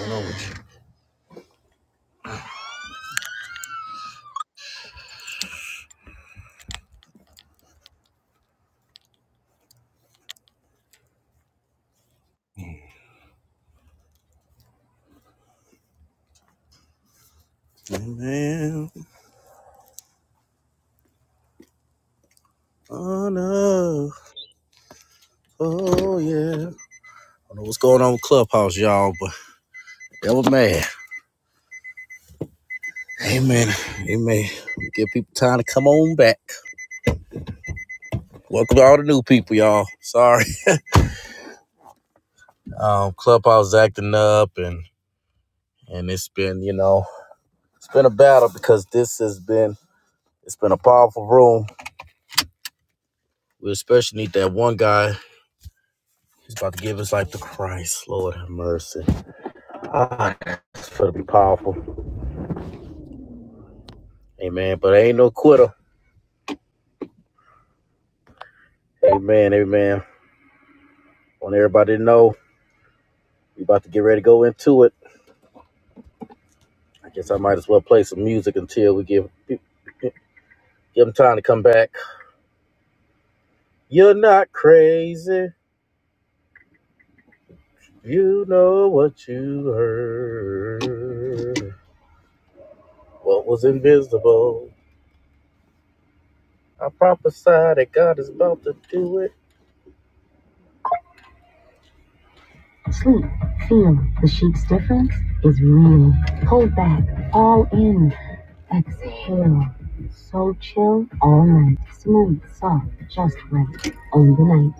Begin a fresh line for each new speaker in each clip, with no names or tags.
going on with you? Hey, Man, honor. Oh, yeah. I don't know what's going on with Clubhouse, y'all, but that was mad. Amen. Amen. Give people time to come on back. Welcome to all the new people, y'all. Sorry. Um, Clubhouse is acting up and and it's been, you know, it's been a battle because this has been it's been a powerful room. We especially need that one guy who's about to give his life to Christ. Lord have mercy. It's gonna be powerful. Amen. But I ain't no quitter. Amen, amen. want everybody to know we about to get ready to go into it. I guess I might as well play some music until we give give them time to come back. You're not crazy. You know what you heard. What was invisible? I prophesied that God is about to do it. Sleep, feel the sheep's difference is real. Hold back, all in. Exhale. So chill all night. Smooth, soft, just right. On the night.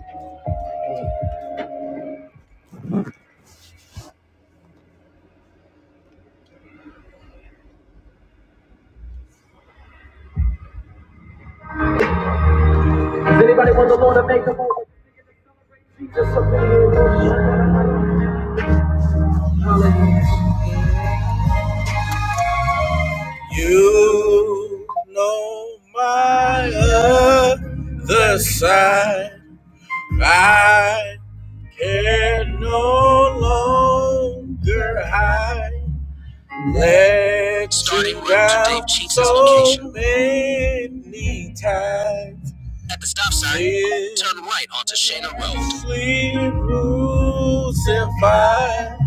You know my other side. I can no longer hide. Let Starting you down Dave so location. many times. At the stop sign, turn right onto Shana Road. Sleep rules and fire.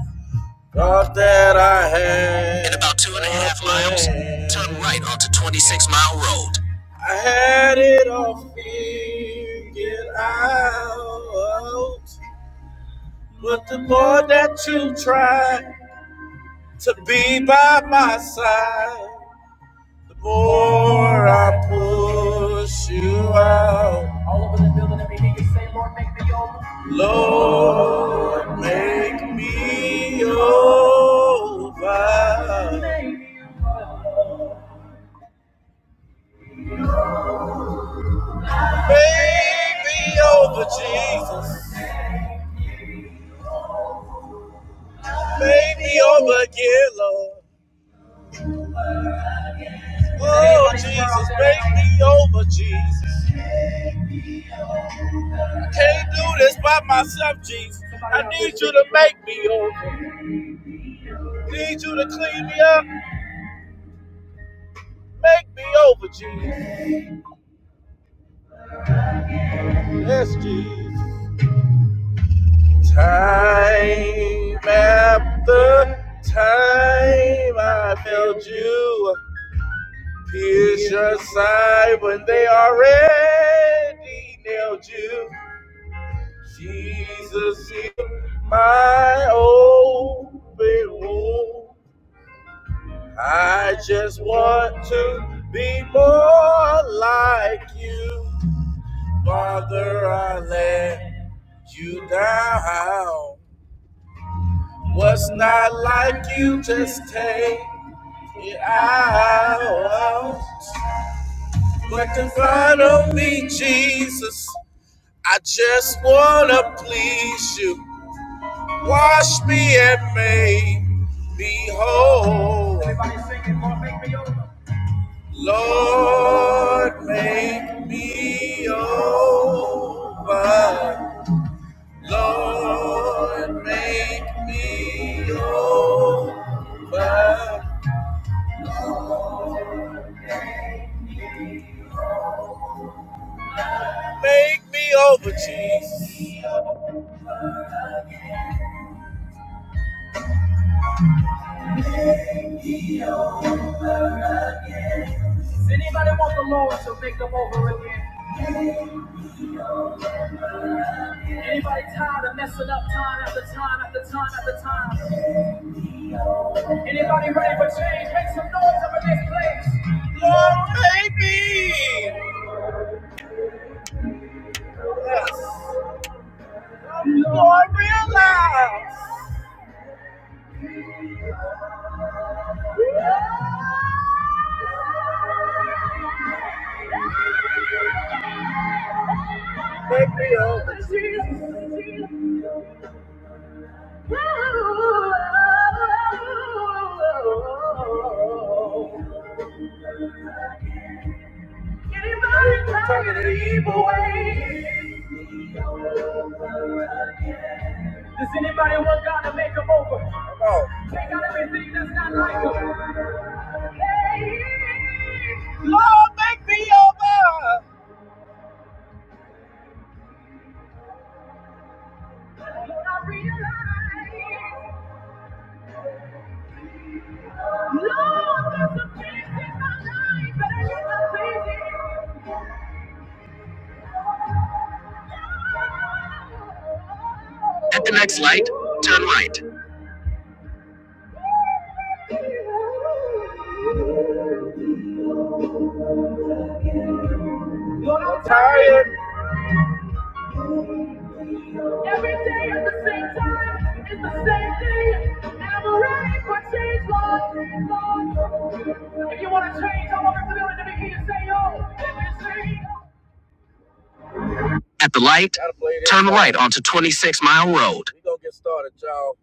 God that I had. In about two and a half miles, turn right onto 26 Mile Road. I had it all figured out. But the more that you try to be by my side, the more I push you out. Lord, make me over. Make me over, Jesus. Make me over again, Lord. Oh, Jesus, make me over, Jesus. I can't do this by myself, Jesus. I need you to make me over. Need you to clean me up. Make me over, Jesus. Yes, Jesus. Time after time, I failed you. Pierce your side when they already nailed you. Jesus, heal my open wound. I just want to be more like you. Father, I let you down. What's not like you, just take it out. What can follow me, Jesus? I just wanna please you. Wash me and make me whole. Lord, make me over. Lord, make me over. Make me over, Jesus. Does anybody want the Lord to make them over again? Anybody tired of messing up time after time after time after time? Anybody ready for change? Make some noise up in this place. Lord, make me. Yes. Lord, realize. Make me over to you. Anybody tired of the evil way? Does anybody want God to make them over? No. Take out everything that's not like them. Lord, make me over. Lord, there's a place better than the place. At the next light, turn right. Lord, I'm tired. Every day at the same time, it's the same thing. And I'm ready for change, Lord. Lord. If you want to change, I want everybody to begin to make you say, yo, let me see. At the light, turn right onto 26 Mile Road. We're going to get started, y'all.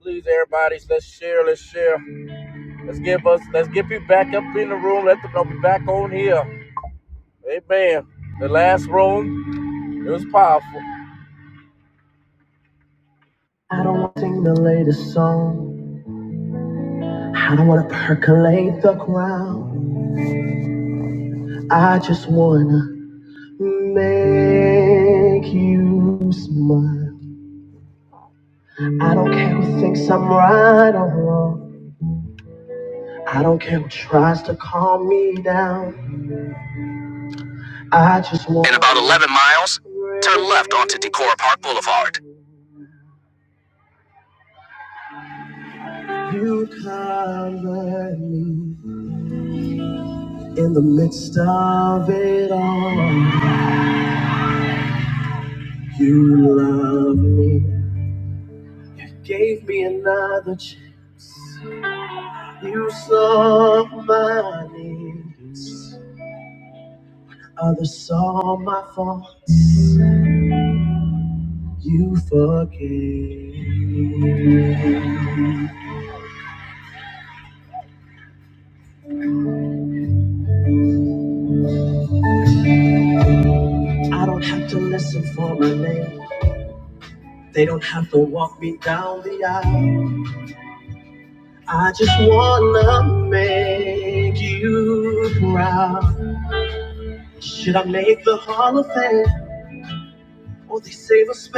Please, everybody, let's share, let's share. Let's give us let's get people back up in the room. Let them know we back on here. Amen. The last room, it was powerful. I just wanna make you smile. I don't care who thinks I'm right or wrong. I don't care who tries to calm me down. I just want In about eleven miles, turn left onto Decorah Park Boulevard. You cover me in the midst of it all. You love me, gave me another chance. You saw my needs, others saw my faults. You forgave.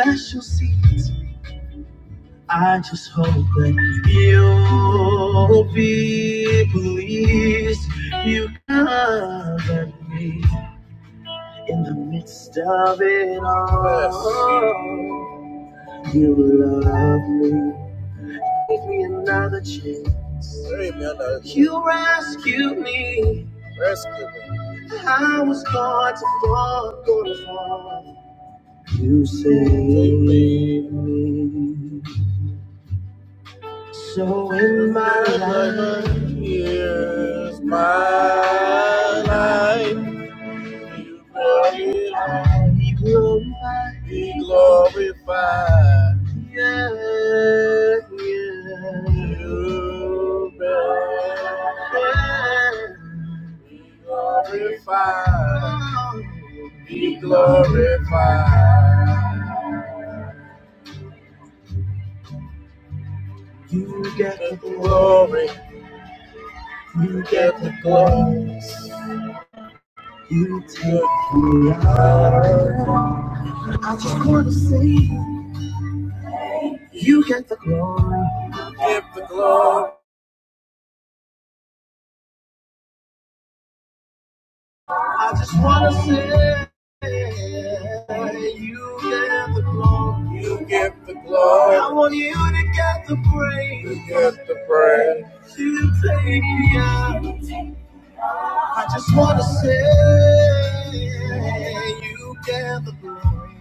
Special seeds. I just hope that you'll be pleased. You covered me in the midst of it all. Yes. You love me. Give me another chance. Give me another chance. You rescued me. Rescue me. I was going to fall, going to fall. You saved me. So in my life, here's my life. glorified, be glorified, be glorified. Yeah, yeah. You be glorified, be glorified. You get the glory, you get the glory, you take the honor. I just wanna say, you get the glory, get the glory. I just wanna say you get the glory. You get the glory. I want you to get the praise. You get the praise. You take me out. I just wanna say you get the glory.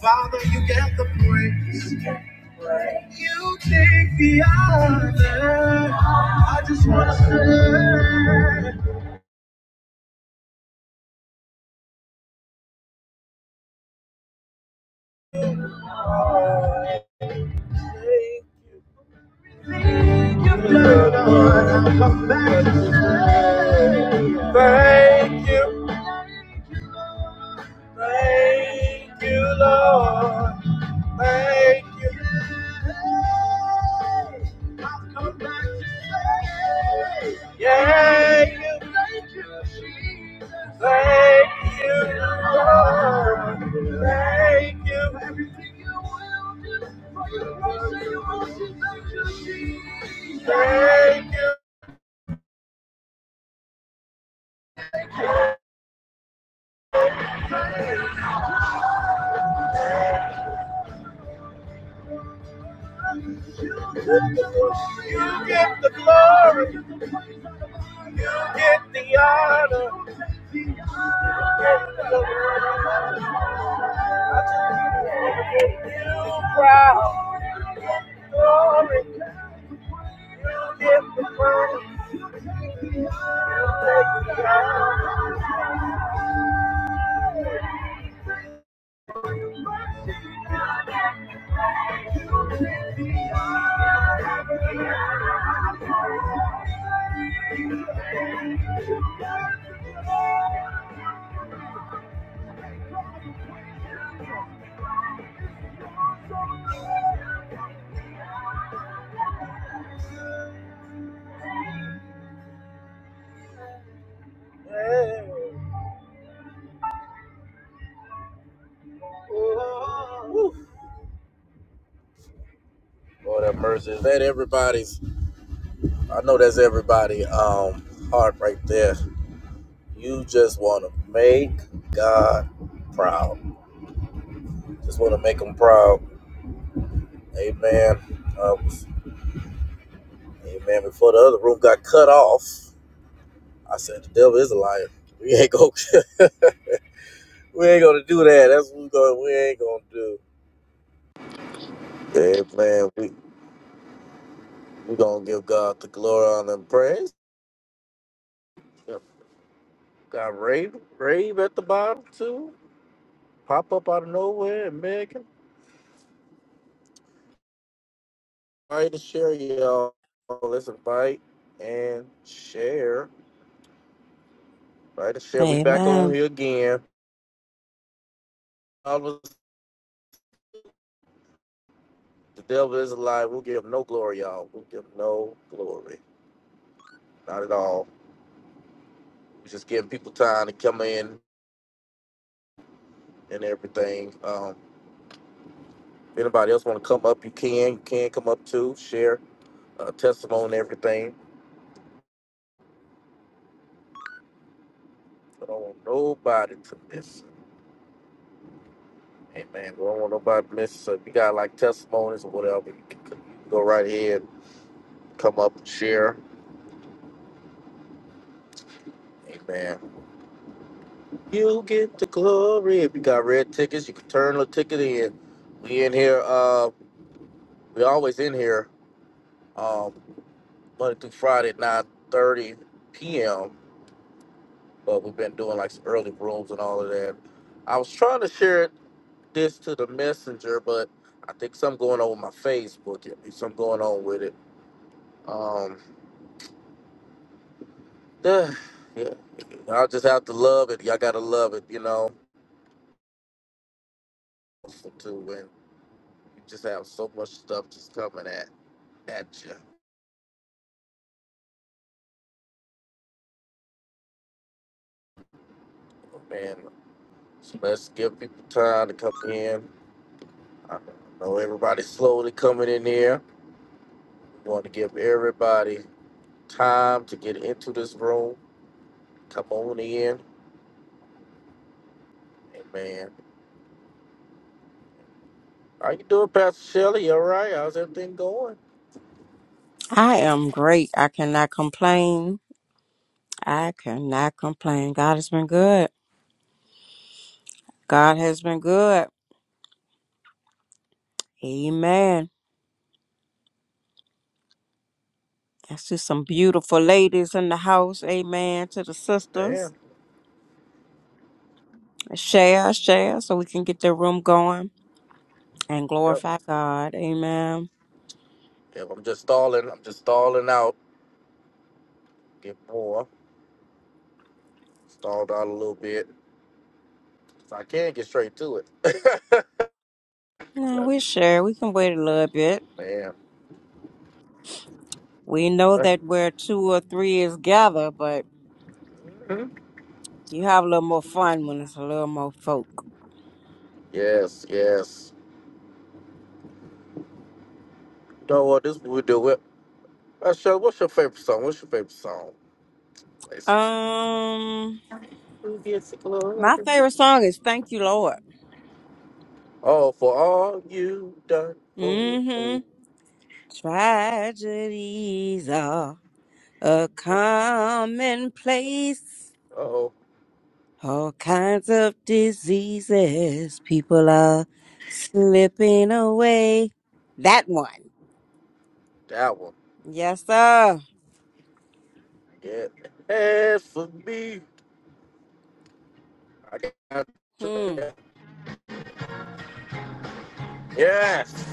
Father, you get the praise. You get the praise. You take the honor. I just wanna say. Thank you, thank you, Lord. Thank you, yeah, you. Thank you, Lord. Thank you, thank you. You get the glory, you get the honor, you proud. Glory, you get the praise. Lord have mercy. Let everybody's I know that's everybody um heart right there. You just want to make God proud. Just want to make him proud. Amen. Uh, amen. Before the other room got cut off, I said the devil is a liar. We ain't gonna we ain't gonna do that. That's what we going we ain't gonna do. Amen. We we gonna give God the glory, honor, and praise. Got Rave Rave at the bottom too. Pop up out of nowhere and Megan. Invite to share, y'all. Let's invite and share. Invite to share. We back on
Amen.
here again. All of us, the devil is alive. We'll give him no glory, y'all. We'll give him no glory. Not at all. We're just giving people time to come in and everything. Um, if anybody else want to come up, you can. You can come up too. Share uh, testimony and everything. But I don't want nobody to miss it. Amen. We don't want nobody to miss it. So if you got like testimonies or whatever, you can go right ahead, come up and share Amen. You get the glory. If you got red tickets, you can turn the ticket in. We in here. Uh, we always in here. Um, Monday through Friday, at nine thirty p.m. But we've been doing like some early rooms and all of that. I was trying to share this to the messenger, but I think something going on with my Facebook. Yeah, Something going on with it. Um, yeah, I'll just have to love it. Y'all gotta love it, you know. To win. You just have so much stuff just coming at at you, man. So let's give people time to come in. I know everybody's slowly coming in here. We want to give everybody time to get into this room. Come on in, hey, man. How you doing, Pastor Shelley? You all right? How's everything going,
I am great. I cannot complain. I cannot complain. God has been good. God has been good. Amen. That's just some beautiful ladies in the house. Amen. To the sisters.
man?
Share, share, so we can get the room going and
Yep.
glorify God. Amen.
Yep. I'm just stalling. I'm just stalling out. Get more stalled out a little bit. So I can get straight to it.
No,
Yep,
we share. We can wait a little bit.
man.
We know that where two or three is gathered, but you have a little more fun when it's a little more folk.
Yes, yes. Know what this we do with? Uh, Shug, what's your favorite song? What's your favorite song? Places.
Um. My favorite song is Thank You, Lord.
Oh, for all you done for. me.
Mm-hmm. Tragedies are a commonplace.
Oh,
All kinds of diseases. People are slipping away. That one.
that one.
Yes, sir.
Yeah, as for me, I got
Hmm.
yes.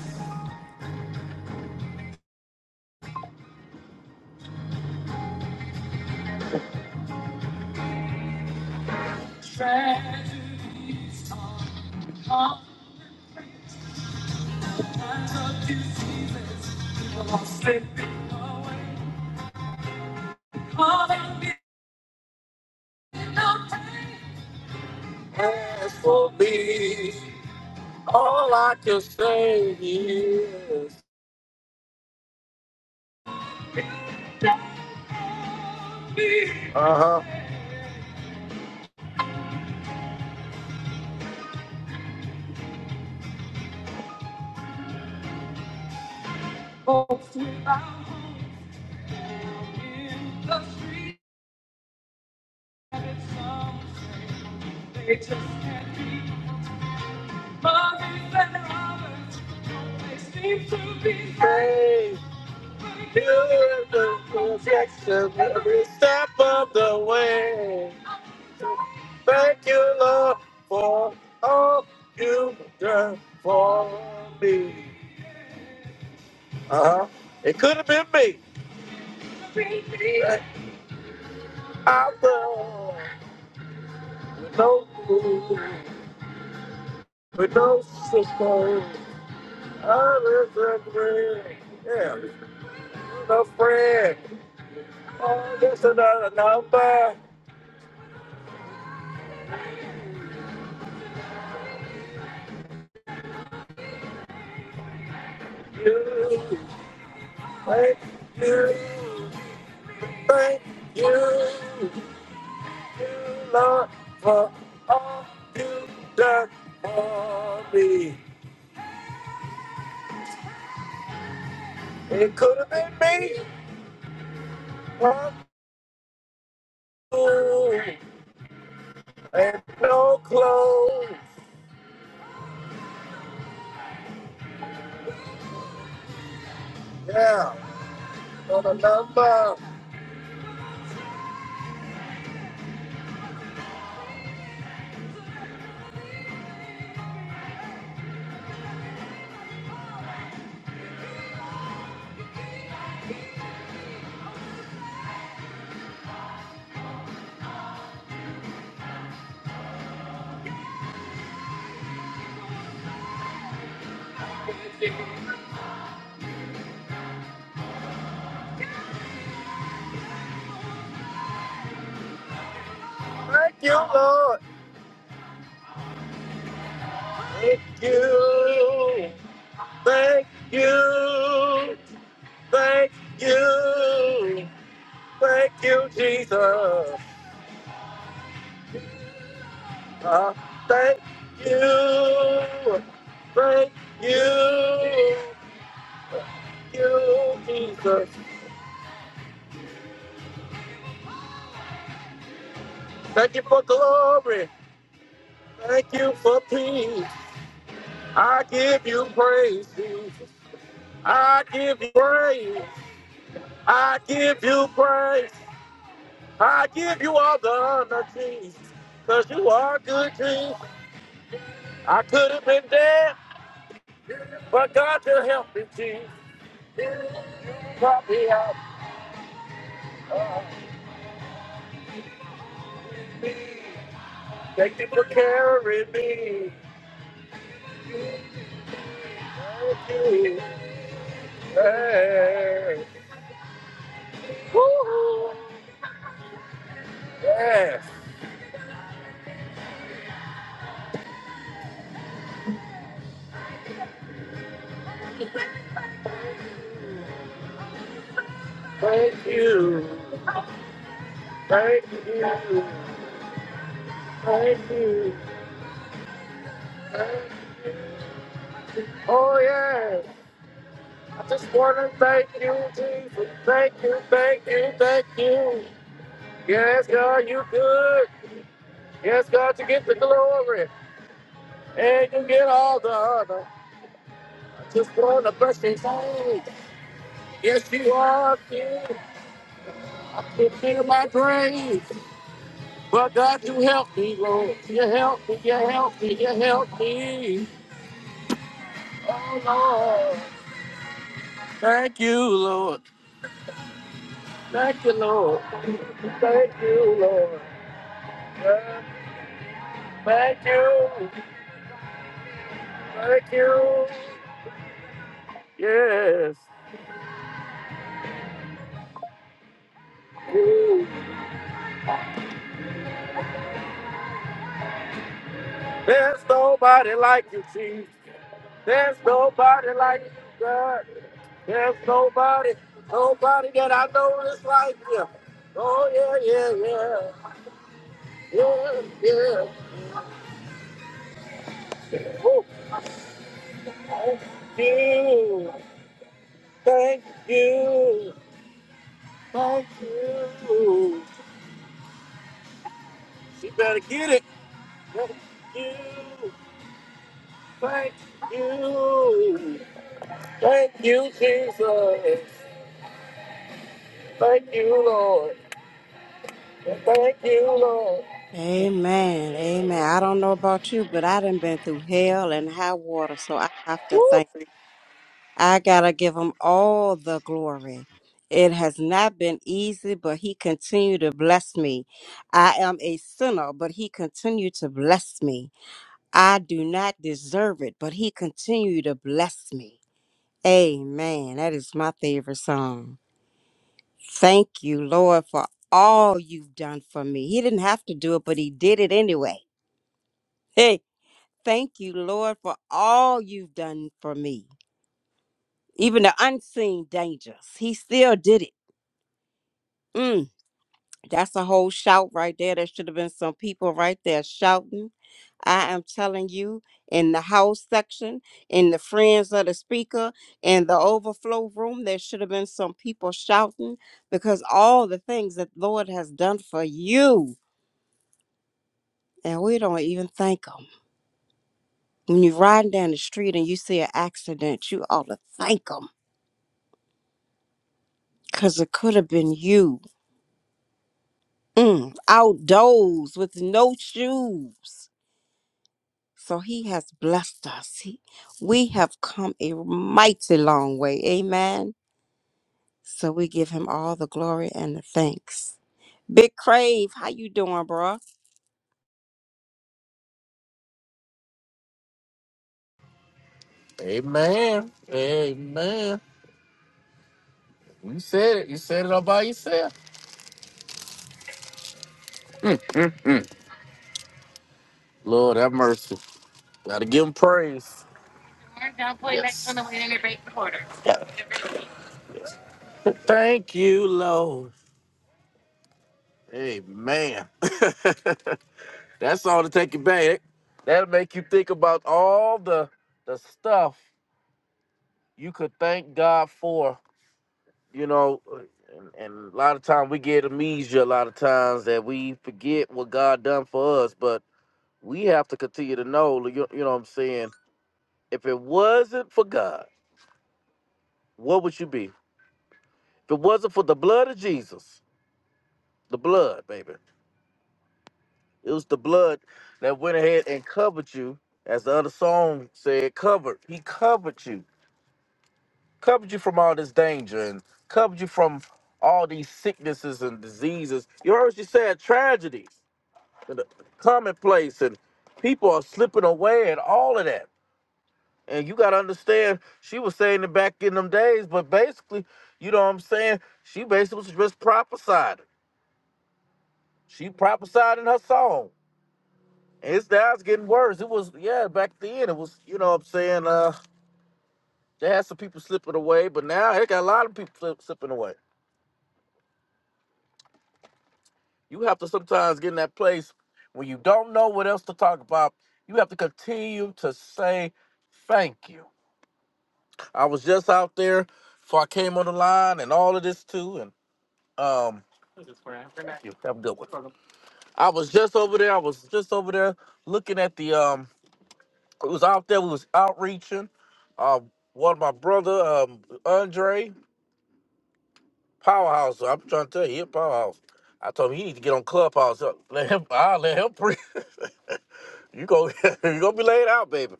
Uh huh. Somebody's better Hey, the protection every step of the way. Thank you, Lord, for all you done for me. Uh-huh. It could have been me. I love with no food, with no support, others a friend. Yeah, no friend. Oh, just another number. You, thank you, thank you, you, Lord, for all you done for me. It could have been me. Huh? Ooh. Yeah, for the love. Thank you, Lord. Thank you. Thank you. Thank you. Thank you, Jesus. Uh, thank you. Thank you. Thank you, Jesus. Thank you for glory. Thank you for peace. I give you praise, Jesus. I give you praise. I give you praise. I give you all the honor, Jesus. Cause you are good, Jesus. I could have been dead, but God you helped me, Jesus. You brought me out by me. Thank you for carrying me. Fulfill my dream. There's nobody like you, Jesus. There's nobody like you, God. There's nobody, nobody that I know is like you. Oh yeah, yeah, yeah. Yeah, yeah. Woo. Thank you. Thank you. Thank you. You better get it. Thank you. Thank you. Thank you, Jesus. Thank you, Lord. Thank you, Lord.
Amen. Amen. I don't know about you, but I done been through hell and high water, so I have to thank I gotta give him all the glory. It has not been easy, but he continued to bless me. I am a sinner, but he continued to bless me. I do not deserve it, but he continued to bless me. Amen. That is my favorite song. Thank you, Lord, for all you've done for me. He didn't have to do it, but he did it anyway. Hey, thank you, Lord, for all you've done for me. Even the unseen dangers, he still did it. Mm, that's a whole shout right there. There should have been some people right there shouting. I am telling you, in the house section, in the friends of the speaker, in the overflow room, there should have been some people shouting because all the things that Lord has done for you, and we don't even thank Him. When you're riding down the street and you see an accident, you ought to thank Him because it could have been you. Mm, outdoors with no shoes. So he has blessed us. He, we have come a mighty long way. Amen. So we give him all the glory and the thanks. Big Crave, how you doing, bro?
Amen. Amen. You said it. You said it all by yourself. Lord, have mercy. Gotta give him praise. Yes. Thank you, Lord. Amen. That song to take you back. That'll make you think about all the the stuff you could thank God for. You know, and, and a lot of times we get amnesia. A lot of times that we forget what God done for us, but we have to continue to know. You, you know what I'm saying? If it wasn't for God, what would you be? If it wasn't for the blood of Jesus, the blood, baby, it was the blood that went ahead and covered you, as the other song said, covered. He covered you covered you from all this danger and covered you from all these sicknesses and diseases. You heard she said tragedy, and the commonplace, and people are slipping away, and all of that. And you gotta understand, she was saying it back in them days, but basically, you know what I'm saying? She basically was just prophesying. She prophesied in her song. And it's now it's getting worse. It was yeah, back then it was, you know what I'm saying, uh they had some people slipping away, but now they got a lot of people slip, slipping away. You have to sometimes get in that place when you don't know what else to talk about. You have to continue to say thank you. I was just out there before I came on the line and all of this too. And um thank you. Have a good one. I was just over there. I was just over there looking at the um it was out there, we was outreaching. Um one of my brother, um Andre. Powerhouse. I'm trying to tell you, he a powerhouse. I told him you need to get on Clubhouse. Uh, Let him. I let him pre. you go. you gonna be laid out, baby.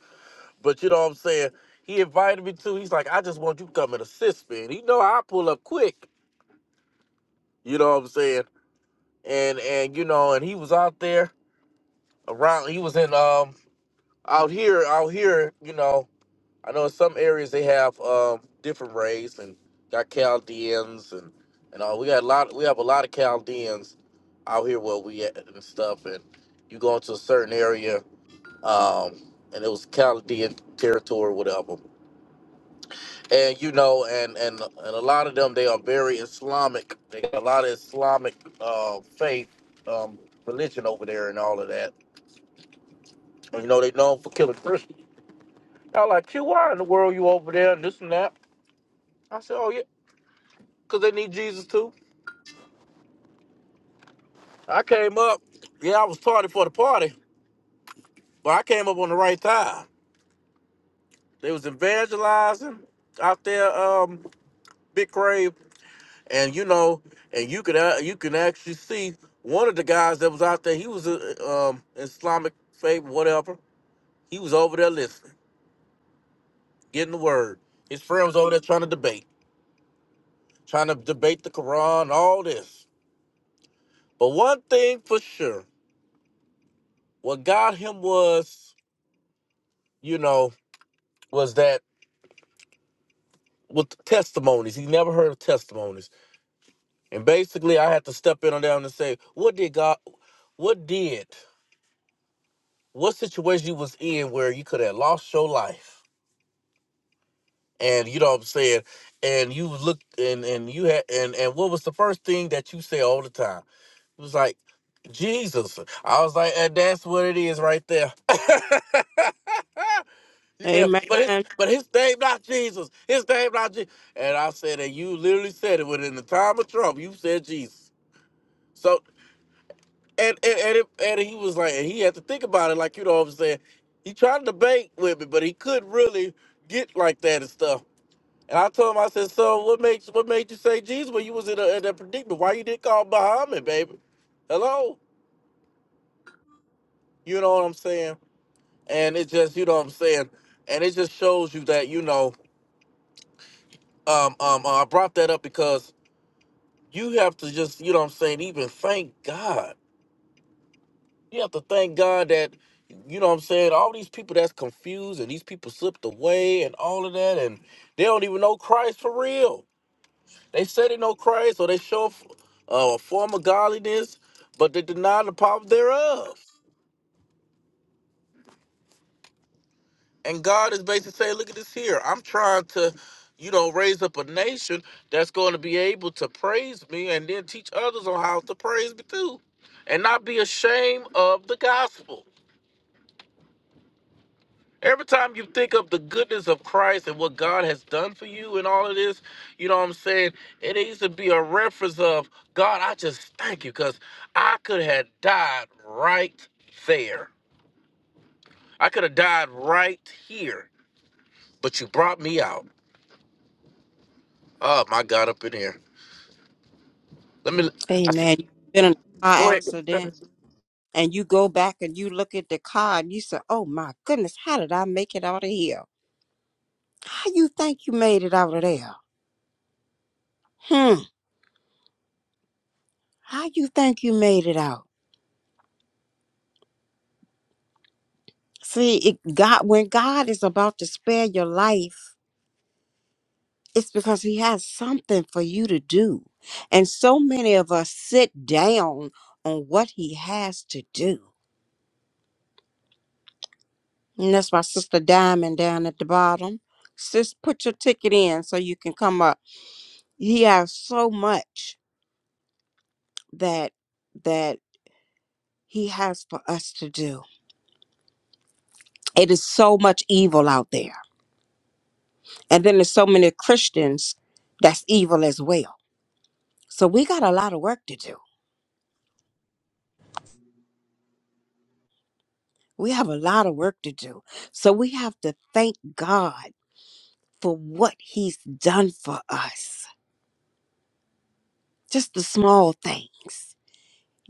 But you know what I'm saying. He invited me to. He's like, I just want you to come and assist me. And he know I pull up quick. You know what I'm saying. And and you know, and he was out there around. He was in um out here out here. You know. I know in some areas they have um, different race and got Chaldeans and and all. We got a lot. We have a lot of Chaldeans out here where we at and stuff. And you go into a certain area, um, and it was Chaldean territory, whatever. And you know, and and and a lot of them they are very Islamic. They got a lot of Islamic uh, faith, um, religion over there, and all of that. And, you know, they known for killing Christians. I all like, Q, why in the world you over there and this and that? I said, oh yeah. because they need Jesus too. I came up, yeah, I was tardy for the party, but I came up on the right time. They was evangelizing out there, um, Big Crave, and you know, and you could uh, you can actually see one of the guys that was out there. He was a um, Islamic faith, whatever. He was over there listening, getting the word. His friend was over there trying to debate, trying to debate the Quran, all this. But one thing for sure, what got him was, you know, was that. with testimonies. He never heard of testimonies. And basically, I had to step in on down and say, what did God, what did, what situation you was in where you could have lost your life? And you know what I'm saying? And you looked and and you had and and what was the first thing that you say all the time? It was like Jesus. I was like, and that's what it is right there. you can,
Amen.
but his but his name not Jesus. His name not Jesus. And I said, and you literally said it within the time of Trump. You said Jesus. So and and and, it, and he was like, and he had to think about it, like you know what I'm saying. He tried to debate with me, but he couldn't really get like that and stuff. And I told him, I said, so what makes what made you say Jesus when you was in, a, in that predicament? Why you didn't call Muhammad, baby? Hello, you know what I'm saying? And it just, you know what I'm saying? And it just shows you that you know. Um, um, I brought that up because you have to just, you know what I'm saying, even thank God You have to thank God that you know what I'm saying, all these people that's confused and these people slipped away and all of that and they don't even know Christ for real. They say they know Christ or they show uh, a form of godliness, but they deny the power thereof. And God is basically saying, look at this here. I'm trying to, you know, raise up a nation that's going to be able to praise me and then teach others on how to praise me too and not be ashamed of the gospel. Every time you think of the goodness of Christ and what God has done for you and all of this, you know what I'm saying? It needs to be a reference of God, I just thank you because I could have died right there. I could have died right here, but you brought me out. Oh my God, up in here. Let me, I see,
Amen. You've been in a
go
car
ahead.
accident and you go back and you look at the car and you say, oh my goodness, how did I make it out of here? How you think you made it out of there? Hmm. How you think you made it out? See, it, God, when God is about to spare your life, It's because he has something for you to do. And so many of us sit down on what he has to do. And that's my sister Diamond down at the bottom. Sis, put your ticket in so you can come up. He has so much that that he has for us to do. It is so much evil out there. And then there's so many Christians that's evil as well. So we got a lot of work to do. We have a lot of work to do. So we have to thank God for what he's done for us. Just the small things.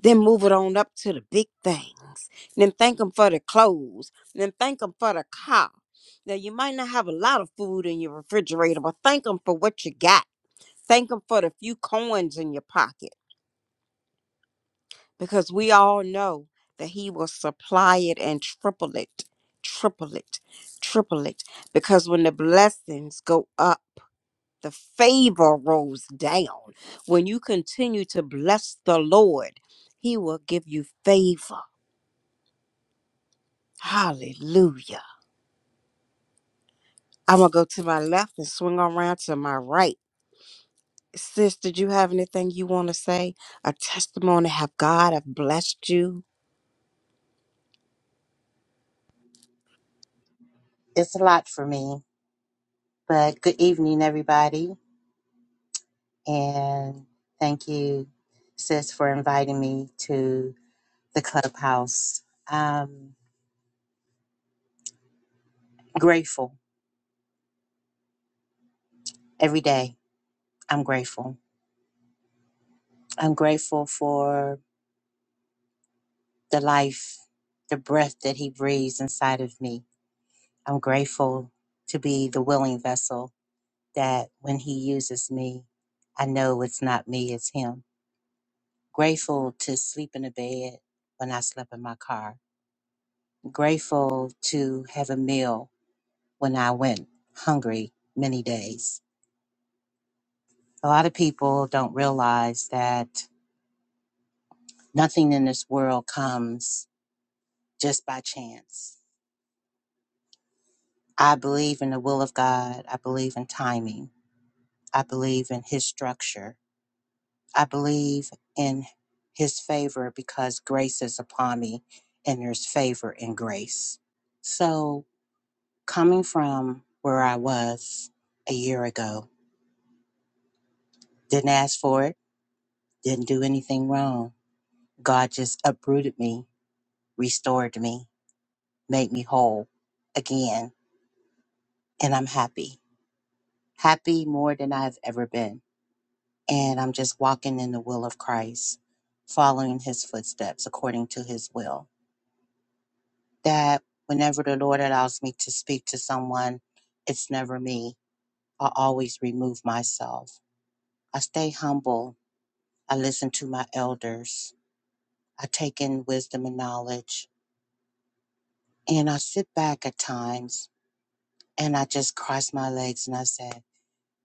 Then move it on up to the big things. Then thank him for the clothes. Then thank him for the car. Now you might not have a lot of food in your refrigerator, but thank him for what you got. Thank him for the few coins in your pocket. Because we all know that he will supply it and triple it. Triple it. Triple it. Because when the blessings go up the favor rolls down. When you continue to bless the Lord, He will give you favor. Hallelujah. I'm going to go to my left and swing around to my right. Sis, did you have anything you want to say? A testimony? Have God have blessed you?
It's a lot for me, but good evening, everybody. And thank you, sis, for inviting me to the clubhouse. i grateful every day. I'm grateful. I'm grateful for the life, the breath that he breathes inside of me. I'm grateful to be the willing vessel that when he uses me, I know it's not me, it's him. Grateful to sleep in a bed when I slept in my car grateful to have a meal when I went hungry many days. A lot of people don't realize that nothing in this world comes just by chance. I believe in the will of God. I believe in timing. I believe in His structure. I believe in His favor because grace is upon me and there's favor in grace. So, coming from where I was a year ago, didn't ask for it Didn't do anything wrong. God just uprooted me, restored me, made me whole again. And I'm happy, happy more than I've ever been. And I'm just walking in the will of Christ, following his footsteps according to his will. That whenever the Lord allows me to speak to someone, it's never me. I always remove myself. I stay humble. I listen to my elders. I take in wisdom and knowledge. And I sit back at times And I just crossed my legs and I said,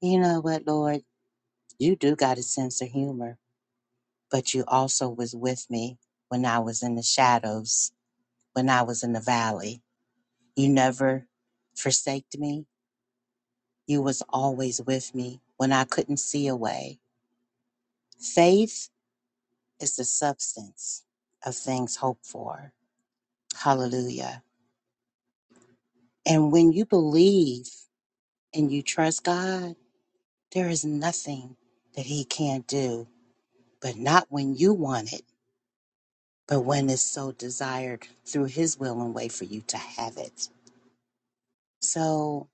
You know what, Lord? You do got a sense of humor, but you also was with me when I was in the shadows, when I was in the valley. You never forsaked me. You was always with me when I couldn't see a way. Faith is the substance of things hoped for. Hallelujah. And when you believe and you trust God, there is nothing that He can't do, but not when you want it but when it's so desired through His will and way for you to have it. So,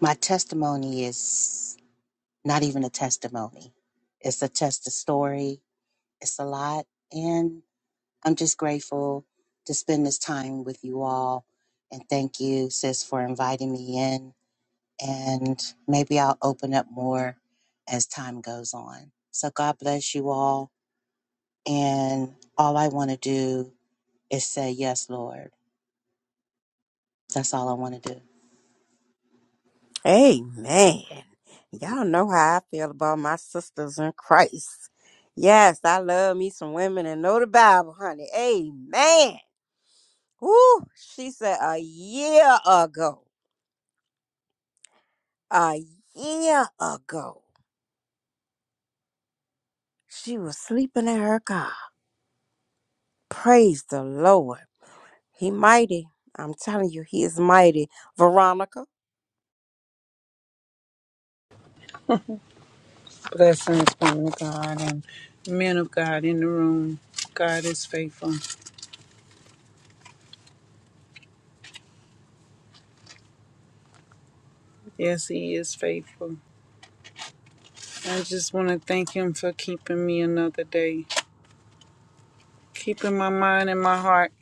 my testimony is not even a testimony, it's a test of story. It's a lot. And I'm just grateful to spend this time with you all. And thank you, sis, for inviting me in. And maybe I'll open up more as time goes on. So, God bless you all. And all I want to do is say, Yes, Lord. That's all I want to do.
Amen. Y'all know how I feel about my sisters in Christ. Yes, I love me some women and know the Bible, honey. Amen. Woo, she said a year ago. a year ago. She was sleeping in her car. Praise the Lord. He mighty. I'm telling you, he is mighty. Veronica.
Blessings, woman of God, and men of God in the room. God is faithful. Yes, He is faithful. I just want to thank Him for keeping me another day, keeping my mind and my heart,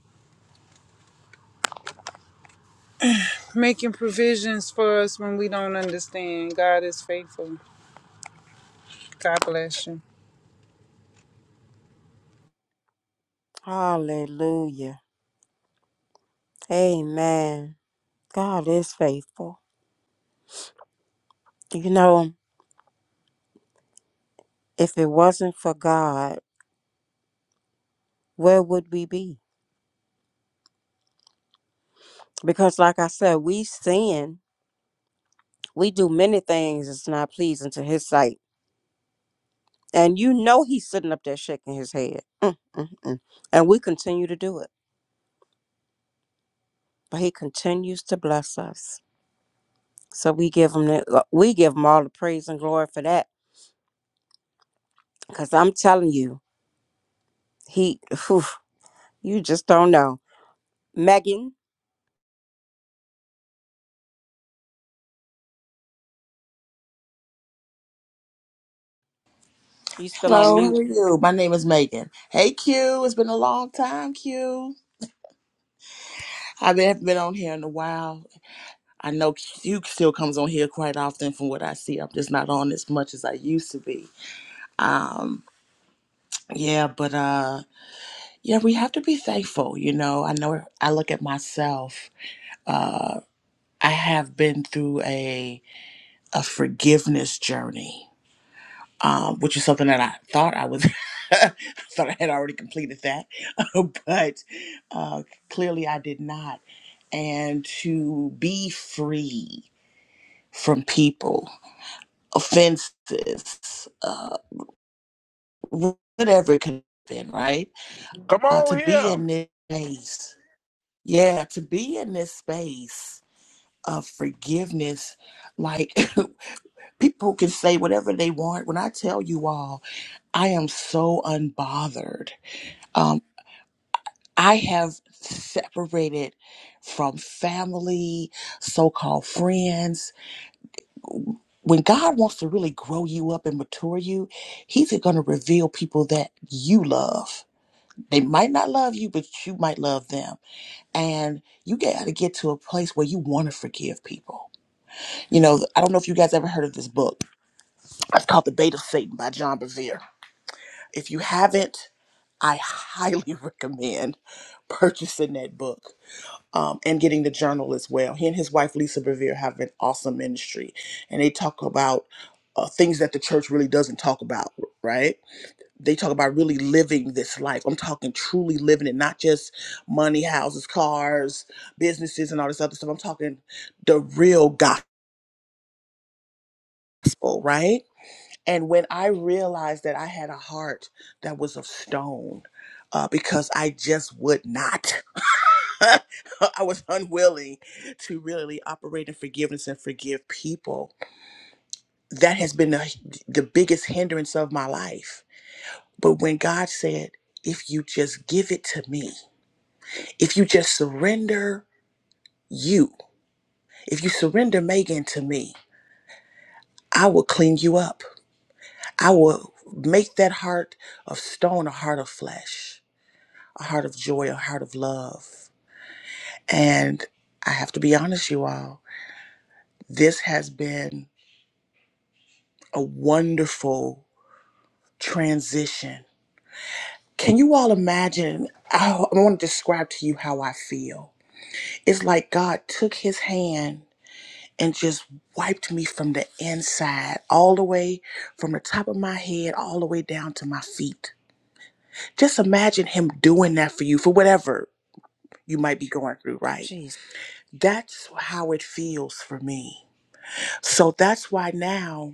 making provisions for us when we don't understand. God is faithful. God bless you.
Hallelujah. Amen. God is faithful. You know, if it wasn't for God, where would we be? Because like I said, we sin. We do many things that's not pleasing to his sight. And you know he's sitting up there shaking his head. Mm, mm, mm. And we continue to do it. but he continues to bless us. So we give him the, uh, we give him all the praise and glory for that. Cause I'm telling you, he whew, you just don't know. Megan, you still on
Hello, how
mute?
are you? My name is Megan. Hey Q, it's been a long time, Q. I haven't been on here in a while. I know Q still comes on here quite often from what I see. I'm just not on as much as I used to be. Um, yeah, but uh yeah, we have to be thankful, you know. I know I look at myself, uh, I have been through a a forgiveness journey um, which is something that I thought I was, I thought I had already completed that, but uh, clearly I did not. And to be free from people, offenses, uh, whatever it could have been, right?
Come
Uh, to
on
be
here.
in this space, yeah, to be in this space of forgiveness, like people can say whatever they want. When I tell you all, I am so unbothered Um, I have separated from family, so called friends. When God wants to really grow you up and mature you, He's going to reveal people that you love. They might not love you, but you might love them. And you got to get to a place where you want to forgive people. You know, I don't know if you guys ever heard of this book. It's called The Bait of Satan by John Bevere. If you haven't, I highly recommend purchasing that book um, and getting the journal as well. He and his wife Lisa Bevere have an awesome ministry, and they talk about uh, things that the church really doesn't talk about. Right? They talk about really living this life. I'm talking truly living it, not just money, houses, cars, businesses, and all this other stuff. I'm talking the real gospel. Right? And when I realized that I had a heart that was of stone, uh, because I just would not. I was unwilling to really operate in forgiveness and forgive people. That has been the, the biggest hindrance of my life. But when God said, if you just give it to me, if you just surrender you, if you surrender Megan to me, I will clean you up. I will make that heart of stone a heart of flesh, a heart of joy, a heart of love. And I have to be honest, you all, this has been a wonderful transition. Can you all imagine? I, I want to describe to you how I feel. It's like God took his hand and just wiped me from the inside, all the way from the top of my head, all the way down to my feet. Just imagine him doing that for you, for whatever you might be going through, right?
Jeez,
That's how it feels for me. So that's why now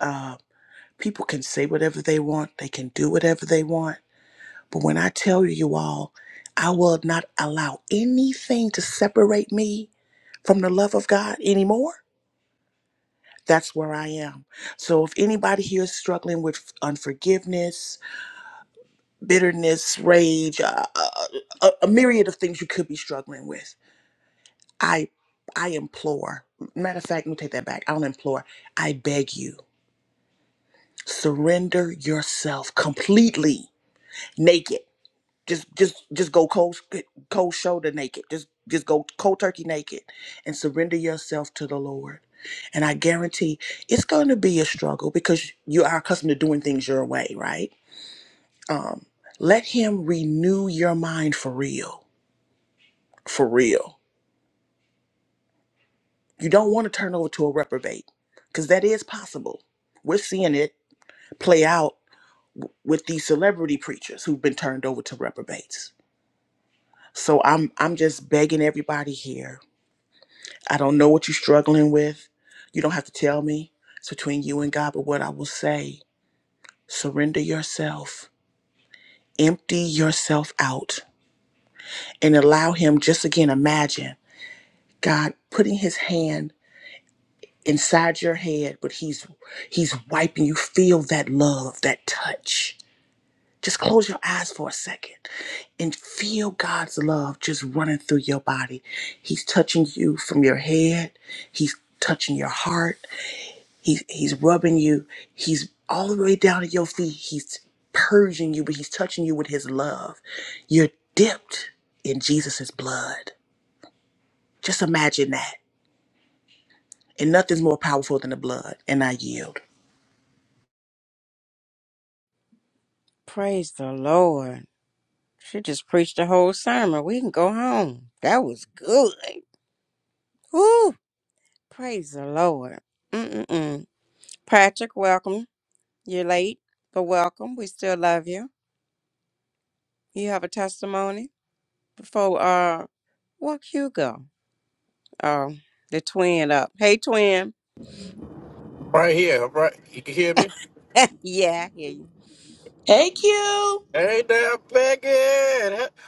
uh, people can say whatever they want, they can do whatever they want But when I tell you you all, I will not allow anything to separate me from the love of God anymore. That's where I am. So if anybody here is struggling with unforgiveness, bitterness, rage, uh, uh, a, a myriad of things you could be struggling with, I I implore. Matter of fact, let me take that back. I don't implore. I beg you, surrender yourself completely naked just just just go cold cold shoulder naked just just go cold turkey naked and surrender yourself to the lord and i guarantee it's going to be a struggle because you are accustomed to doing things your way right um let him renew your mind for real for real you don't want to turn over to a reprobate because that is possible we're seeing it play out with these celebrity preachers who've been turned over to reprobates so i'm i'm just begging everybody here I don't know what you're struggling with. You don't have to tell me. It's between you and God. But what I will say, surrender yourself, empty yourself out, and allow Him, just again, imagine God putting His hand inside your head, but He's He's wiping you. Feel that love, that touch. Just close your eyes for a second and feel God's love just running through your body. He's touching you from your head. He's touching your heart. He's he's rubbing you. He's all the way down at your feet. He's purging you, but he's touching you with his love. You're dipped in Jesus' blood. Just imagine that. And nothing's more powerful than the blood. And I yield.
praise the Lord. She just preached the whole sermon. We can go home. That was good. Whew, praise the Lord. Mm-mm-mm. Patrick, welcome. You're late, but welcome. We still love you. You have a testimony before uh walk Hugo. um the twin up. Hey twin.
Right here, right. You can hear me?
yeah, I hear you.
Hey Q.
Hey there, Becky.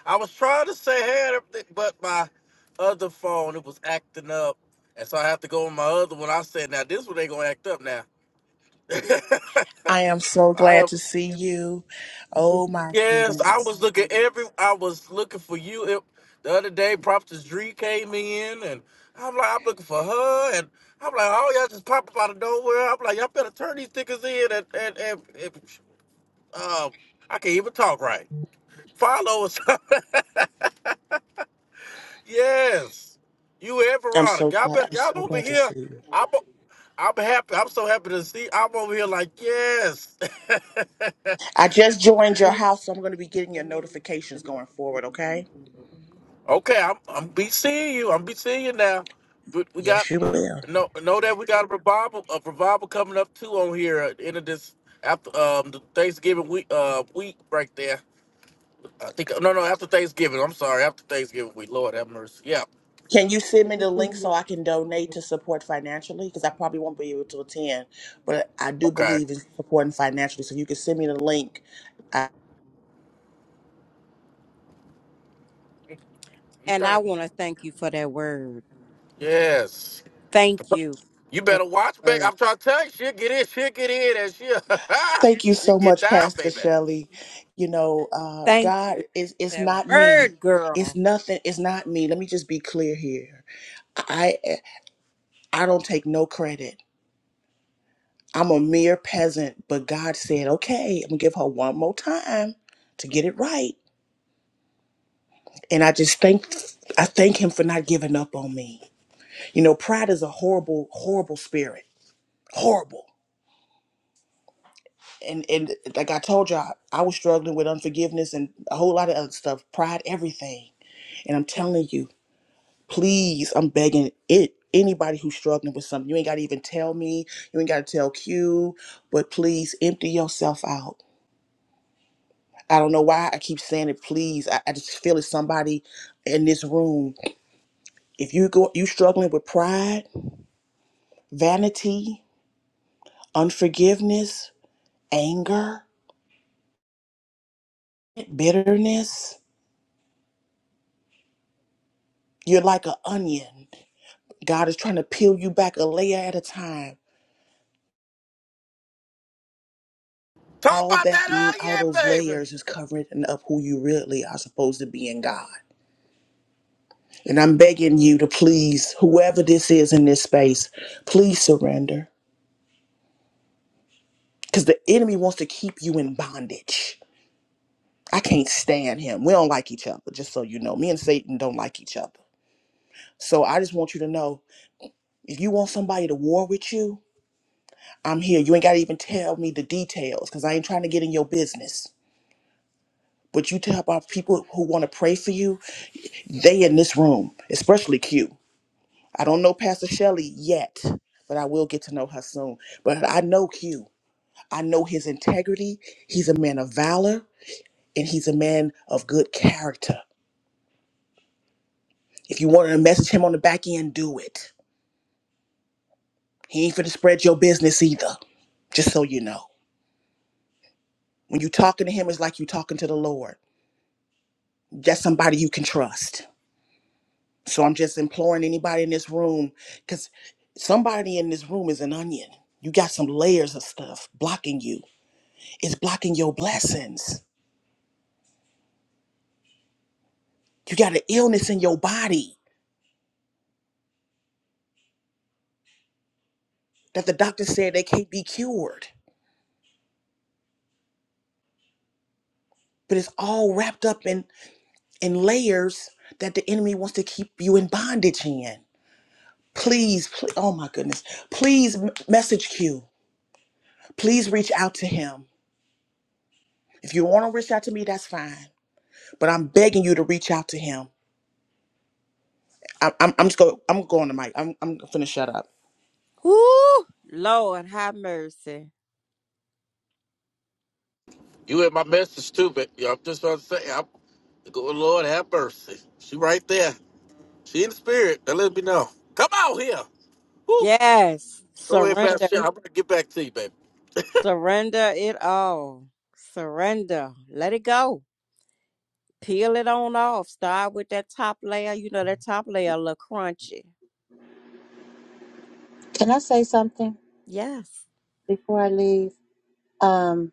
I was trying to say hey, but my other phone it was acting up, and so I have to go on my other one. I said, now this one ain't gonna act up now.
I am so glad
I,
to see you. Oh my
yes, I
goodness.
was looking every. I was looking for you. It, the other day, Prophetess Dree came in, and I'm like, I'm looking for her, and I'm like, oh y'all just pop up out of nowhere. I'm like, y'all better turn these stickers in, and and and, and uh, I can't even talk right. Follow us. yes. You and
I'm
Verona.
so
Y'all,
glad.
bet,
I'm
y'all
so
over
glad to
here.
see you.
I'm, I'm happy. I'm so happy to see. I'm over here like, yes.
I just joined your house, so I'm gonna be getting your notifications going forward, okay?
okay, I'm, I'm be seeing you. I'm be seeing you now. But we got,
Yes, you will.
know, know that we got a revival, a revival coming up too on here at the end of this, after um, the Thanksgiving week, uh, week right there. I think, no, no, after Thanksgiving. I'm sorry, after Thanksgiving week. Lord have mercy. Yeah.
Can you send me the link so I can donate to support financially? Because I probably won't be able to attend, but I do
Okay.
believe in supporting financially. So if you can send me the link. I-
And
Okay.
I want to thank you for that word.
Yes.
Thank you
You
for that
better watch, baby.
word.
I'm trying to tell you, she'll get in, she'll get in, and she'll,
Thank you
she'll
so
get
much,
down,
Pastor
baby.
Shelley. You know, uh,
Thank you
God
for
is it's
that
not me.
word,
It's
girl.
nothing. It's not me. Let me just be clear here. I I don't take no credit. I'm a mere peasant, but God said, "Okay, I'm gonna give her one more time to get it right." And I just thank I thank Him for not giving up on me. You know, pride is a horrible, horrible spirit. Horrible. And and like I told y'all, I was struggling with unforgiveness and a whole lot of other stuff. Pride, everything. And I'm telling you, please, I'm begging it. Anybody who's struggling with something, you ain't gotta even tell me. You ain't gotta tell Q. But please, empty yourself out. I don't know why I keep saying it. Please, I, I just feel it's somebody in this room. If you go, you struggling with pride, vanity, unforgiveness, anger. bitterness. You're like an onion. God is trying to peel you back a layer at a time.
Talk
All
about
that,
that
all those
onion, baby.
layers is covering up who you really are supposed to be in God. And I'm begging you to please, whoever this is in this space, please surrender. Because the enemy wants to keep you in bondage. I can't stand him. We don't like each other, just so you know. Me and Satan don't like each other. So I just want you to know if you want somebody to war with you, I'm here. You ain't got to even tell me the details because I ain't trying to get in your business. But you tell about people who want to pray for you, they in this room, especially Q. I don't know Pastor Shelley yet, but I will get to know her soon. But I know Q. I know his integrity. He's a man of valor and he's a man of good character. If you wanted to message him on the back end, do it. He ain't finna spread your business either, just so you know. When you talking to him, it's like you talking to the Lord. That's somebody you can trust So I'm just imploring anybody in this room, because somebody in this room is an onion. You got some layers of stuff blocking you. It's blocking your blessings. You got an illness in your body that the doctor said they can't be cured, but it's all wrapped up in in layers that the enemy wants to keep you in bondage in. Please, please oh my goodness, please m- message Q. Please reach out to him. If you want to reach out to me, that's fine. But I'm begging you to reach out to him I'm, I'm, I'm just go. I'm going to Mike. I'm, I'm finna shut up.
Ooh, Lord, have mercy.
You and my message, stupid. Yeah, I'm just trying to say, I'm, good Lord have mercy. She right there. She in the spirit. Now let me know. Come out here. Woo.
Yes.
Go ahead, Pastor.
Surrender.
Shelley. I'm going to get back to you, baby.
Surrender it all. Surrender. Let it go. Peel it on off. Start with that top layer. You know that top layer a little crunchy.
Can I say something
Yes.
before I leave? Um,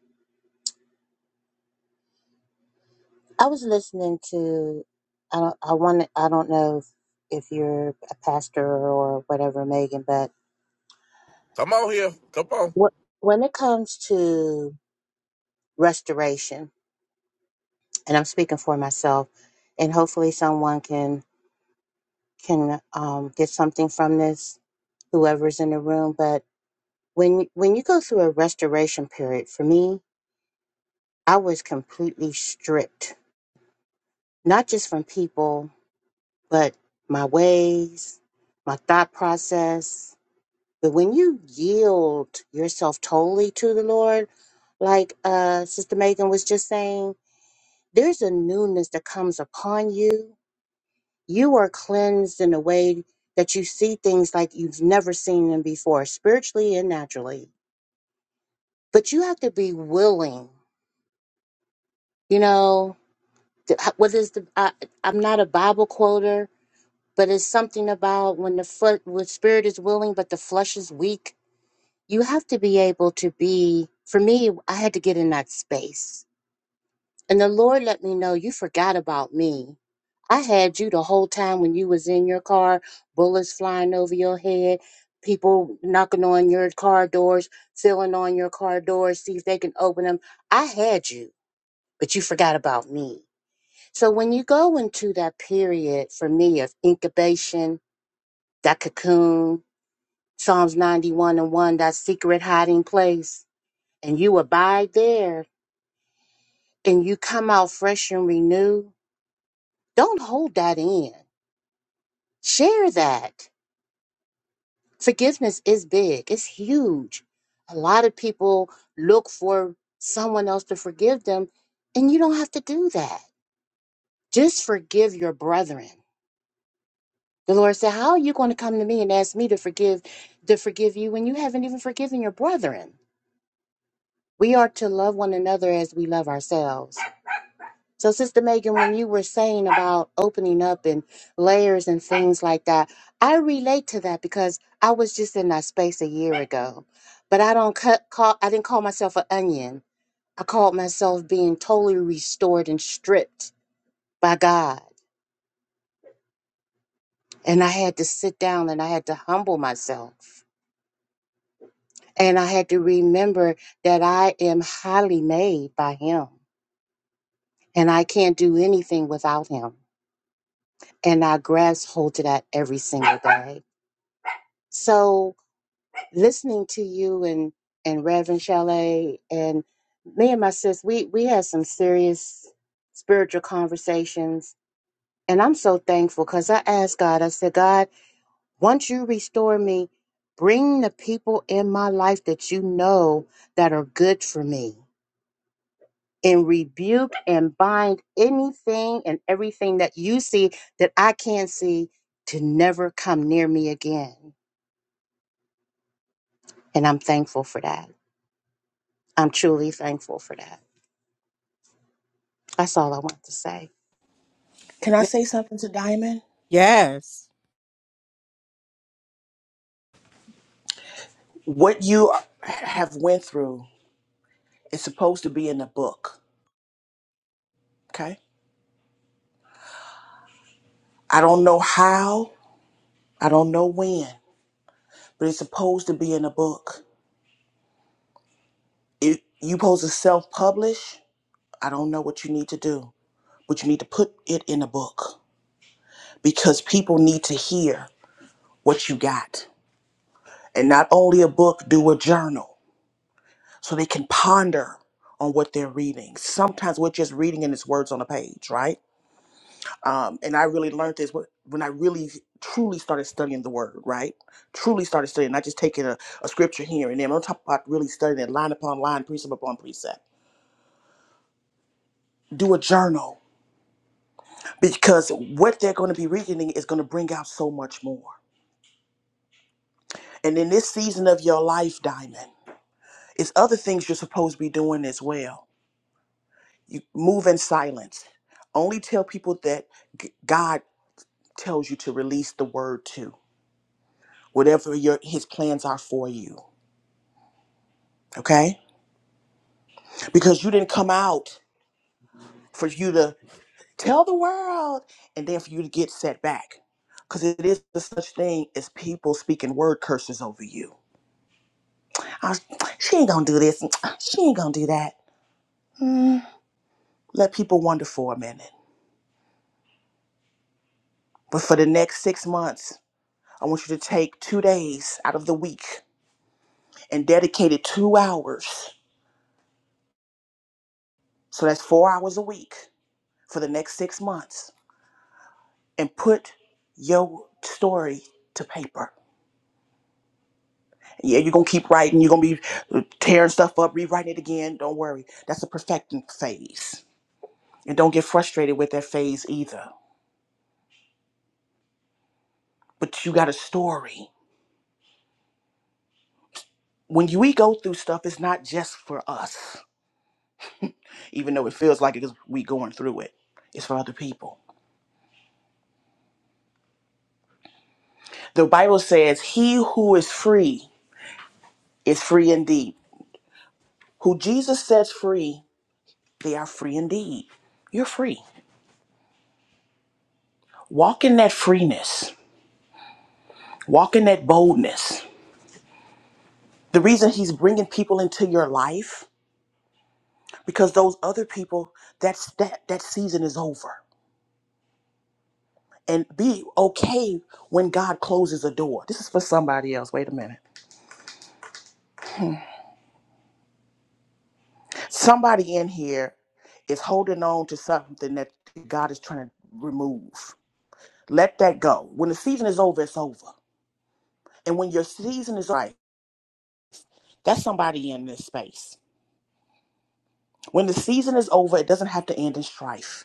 I was listening to, I don't, I want, I don't know if, if you're a pastor or whatever, Megan, but
Come on here. Come on.
what, when it comes to restoration, and I'm speaking for myself, and hopefully someone can can um, get something from this, whoever's in the room. But when when you go through a restoration period, for me, I was completely stripped, not just from people. but my ways, my thought process. But when you yield yourself totally to the Lord, like uh, Sister Megan was just saying, there's a newness that comes upon you. You are cleansed in a way that you see things like you've never seen them before, spiritually and naturally. But you have to be willing, you know. to- What is the? I, I'm not a Bible quoter, but it's something about when the foot when spirit is willing but the flesh is weak you have to be able to be for me i had to get in that space and the lord let me know you forgot about me i had you the whole time when you was in your car bullets flying over your head people knocking on your car doors filling on your car doors see if they can open them i had you but you forgot about me so when you go into that period for me of incubation that cocoon, Psalms 91 and 1, that secret hiding place, and you abide there and you come out fresh and renewed, don't hold that in. Share that. Forgiveness is big, it's huge. A lot of people look for someone else to forgive them, and you don't have to do that. Just forgive your brethren. The Lord said, How are you going to come to me and ask me to forgive to forgive you when you haven't even forgiven your brethren? We are to love one another as we love ourselves. So, Sister Megan, when you were saying about opening up and layers and things like that, I relate to that because I was just in that space a year ago. But I don't cut, call. I didn't call myself an onion. I called myself being totally restored and stripped by God. And I had to sit down and I had to humble myself. And I had to remember that I am highly made by Him and I can't do anything without Him. and I grasp hold to that every single day. So listening to you and and Reverend Chalet and me and my sis, we we had some serious spiritual conversations, and I'm so thankful because I asked God. I said, God, once you restore me, bring the people in my life that you know that are good for me and rebuke and bind anything and everything that you see that I can't see to never come near me again. And I'm thankful for that. I'm truly thankful for that. That's all I want to say.
Can I say something to Diamond?
Yes.
What you are- have went through is supposed to be in the book. Okay. I don't know how. I don't know when, but it's supposed to be in the book. If you supposed to self publish, I don't know what you need to do, but you need to put it in a book because people need to hear what you got. And not only a book, do a journal so they can ponder on what they're reading. Sometimes we're just reading and its words on a page, right? Um, and I really learned this wh- when I really truly started studying the word, right? Truly started studying, not just taking a, a scripture here and there. I'm talking about really studying it line upon line, precept upon precept. Do a journal because what they're going to be reading is going to bring out so much more. And in this season of your life, Diamond, it's other things you're supposed to be doing as well. You move in silence. Only tell people that g- God tells you to release the word to, whatever your his plans are for you. Okay? Because you didn't come out for you to tell the world and then for you to get set back. Because it is the such thing as people speaking word curses over you. I, she ain't gonna do this. She ain't gonna do that. Mm. Let people wonder for a minute. But for the next six months, I want you to take two days out of the week and dedicate it two hours. So that's four hours a week for the next six months and put your story to paper. Yeah, you're gonna keep writing, you're gonna be tearing stuff up, rewriting it again. Don't worry. That's a perfecting phase. And don't get frustrated with that phase either. But you got a story. When you- we go through stuff, it's not just for us, even though it feels like it's we going through it. It's for other people. The Bible says, He who is free is free indeed. Who Jesus sets free, they are free indeed. You're free. Walk in that freeness Walk in that boldness. The reason he's bringing people into your life because those other people that's that that season is over. And be okay when God closes a door. This is for somebody else. Wait a minute. Somebody in here is holding on to something that God is trying to remove. Let that go. When the season is over, it's over. And when your season is right, that's somebody in this space. When the season is over, it doesn't have to end in strife.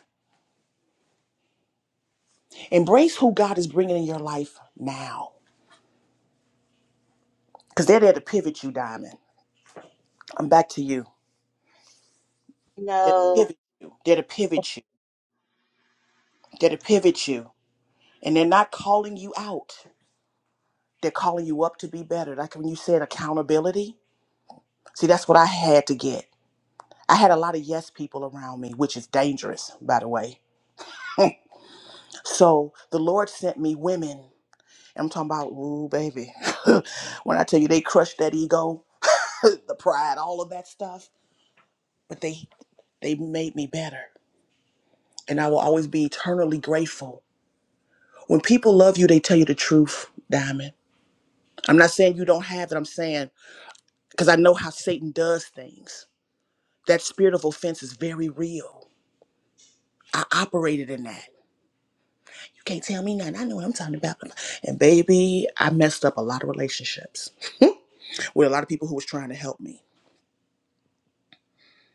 Embrace who God is bringing in your life now. Because they're there to pivot you, Diamond. I'm back to you.
You
They're to
know,
pivot you. They're to pivot you. They're to pivot you. And they're not calling you out. They're calling you up to be better. Like when you said accountability. See, that's what I had to get. I had a lot of yes people around me, which is dangerous, by the way. So the Lord sent me women. I'm talking about, ooh, baby. when I tell you they crushed that ego, the pride, all of that stuff. But they they made me better. And I will always be eternally grateful When people love you, they tell you the truth, Diamond. I'm not saying you don't have it. I'm saying because I know how Satan does things. That spirit of offense is very real. I operated in that. You can't tell me nothing. I know what I'm talking about. And baby, I messed up a lot of relationships with a lot of people who was trying to help me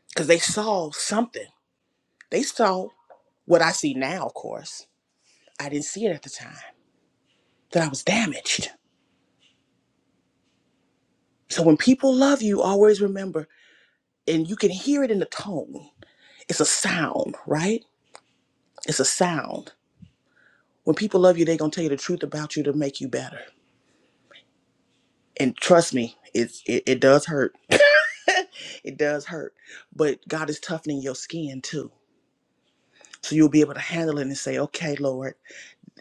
because they saw something. They saw what I see now, of course. I didn't see it at the time that I was damaged. So when people love you, always remember, and you can hear it in the tone. It's a sound, right? It's a sound. When people love you, they're gonna tell you the truth about you to make you better. And trust me, it's it, it does hurt. It does hurt. But God is toughening your skin too. So you'll be able to handle it and say, okay, Lord,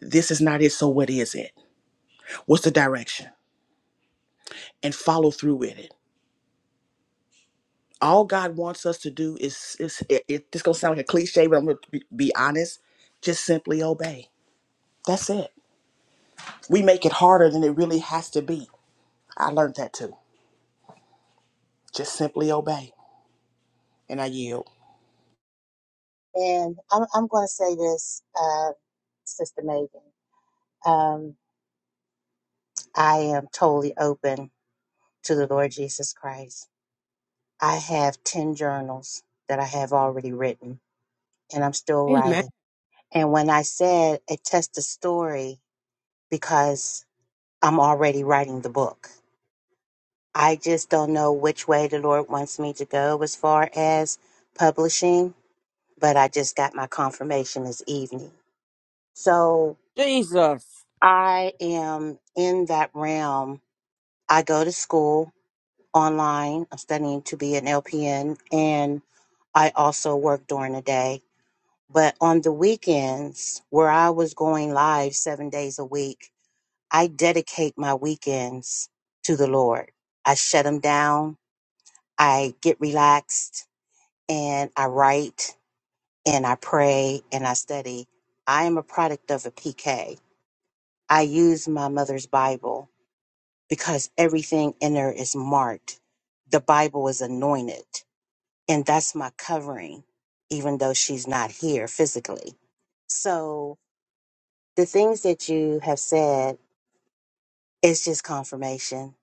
this is not it, so what is it? What's the direction? And follow through with it. All God wants us to do is, is it, it, this gonna sound like a cliche, but I'm gonna be, be honest, just simply obey. That's it. We make it harder than it really has to be. I learned that too. Just simply obey. And I yield.
and I'm, I'm going to say this, uh, Sister Megan. Um, I am totally open to the Lord Jesus Christ. I have 10 journals that I have already written, and I'm still
Amen.
writing. And when I said a test the story, because I'm already writing the book. I just don't know which way the Lord wants me to go as far as publishing, but I just got my confirmation this evening. So
Jesus.
I am in that realm. I go to school online. I'm studying to be an LPN and I also work during the day. But on the weekends, where I was going live seven days a week, I dedicate my weekends to the Lord. I shut them down. I get relaxed and I write and I pray and I study. I am a product of a PK. I use my mother's Bible because everything in there is marked. The Bible is anointed and that's my covering, even though she's not here physically. So the things that you have said is just confirmation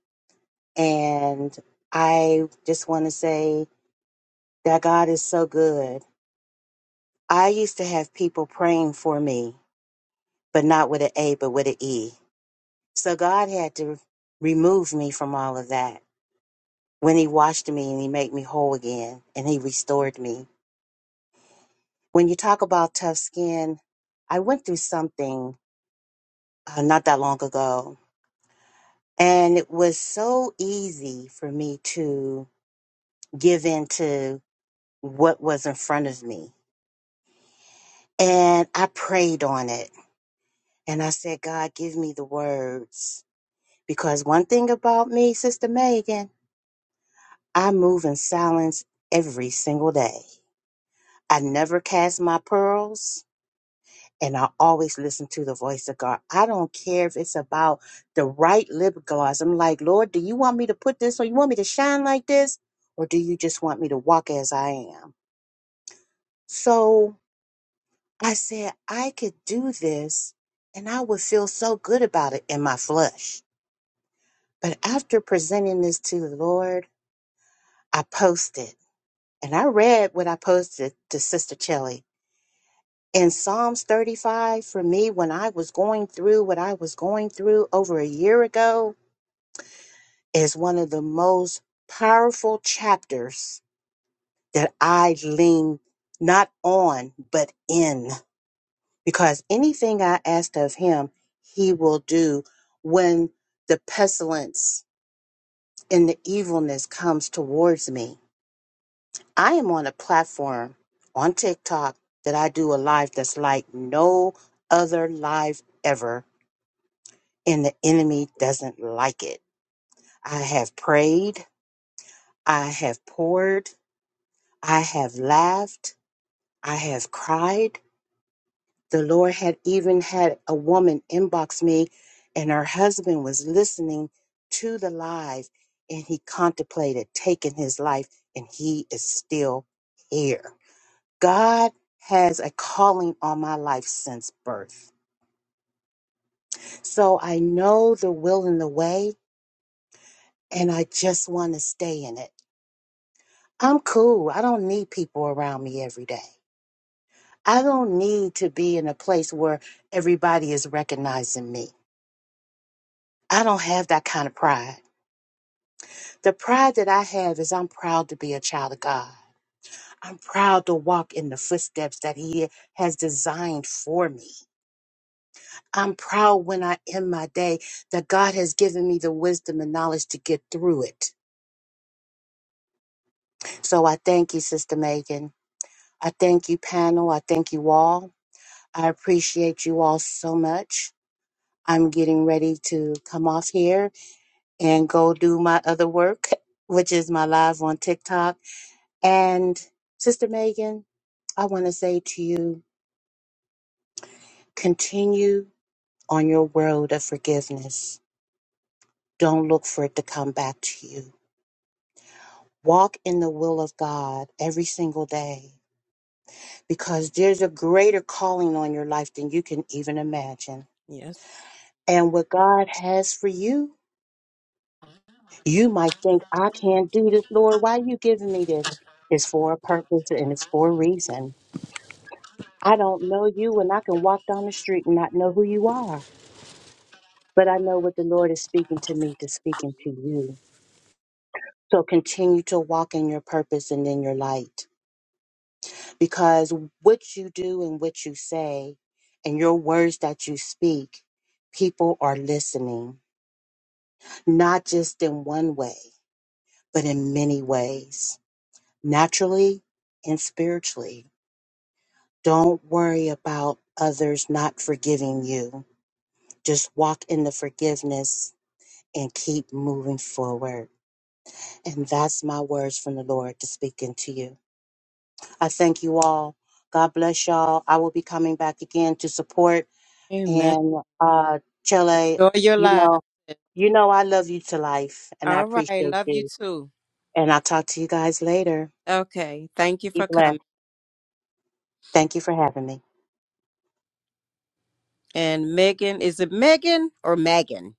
And I just want to say that God is so good. I used to have people praying for me, but not with an A, but with an E. So God had to remove me from all of that when He washed me and He made me whole again and He restored me. When you talk about tough skin, I went through something uh, not that long ago, and it was so easy for me to give in to what was in front of me And I prayed on it. And I said, God, give me the words. Because one thing about me, Sister Megan, I move in silence every single day. I never cast my pearls. And I always listen to the voice of God. I don't care if it's about the right lip gloss. I'm like, Lord, do you want me to put this or you want me to shine like this? Or do you just want me to walk as I am? So I said, I could do this and I would feel so good about it in my flesh. But after presenting this to the Lord, I posted and I read what I posted to Sister Chelly. In Psalms 35, for me, when I was going through what I was going through over a year ago, is one of the most powerful chapters that I lean not on, but in. because anything I asked of him, he will do when the pestilence and the evilness comes towards me. I am on a platform on TikTok that I do a live that's like no other live ever, and the enemy doesn't like it. I have prayed, I have poured, I have laughed, I have cried. The Lord had even had a woman inbox me, and her husband was listening to the live, and he contemplated taking his life, and he is still here. God has a calling on my life since birth. So I know the will and the way, and I just want to stay in it. I'm cool. I don't need people around me every day. I don't need to be in a place where everybody is recognizing me. I don't have that kind of pride. The pride that I have is I'm proud to be a child of God. I'm proud to walk in the footsteps that He has designed for me. I'm proud when I end my day that God has given me the wisdom and knowledge to get through it. So I thank you, Sister Megan. I thank you, panel. I thank you all. I appreciate you all so much. I'm getting ready to come off here and go do my other work, which is my live on TikTok. And Sister Megan, I want to say to you continue on your road of forgiveness. Don't look for it to come back to you. Walk in the will of God every single day because there's a greater calling on your life than you can even imagine.
Yes.
And what God has for you, you might think, I can't do this, Lord. Why are you giving me this? It's for a purpose and it's for a reason. I don't know you, and I can walk down the street and not know who you are. but I know what the Lord is speaking to me to speaking to you. So continue to walk in your purpose and in your light because what you do and what you say and your words that you speak, people are listening, not just in one way, but in many ways, naturally and spiritually. Don't worry about others not forgiving you. Just walk in the forgiveness and keep moving forward. And that's my words from the Lord to speak into you. I thank you all. God bless y'all. I will be coming back again to support
Amen.
and uh Chile,
Enjoy your
you
lives.
know, you know I love you to life and I
All right.
appreciate
Love you
you.
too.
And I'll talk to you guys later.
Okay. Thank you
Be
for
blessed.
coming.
Thank you for having me.
And Megan, is it Megan or Megan?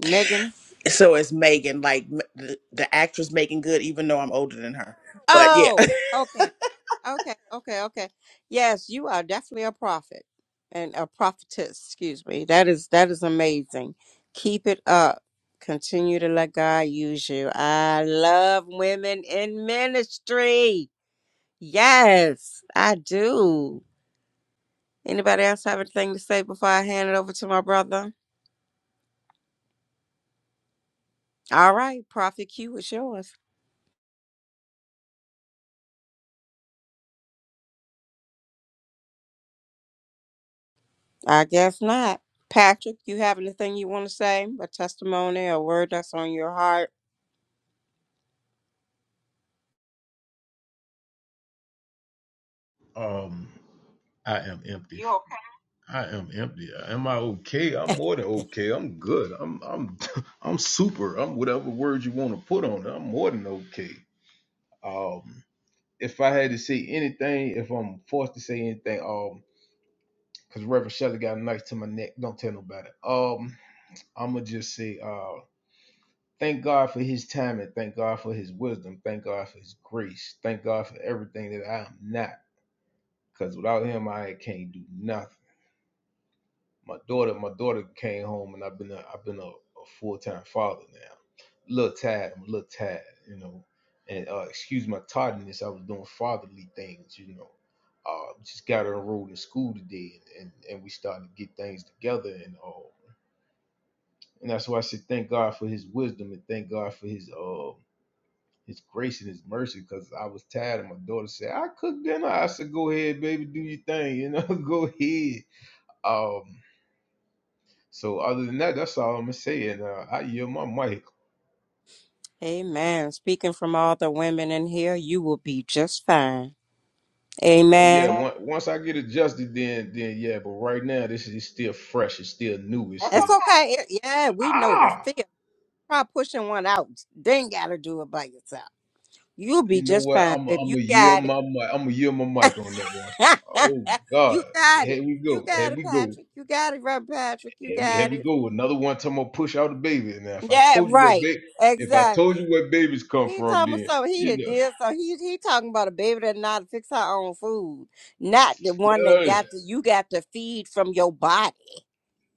Megan.
So is Megan, like m- the, the actress Megan Good, even though I'm older than her. But yeah,
Oh, okay. Okay. Okay. Okay. Yes, you are definitely a prophet and a prophetess. Excuse me. That is that is amazing. Keep it up. Continue to let God use you. I love women in ministry. Yes, I do. Anybody else have anything to say before I hand it over to my brother? All right, Prophet Q it's yours. I guess not. Patrick, you have anything you want to say? A testimony, a word that's on your heart?
Um, I am empty. You okay? I am empty. Am I okay? I'm more than okay. I'm good. I'm I'm I'm super. I'm whatever word you want to put on it. I'm more than okay. Um, if I had to say anything, if I'm forced to say anything, um, because Reverend Shelley got a knife to my neck. Don't tell nobody. Um, I'ma just say, uh, thank God for His time and thank God for His wisdom. Thank God for His grace. Thank God for everything that I am not. Because without Him, I can't do nothing. My daughter, my daughter came home, and I've been a, I've been a, a full time father now. A little tired, I'm a little tired, you know. And uh, excuse my tardiness, I was doing fatherly things, you know. Uh, just got her enrolled in school today, and, and, and we started to get things together and all. And that's why I said thank God for His wisdom and thank God for His uh, His grace and His mercy, because I was tired. And my daughter said, "I cook dinner." I said, "Go ahead, baby, do your thing, you know, go ahead." Um, So other than that, that's all I'm gonna say. And uh, I yield my mic.
Amen. Speaking from all the women in here, you will be just fine.
Oh yeah,
Amen.
Okay. on- once I get adjusted, then then yeah. But right now, this is it's still fresh. It's still new. It's That's still
It's
okay.
okay. It- yeah, we know the
ah.
fear. Try pushing one out. Then gotta do it by yourself. You'll be
You know
just
what?
fine,
I'm i
babe.
I'm
You
gonna yield
got it.
my mic. I'm gonna yield my mic on that one. Oh God,
you got
here
it.
we
You
go.
got
Here
it,
we go.
Patrick. You got it, Reverend Patrick. You
Here we, here
got it.
we go. Another one talking about push out a baby. Now, if I
Yeah,
told you where
right.
baby, if I told you
Exactly.
where babies come
He
from,
talking about
then
something he
you
done
know.
did. So he he talking about a baby that not fix her own food, not the one that
Yeah.
got to you got to feed from your body.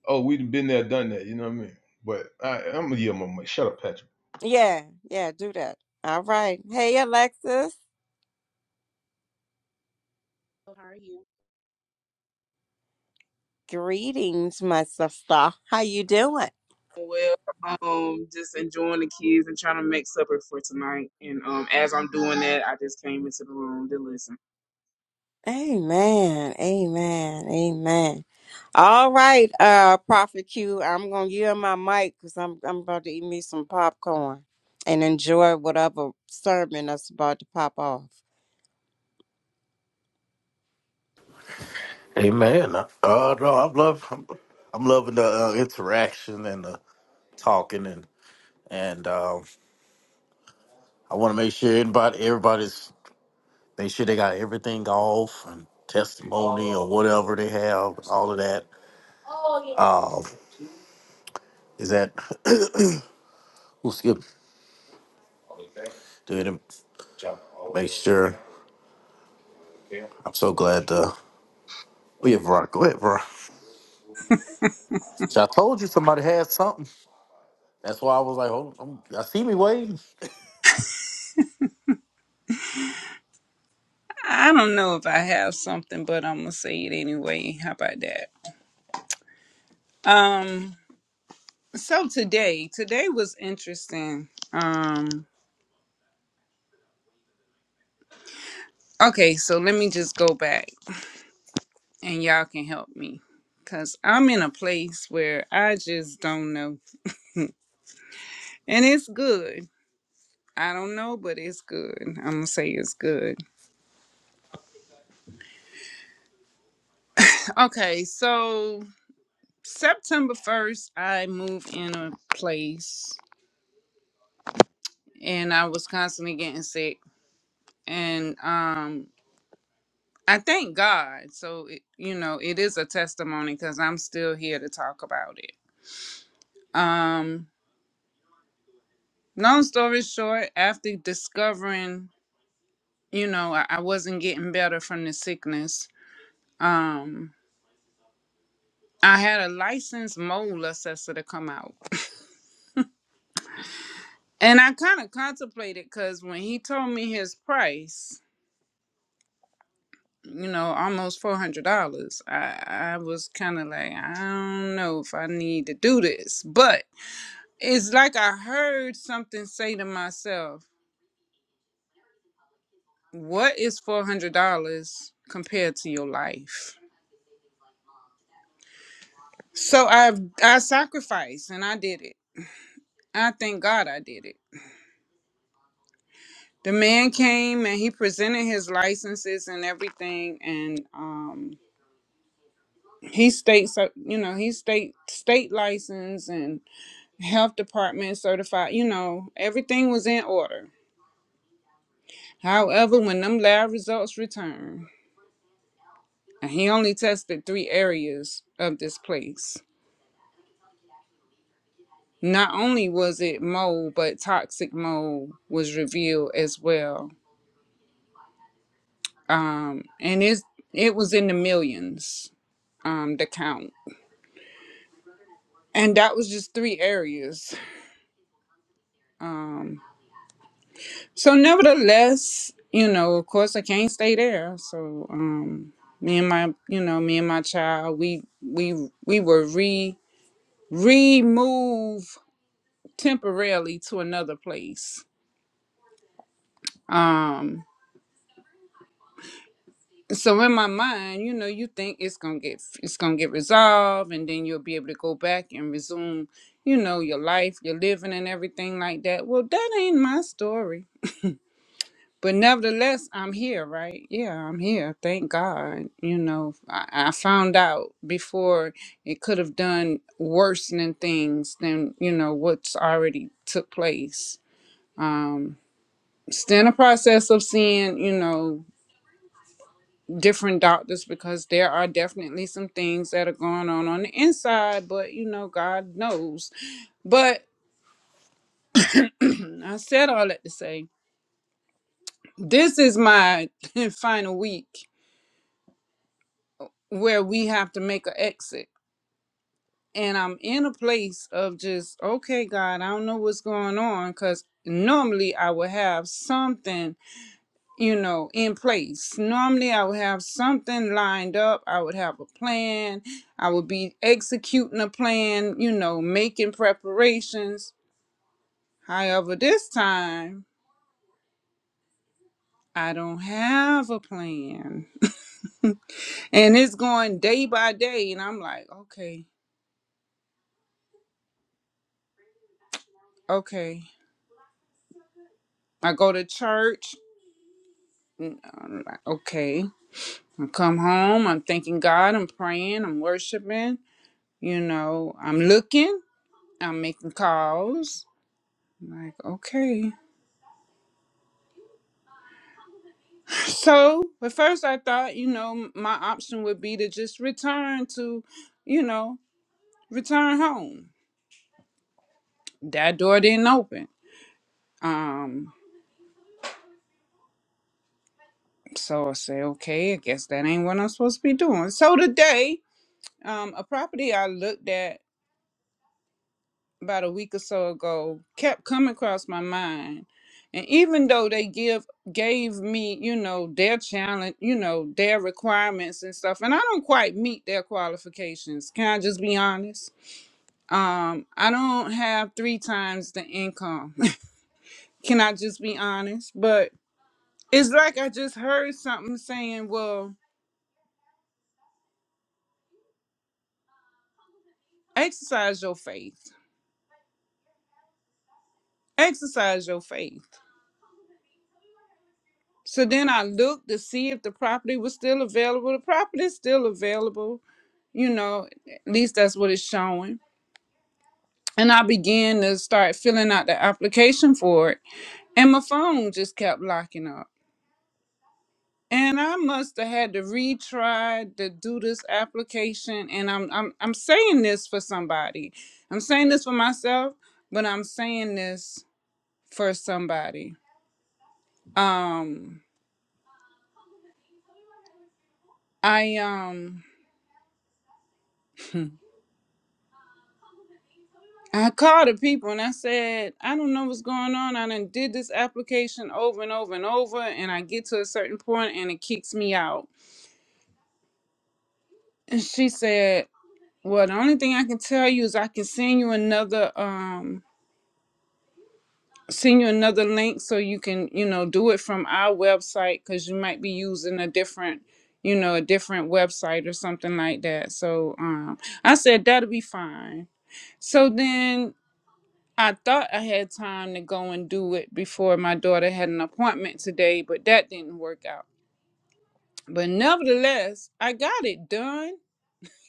Oh, we've been there, done that. You know what I mean? But I, I'm gonna yield my mic. Shut up, Patrick.
Yeah, yeah, do that. All right. Hey, Alexis. Greetings, my sister. How you doing?
Well, um, just enjoying the kids and trying to make supper for tonight. And um, as I'm doing that, I just came into the room to listen.
Amen. Amen. Amen. All right, uh, Prophet Q, I'm gonna yield my mic because I'm I'm about to eat me some popcorn and enjoy whatever sermon that's about to pop off.
Amen. Uh, no, I'm love. I'm, I'm loving the uh, interaction and the talking, and and um, I want to make sure everybody, everybody's. They sure they got everything off and testimony or whatever they have, all of that. Um, is that we'll skip do it and make sure. I'm so glad uh oh yeah, Veronica, go ahead, Veronica. So I told you somebody had something. That's why I was like, hold on, I see me waiting.
I don't know if I have something, but I'm going to say it anyway. How about that? Um, so today, today was interesting. Um, okay, so let me just go back. and y'all can help me because I'm in a place where I just don't know. And it's good. I don't know, but it's good. I'm going to say it's good. Okay, so September 1st, I moved in a place and I was constantly getting sick. And um, I thank God. So, it, you know, it is a testimony because I'm still here to talk about it. Um, long story short, after discovering you know, I, I wasn't getting better from the sickness. Um, I had a licensed mole assessor to come out. And I kind of contemplated because when he told me his price, you know, almost $400, I, I was kind of like, I don't know if I need to do this. But it's like I heard something say to myself, what is $400 compared to your life? So I I sacrificed and I did it. I thank God I did it The man came and he presented his licenses and everything, and um, he state, cer- you know, he state state license and health department certified. You know, everything was in order. However, when them lab results returned, and he only tested three areas of this place. Not only was it mold, but toxic mold was revealed as well, um, and it's it was in the millions. Um, the count. and that was just three areas um so nevertheless you know of course i can't stay there so um me and my you know me and my child we we we were re remove temporarily to another place um so in my mind you know you think it's gonna get it's gonna get resolved and then you'll be able to go back and resume you know your life your living and everything like that well that ain't my story but nevertheless i'm here right yeah i'm here thank god you know i, I found out before it could have done worsening things than you know what's already took place um still in the process of seeing you know different doctors because there are definitely some things that are going on on the inside but you know god knows but i said all that to say this is my final week where we have to make an exit and I'm in a place of just, okay, God, I don't know what's going on because normally I would have something, you know, in place. Normally I would have something lined up. I would have a plan. I would be executing a plan, you know, making preparations. However, this time I don't have a plan and it's going day by day and i'm like okay okay i go to church I'm like, okay I come home, I'm thanking God, I'm praying, I'm worshiping, you know, I'm looking, I'm making calls. I'm like, okay. So at first I thought, you know, my option would be to just return to, you know, return home. That door didn't open. Um, so I say, okay, I guess that ain't what I'm supposed to be doing. So today, um, a property I looked at about a week or so ago kept coming across my mind and even though they give gave me you know their challenge you know their requirements and stuff and i don't quite meet their qualifications can i just be honest um i don't have three times the income can i just be honest but it's like i just heard something saying well exercise your faith exercise your faith so then i looked to see if the property was still available the property is still available you know at least that's what it's showing and i began to start filling out the application for it and my phone just kept locking up and i must have had to retry to do this application and i'm i'm, I'm saying this for somebody i'm saying this for myself but i'm saying this for somebody um i um I called the people and I said, I don't know what's going on. I done did this application over and over and over, and I get to a certain point and it kicks me out. And she said, Well, the only thing I can tell you is I can send you another um send you another link so you can, you know, do it from our website because you might be using a different you know, a different website or something like that. So um I said that'll be fine. So then I thought I had time to go and do it before my daughter had an appointment today, but that didn't work out. But nevertheless, I got it done.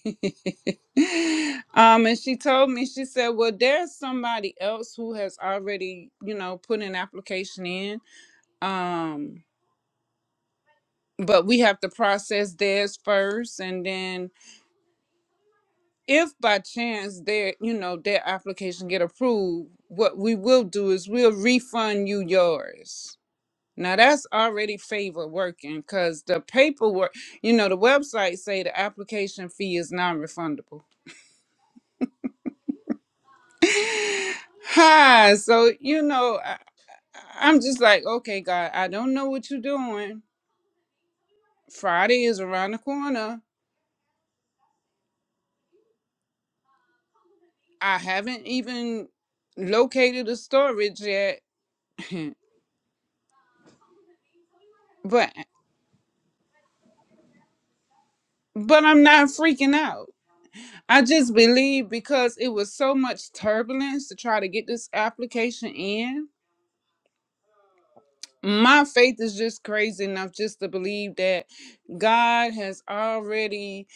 um, and she told me, she said, Well, there's somebody else who has already, you know, put an application in. Um, but we have to process theirs first. And then if by chance their, you know, their application get approved, what we will do is we'll refund you yours. Now that's already favor working because the paperwork, you know, the website say the application fee is non-refundable. Hi, so you know, I, I'm just like, okay, God, I don't know what you're doing. Friday is around the corner. I haven't even located a storage yet, but but I'm not freaking out. I just believe because it was so much turbulence to try to get this application in my faith is just crazy enough just to believe that God has already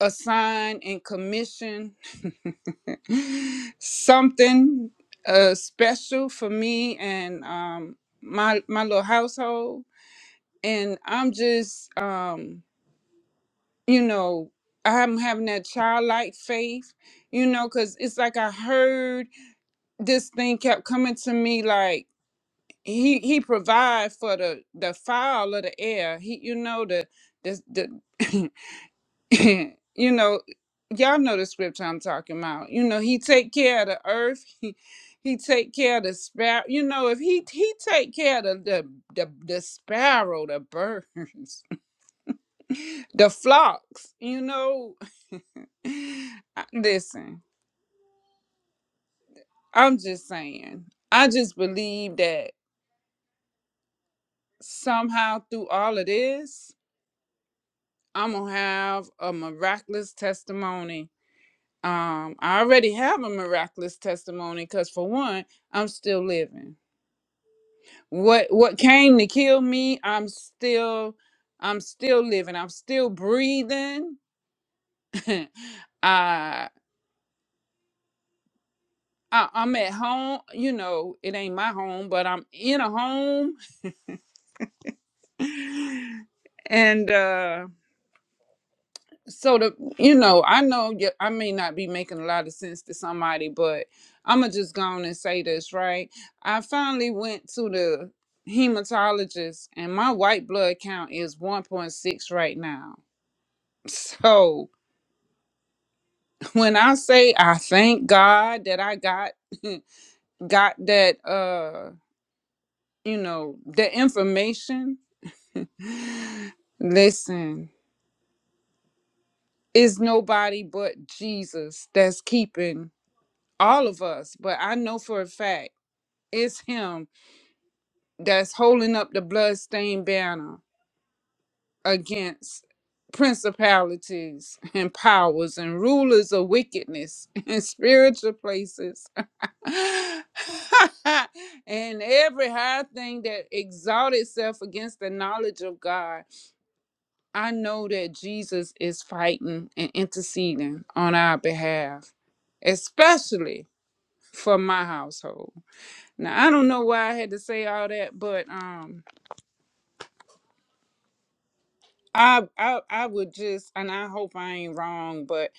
assigned and commissioned something uh, special for me and um, my my little household. And I'm just, um, you know, I'm having that childlike faith, you know, because it's like I heard this thing kept coming to me like he he provide for the the fowl of the air he you know the the, the you know y'all know the scripture i'm talking about you know he take care of the earth he he take care of the sparrow you know if he he take care of the the, the, the sparrow the birds the flocks you know I- listen i'm just saying i just believe that somehow through all of this I'm gonna have a miraculous testimony. Um, I already have a miraculous testimony because for one, I'm still living. What what came to kill me, I'm still I'm still living. I'm still breathing. I, I I'm at home, you know, it ain't my home, but I'm in a home. and uh so the you know i know y- i may not be making a lot of sense to somebody but i'm gonna just go on and say this right i finally went to the hematologist and my white blood count is 1.6 right now so when i say i thank god that i got got that uh you know the information listen it's nobody but jesus that's keeping all of us but i know for a fact It's him that's holding up the bloodstained banner against principalities and powers and rulers of wickedness in spiritual places and every high thing that exalt itself against the knowledge of God. I know that Jesus is fighting and interceding on our behalf, especially for my household. Now I don't know why I had to say all that, but um I I I would just and I hope I ain't wrong, but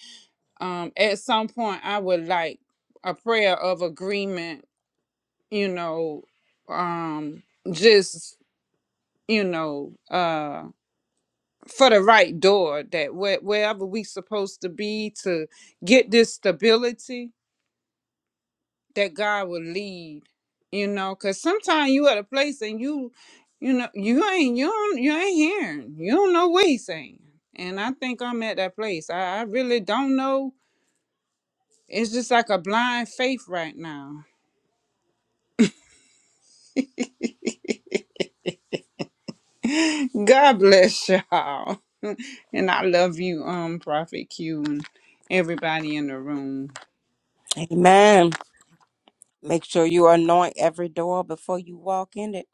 um at some point I would like a prayer of agreement, you know, um just you know, uh for the right door that where, wherever we supposed to be to get this stability, that God will lead. You know, cause sometimes you at a place and you, you know, you ain't you don't, you ain't hearing. You don't know what he's saying. And I think I'm at that place. I, I really don't know. It's just like a blind faith right now. God bless y'all. and I love you, um, Prophet Q and everybody in the room.
Amen. Make sure you anoint every door before you walk in it.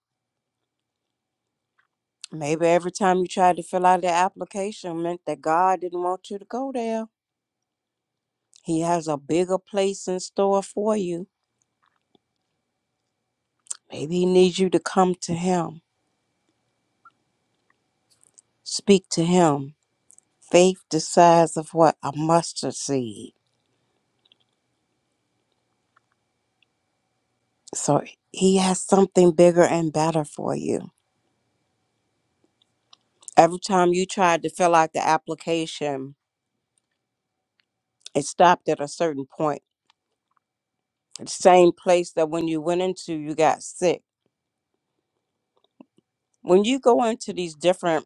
Maybe every time you try to fill out the application meant that God didn't want you to go there. He has a bigger place in store for you. Maybe he needs you to come to him, speak to him faith the size of what a mustard seed so he has something bigger and better for you every time you tried to fill out the application it stopped at a certain point the same place that when you went into you got sick when you go into these different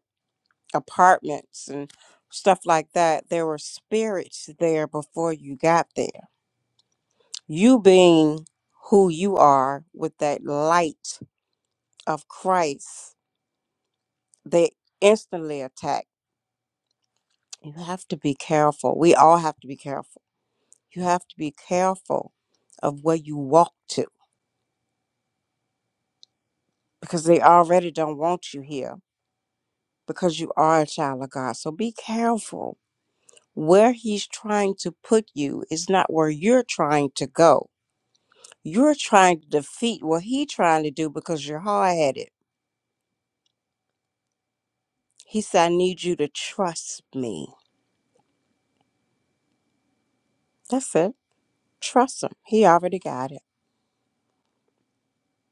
apartments and stuff like that there were spirits there before you got there you being who you are with that light of christ they instantly attack You have to be careful. We all have to be careful. You have to be careful of where you walk to because they already don't want you here because you are a child of God. So be careful. Where he's trying to put you is not where you're trying to go. You're trying to defeat what he's trying to do because you're hard headed. He said, I need you to trust me. That's it. Trust him. He already got it.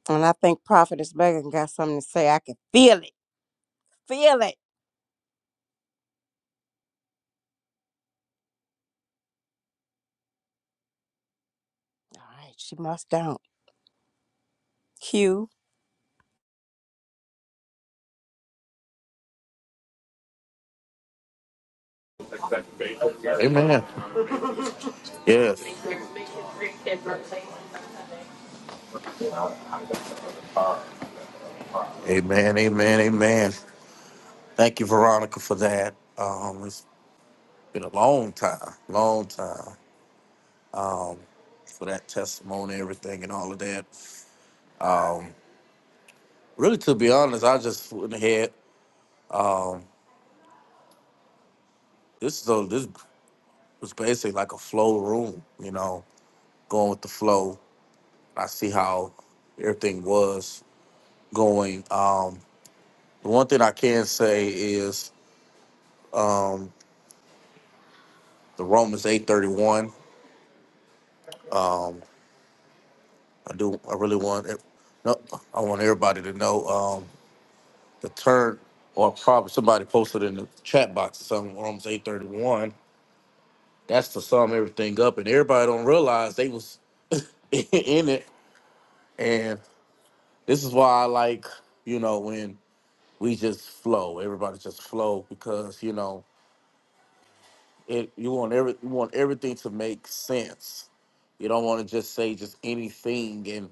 And I think Prophetess Megan got something to say. I can feel it. Feel it. All right, she must don't. Q.
Amen. Yes. Amen, amen, amen. Thank you, Veronica, for that. Um, it's been a long time, long time for that testimony, everything, and all of that. Really, to be honest, I just went ahead. This so this was basically like a flow room, you know, going with the flow. I see how everything was going. Um, the one thing I can say is um, the Romans eight thirty one. I do. I really want. ev- No, I want everybody to know um, the turn, or probably somebody posted in the chat box or something. Romans eight thirty one. That's to sum everything up, and everybody don't realize they was in it. And this is why I like, you know, when we just flow. Everybody just flow because you know it. You want every you want everything to make sense. You don't want to just say just anything, and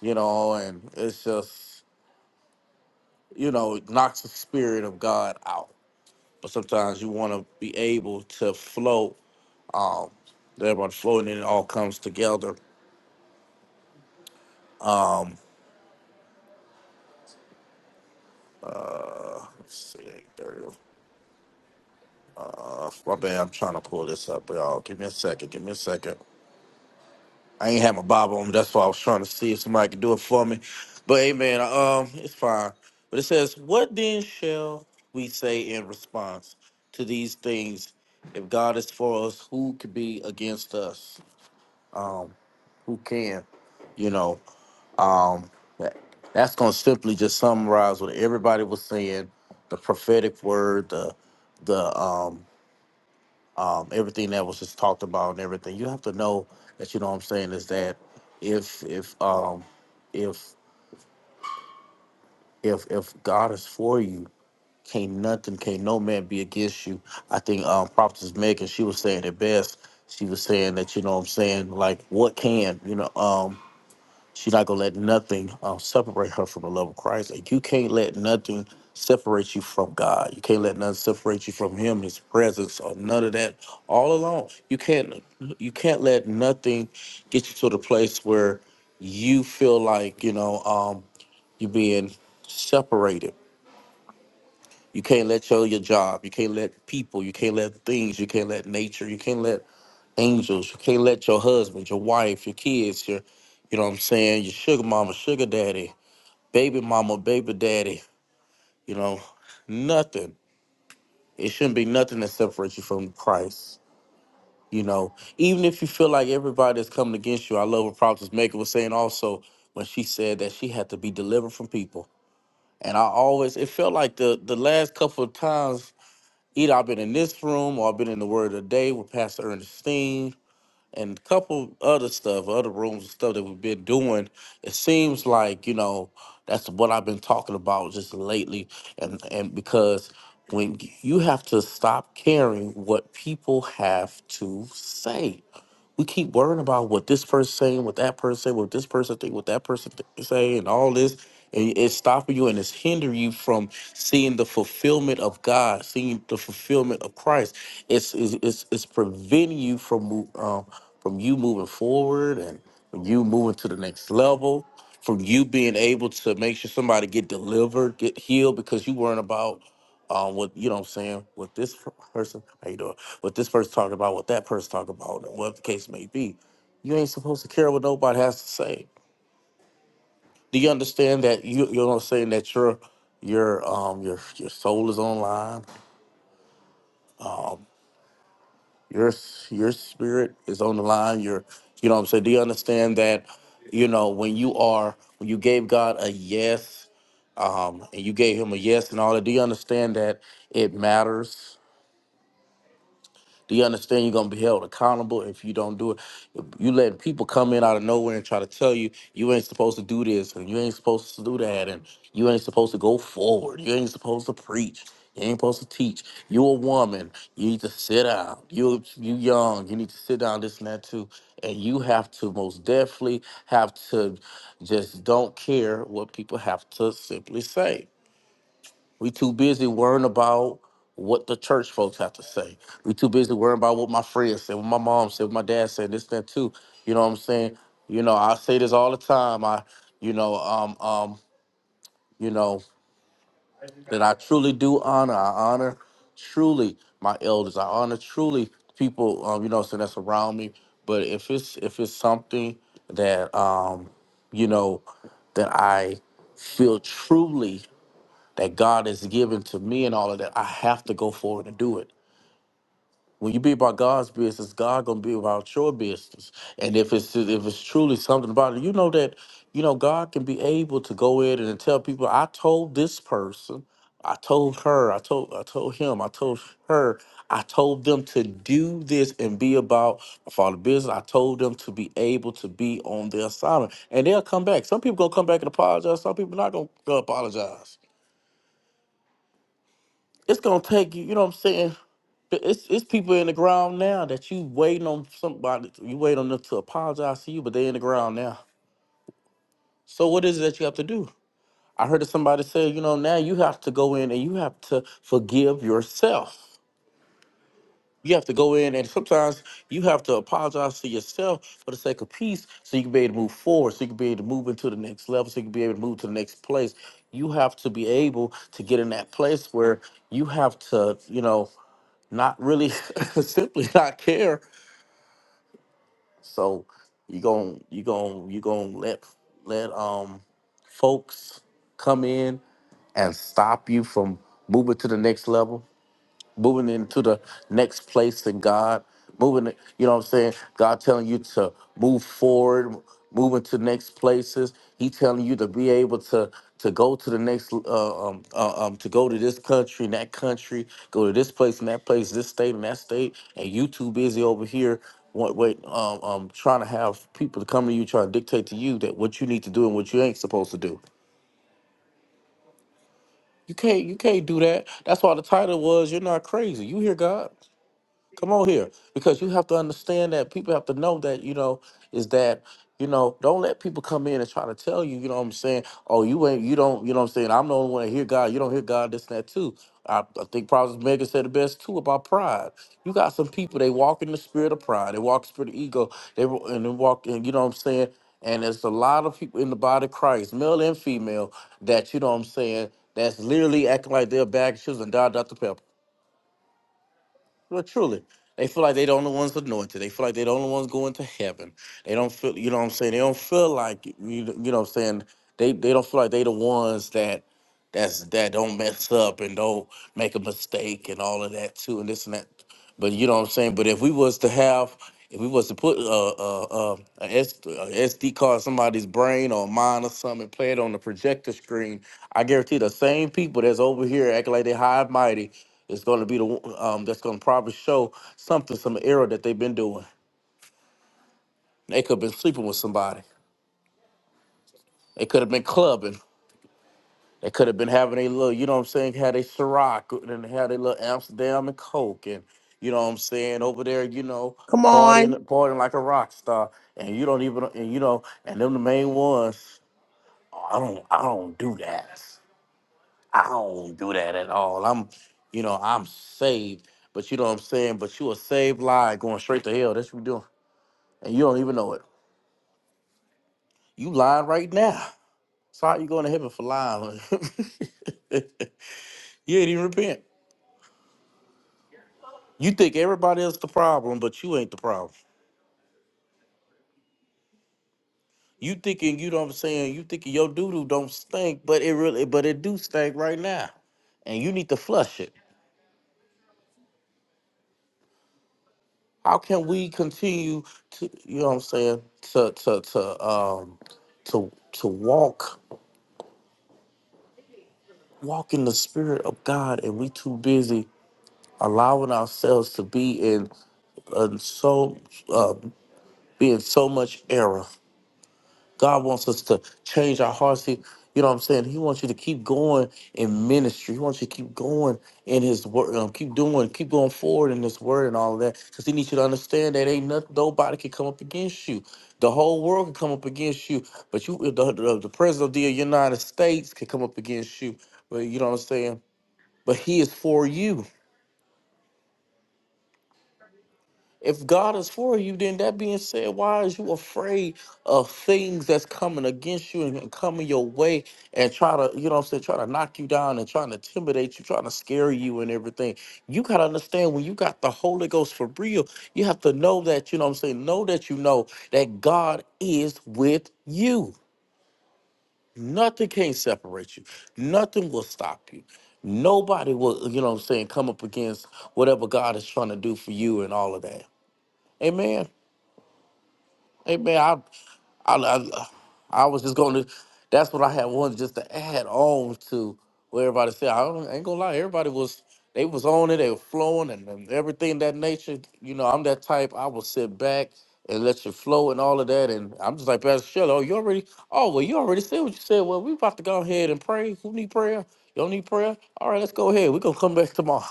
you know, and it's just you know it knocks the spirit of God out. But sometimes you want to be able to flow. Um, everybody flow, and then it all comes together. Uh, let's see, there. it is. Uh, my bad. I'm trying to pull this up, y'all. Give me a second. Give me a second. I ain't have my Bible, on. me. That's why I was trying to see if somebody could do it for me. But hey, man, um, it's fine. But it says, "What then shall we say in response to these things? If God is for us, who could be against us? Um, who can? You know, um, that- that's gonna simply just summarize what everybody was saying. The prophetic word, the the um um, everything that was just talked about and everything. You have to know that you know what I'm saying is that if if um if if if God is for you, can't nothing, can't no man be against you. I think um Prophetess Megan, she was saying it best. She was saying that, you know what I'm saying, like what can, you know, um She's not gonna let nothing um, separate her from the love of Christ. Like you can't let nothing separate you from God. You can't let nothing separate you from Him, His presence, or none of that. All along, you can't you can't let nothing get you to the place where you feel like you know um, you're being separated. You can't let your your job. You can't let people. You can't let things. You can't let nature. You can't let angels. You can't let your husband, your wife, your kids, your you know what I'm saying, your sugar mama, sugar daddy baby mama, baby daddy, you know, nothing. It shouldn't be nothing that separates you from Christ. You know, even if you feel like everybody's coming against you, I love what Prophetess Maker was saying also when she said that she had to be delivered from people. And I always, it felt like the the last couple of times either I've been in this room or I've been in the Word of the Day with Pastor Ernestine and a couple other stuff, other rooms and stuff that we've been doing. It seems like, you know, that's what I've been talking about just lately. And, and because when you have to stop caring what people have to say, we keep worrying about what this person saying, what that person saying, what this person think, what that person th- say, and all this, and it's stopping you and it's hindering you from seeing the fulfillment of God, seeing the fulfillment of Christ. It's it's it's, it's preventing you from mo- um, from you moving forward and from you moving to the next level, from you being able to make sure somebody get delivered, get healed, because you weren't about um what you know what I'm saying, what this person how you doing, what this person talking about, what that person talking about, and what the case may be. You ain't supposed to care what nobody has to say. Do you understand that you you know what I'm saying that your your um your your soul is online, your s- your spirit is on the line, your you know what I'm saying? Do you understand that you know when you are when you gave God a yes um, and you gave him a yes and all that, do you understand that it matters? Do you understand you're gonna be held accountable if you don't do it? You letting people come in out of nowhere and try to tell you you ain't supposed to do this and you ain't supposed to do that and you ain't supposed to go forward. You ain't supposed to preach. You ain't supposed to teach. You a woman. You need to sit down. You you young. You need to sit down. This and that too. And you have to most definitely have to just don't care what people have to simply say we too busy worrying about what the church folks have to say. We too busy worrying about what my friends said, what my mom said, what my dad said, this, that too. You know what I'm saying? You know, I say this all the time. I, you know, um, um, you know, that I truly do honor. I honor truly my elders. I honor truly people, um, you know, what saying that's around me. But if it's if it's something that um, you know, that I feel truly that God has given to me and all of that, I have to go forward and do it. When you be about God's business, God gonna be about your business. And if it's if it's truly something about it, you know that you know God can be able to go in and tell people, I told this person, I told her, I told I told him, I told her, I told them to do this and be about my father business. I told them to be able to be on their assignment, and they'll come back. Some people gonna come back and apologize. Some people not gonna apologize it's gonna take you. You know what I'm saying? But It's it's people in the ground now that you waiting on somebody. to- You wait on them to apologize to you, but they in the ground now. So what is it that you have to do? I heard somebody say, you know, now you have to go in and you have to forgive yourself. You have to go in and sometimes you have to apologize to yourself for the sake of peace, so you can be able to move forward, so you can be able to move into the next level, so you can be able to move to the next place. You have to be able to get in that place where you have to, you know. not really simply not care. So you gon' you gon' you gon' let let um folks come in and stop you from moving to the next level moving into the next place in God, moving, it- you know what I'm saying? God telling you to move forward, move into next places. He telling you to be able to to go to the next, uh, um, uh, um, to go to this country and that country, go to this place and that place, this state and that state, and you too busy over here. Wait, wait um, um, trying to have people to come to you, trying to dictate to you that what you need to do and what you ain't supposed to do. You can't, you can't do that. That's why the title was, "You're not crazy. You hear God." Come on here, because you have to understand that people have to know that you know is that you know don't let people come in and try to tell you you know what I'm saying. Oh, you ain't you don't you know what I'm saying. I'm the only one that hear God. You don't hear God. This and that too. I, I think Prophet Megan said the best too about pride. You got some people they walk in the spirit of pride. They walk in the spirit of ego. They wa- and they walk in you know what I'm saying. And there's a lot of people in the body of Christ, male and female, that you know what I'm saying. That's literally acting like they're bag shoes and da da da well, truly, they feel like they the only ones anointed. They feel like they the only ones going to heaven. They don't feel, you know what I'm saying? They don't feel like, you, you know what I'm saying? They, they don't feel like they the ones that that's that don't mess up and don't make a mistake and all of that too and this and that but you know what i'm saying but if we was to have if we was to put a, a, a, a, S, a sd card in somebody's brain or mine or something and play it on the projector screen i guarantee the same people that's over here acting like they high and mighty is going to be the one- um, that's going to probably show something some error that they've been doing they could have been sleeping with somebody they could have been clubbing They could have been having a little, you know what I'm saying, had a Ciroc and had a little Amsterdam and Coke and you know what I'm saying, over there, you know,
come
partying
on.
partying like a rock star. And you don't even and you know, and them the main ones, "Oh, I don't I don't do that. I don't do that at all. I'm you know, I'm saved. But you know what I'm saying? But you a saved lie going straight to hell. That's what you doing. And you don't even know it. You lying right now. So how you going to heaven for lying? you ain't even repent. You think everybody else the problem, but you ain't the problem. You thinking you know what I'm saying, you thinking your doo doo don't stink, but it really but it do stink right now. And you need to flush it. How can we continue to you know what I'm saying, to to to um to to walk walk in the spirit of God and we too busy allowing ourselves to be in, in so uh, be in so much error God wants us to change our hearts. He, you know what I'm saying? He wants you to keep going in ministry. He wants you to keep going in his word. Um, keep doing, keep going forward in this word and all of that. Because he needs you to understand that ain't nothing, nobody can come up against you. The whole world can come up against you. But you the, the, the president of the United States can come up against you. But you know what I'm saying? But he is for you. If God is for you, then that being said, why is you afraid of things that's coming against you and coming your way and try to, you know what I'm saying, try to knock you down and trying to intimidate you, trying to scare you and everything? You gotta understand when you got the Holy Ghost for real, you have to know that, you know what I'm saying, know that you know that God is with you. Nothing can separate you, nothing will stop you. Nobody will, you know what I'm saying, come up against whatever God is trying to do for you and all of that. Amen. Hey man, I, I, I, I was just going to. That's what I had wanted just to add on to what everybody said. I, don't, ain't gonna lie, everybody was they was on it, they were flowing, and, and everything that nature. You know, I'm that type. I will sit back and let you flow and all of that. And I'm just like Pastor Shelley. Oh, you already? Oh, well, you already said what you said. Well, we about to go ahead and pray. Who need prayer? You don't need prayer. All right, let's go ahead. We are gonna come back tomorrow.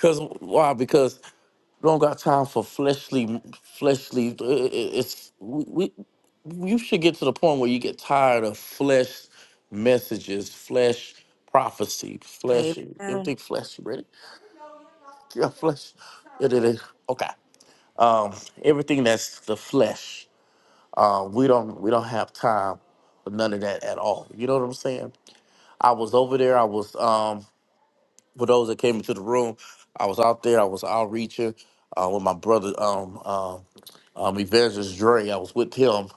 Cause why? Because We don't got time for fleshly, fleshly. it- it- It's we, we. You should get to the point where you get tired of flesh messages, flesh prophecy, flesh.
Amen.
Everything flesh. You ready? Yeah, flesh. It, it, is. Okay. Um, everything that's the flesh. Um, we don't. We don't have time for none of that at all. You know what I'm saying? I was over there. I was. Um, for those that came into the room, I was out there. I was outreaching uh, with my brother, um, um, um, Evangelist Dre. I was with him,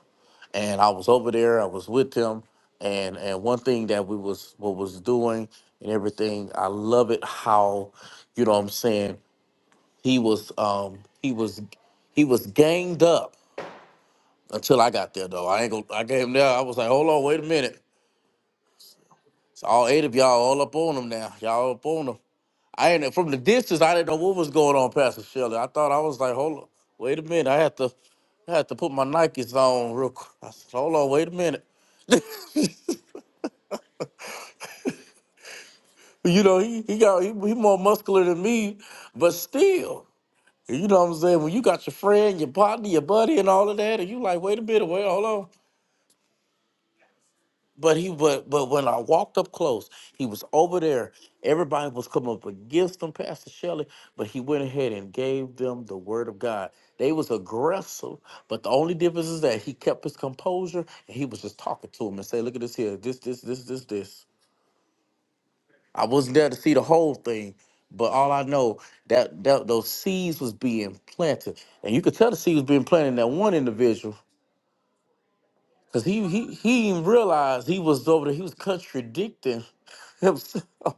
and I was over there. I was with him, and and one thing that we was what was doing and everything. I love it how, you know, what I'm saying he was um, he was he was ganged up until I got there though. I ain't go. I came there. I was like, hold on, wait a minute. It's all eight of y'all all up on him now. Y'all up on him. I ain't from the distance. I didn't know what was going on, Pastor Shelley. I thought I was like, hold on, wait a minute. I had to, I had to put my Nikes on real quick. I said, hold on, wait a minute. You know, he he got he, he more muscular than me, but still, you know what I'm saying. When you got your friend, your partner, your buddy, and all of that, and you like, wait a minute, wait, hold on. But he but but when I walked up close, he was over there. Everybody was coming up against him, Pastor Shelley, but he went ahead and gave them the word of God. They was aggressive, but the only difference is that he kept his composure and he was just talking to him and say, Look at this here, this, this, this, this, this. I wasn't there to see the whole thing, but all I know that, that those seeds was being planted. And you could tell the seeds was being planted in that one individual Cause he he he even realized he was over there. He was contradicting himself.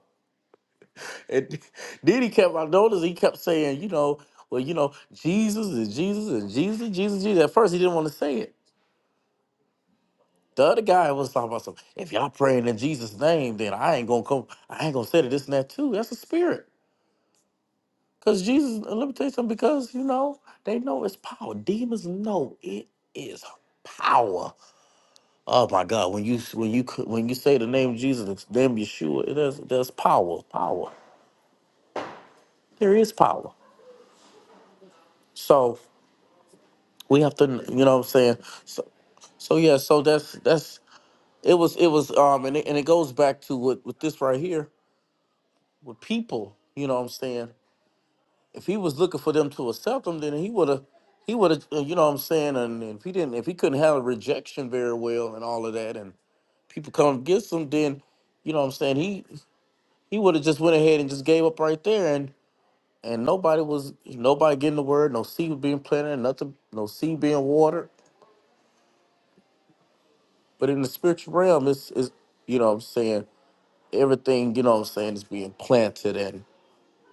And then he kept. I noticed he kept saying, you know, well, you know, Jesus is Jesus and Jesus, is Jesus, Jesus. At first, he didn't want to say it. The other guy was talking about some. If y'all praying in Jesus' name, then I ain't gonna come. I ain't gonna say to this and that too. That's a spirit. Cause Jesus, and let me tell you something. Because you know they know it's power. Demons know it is power. Oh my God! When you when you when you say the name Jesus, the name Yeshua, it has, there's power, power. There is power. So we have to, you know, what I'm saying. So, so yeah, so that's that's it was it was um and it, and it goes back to what with this right here with people. You know, what I'm saying. If he was looking for them to accept him, then he would have he would have you know what I'm saying. And if he didn't, if he couldn't handle rejection very well and all of that, and people come against him, then you know what I'm saying? he. he would have just went ahead and just gave up right there and and nobody was nobody getting the word no seed was being planted nothing no seed being watered but in the spiritual realm it's is you know what i'm saying everything you know what i'm saying is being planted and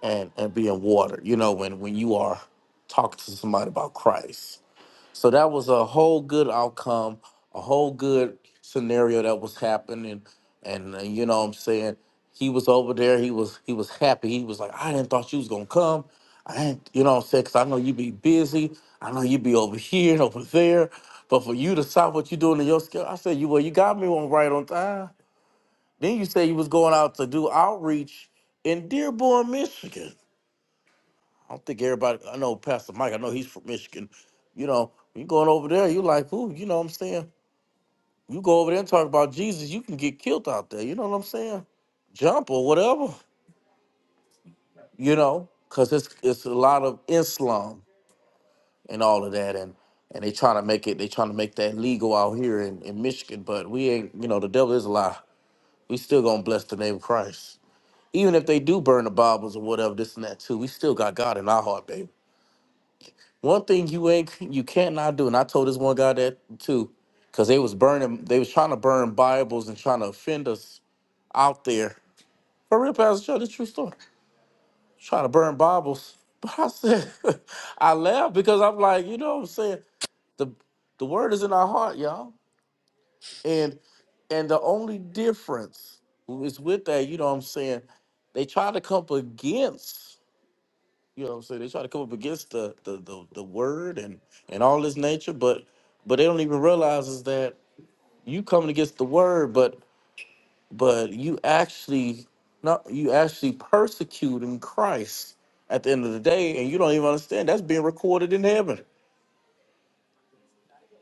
and and being watered you know when when you are talking to somebody about christ So that was a whole good outcome, a whole good scenario that was happening, and, and you know what I'm saying he was over there. He was he was happy. He was like, I didn't thought you was gonna come. I ain't, you know what I'm saying? 'Cause I know you be busy. I know you be over here and over there. But for you to stop what you doing in your skill, I said, you well, you got me one right on time. Then you say you was going out to do outreach in Dearborn, Michigan. I don't think everybody. I know Pastor Mike. I know he's from Michigan. You know, you going over there. You like, ooh, you know what I'm saying? You go over there and talk about Jesus, you can get killed out there. You know what I'm saying? Jump or whatever. You know, because it's it's a lot of Islam and all of that, and and they trying to make it. They trying to make that legal out here in in Michigan, but we ain't. You know, the devil is a lie. We still gonna bless the name of Christ. Even if they do burn the Bibles or whatever, this and that too, we still got God in our heart, baby. One thing you ain't you cannot do, and I told this one guy that too, because they was burning, they was trying to burn Bibles and trying to offend us out there. For real, Pastor Joe, the true story. Trying to burn Bibles. But I said, I laughed because I'm like, you know what I'm saying? The the word is in our heart, y'all. And and the only difference is with that, you know what I'm saying? They try to come up against. You know what I'm saying? They try to come up against the the the, the word and and all this nature, but but they don't even realize is that you coming against the word, but but you actually not you actually persecuting Christ at the end of the day, and you don't even understand that's being recorded in heaven.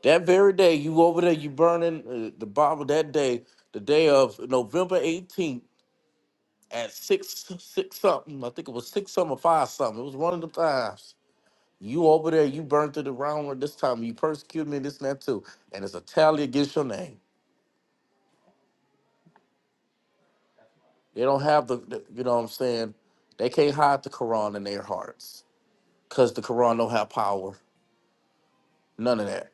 That very day you over there, you burning uh, the Bible that day, the day of November 18th at six six something. I think it was six something or five something. It was one of the times You over there, you burned through the round this time. You persecuted me, this and that too. And it's a tally against your name. They don't have the, the- you know what I'm saying? They can't hide the Quran in their hearts. Cause the Quran don't have power. None of that.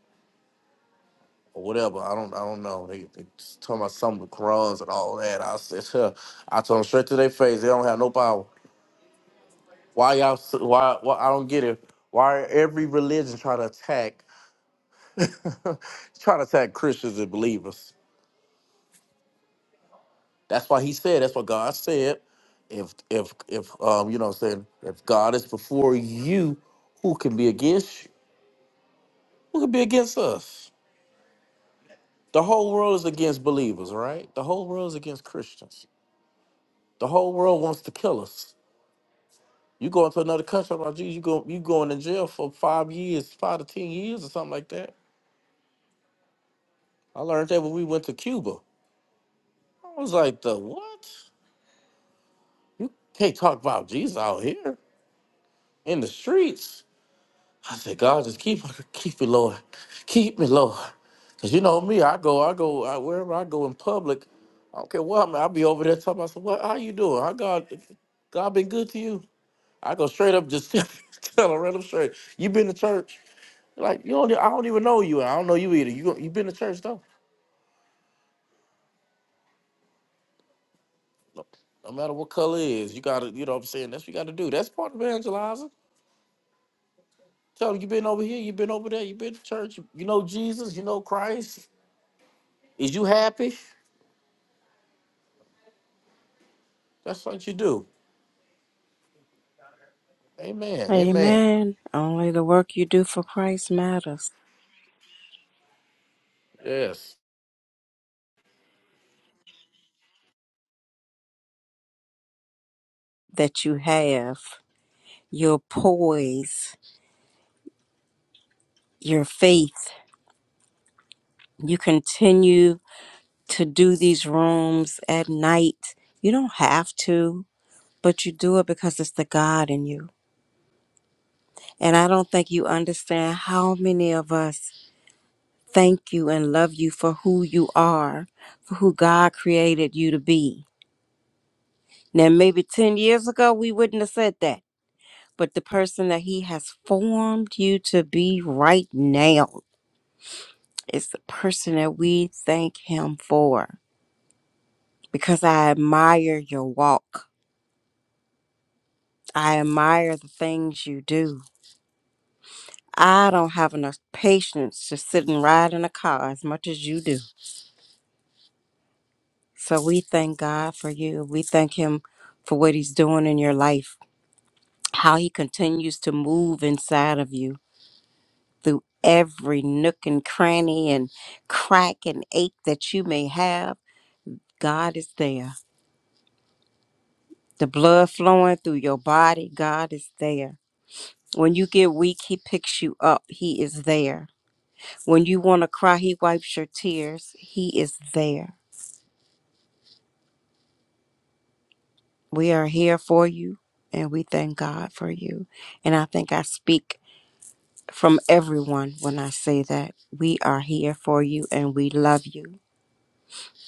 Or whatever. I don't I don't know. They, they just talking about some of the Qurans and all that. I said, huh. I told them straight to their face, they don't have no power. Why y'all s- why why I don't get it. Why every religion try to attack try to attack Christians and believers? That's why he said, that's what God said. If if if um, you know what I'm saying, if God is before you, who can be against you? Who can be against us? The whole world is against believers, right? The whole world is against Christians. The whole world wants to kill us. You go into another country, about Jesus, you go you going in jail for five years, five to ten years or something like that. I learned that when we went to Cuba. I was like, the what? You can't talk about Jesus out here in the streets. I said, God, just keep keep me, Lord. Keep me, Lord. Cause you know me, I go, I go, I, wherever I go in public, I don't care what I'm, I'll be over there talking about, what, how you doing? How God, God been good to you? I go straight up, just tell her, random straight, you been to church? Like, you don't, I don't even know you. I don't know you either. You, you been to church though? No, no matter what color it is, you gotta, you know what I'm saying? That's what you gotta do. That's part of evangelizing. Tell them you been over here, you been over there, you been to church, you know Jesus, you know Christ. Is you happy? That's what you do. Amen. Amen.
Amen. Only the work you do for Christ matters.
Yes.
That you have your poise, your faith. You continue to do these rooms at night. You don't have to, but you do it because it's the God in you. And I don't think you understand how many of us thank you and love you for who you are, for who God created you to be Now, maybe 10 years ago, we wouldn't have said that, but the person that He has formed you to be right now is the person that we thank Him for. Because I admire your walk, I admire the things you do. I don't have enough patience to sit and ride in a car as much as you do. So we thank God for you. We thank Him for what He's doing in your life, how He continues to move inside of you through every nook and cranny and crack and ache that you may have. God is there. The blood flowing through your body, God is there. When you get weak, He picks you up. He is there. When you want to cry, He wipes your tears. He is there. We are here for you and we thank God for you. And I think I speak from everyone when I say that we are here for you and we love you.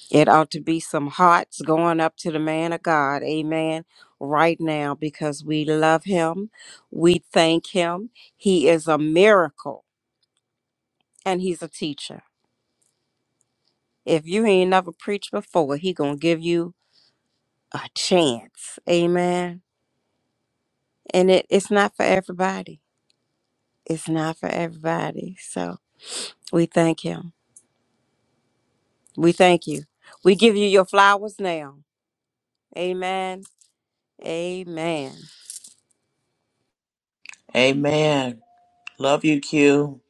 It ought to be some hearts going up to the man of God, amen, right now because we love him. We thank him. He is a miracle and he's a teacher. If you ain't never preached before, he going to give you a chance, amen. And it, it's not for everybody. It's not for everybody. So we thank him. We thank you. We give you your flowers now, amen. Amen.
Amen. Love you, Q.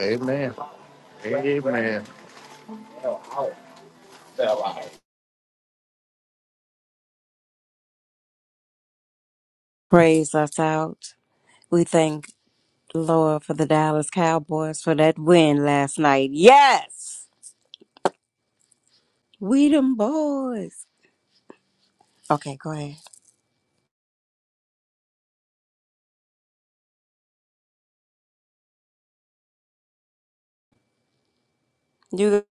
Amen. Amen.
Praise us out. We thank Lord, for the Dallas Cowboys for that win last night. Yes! We them boys. Okay, go ahead. You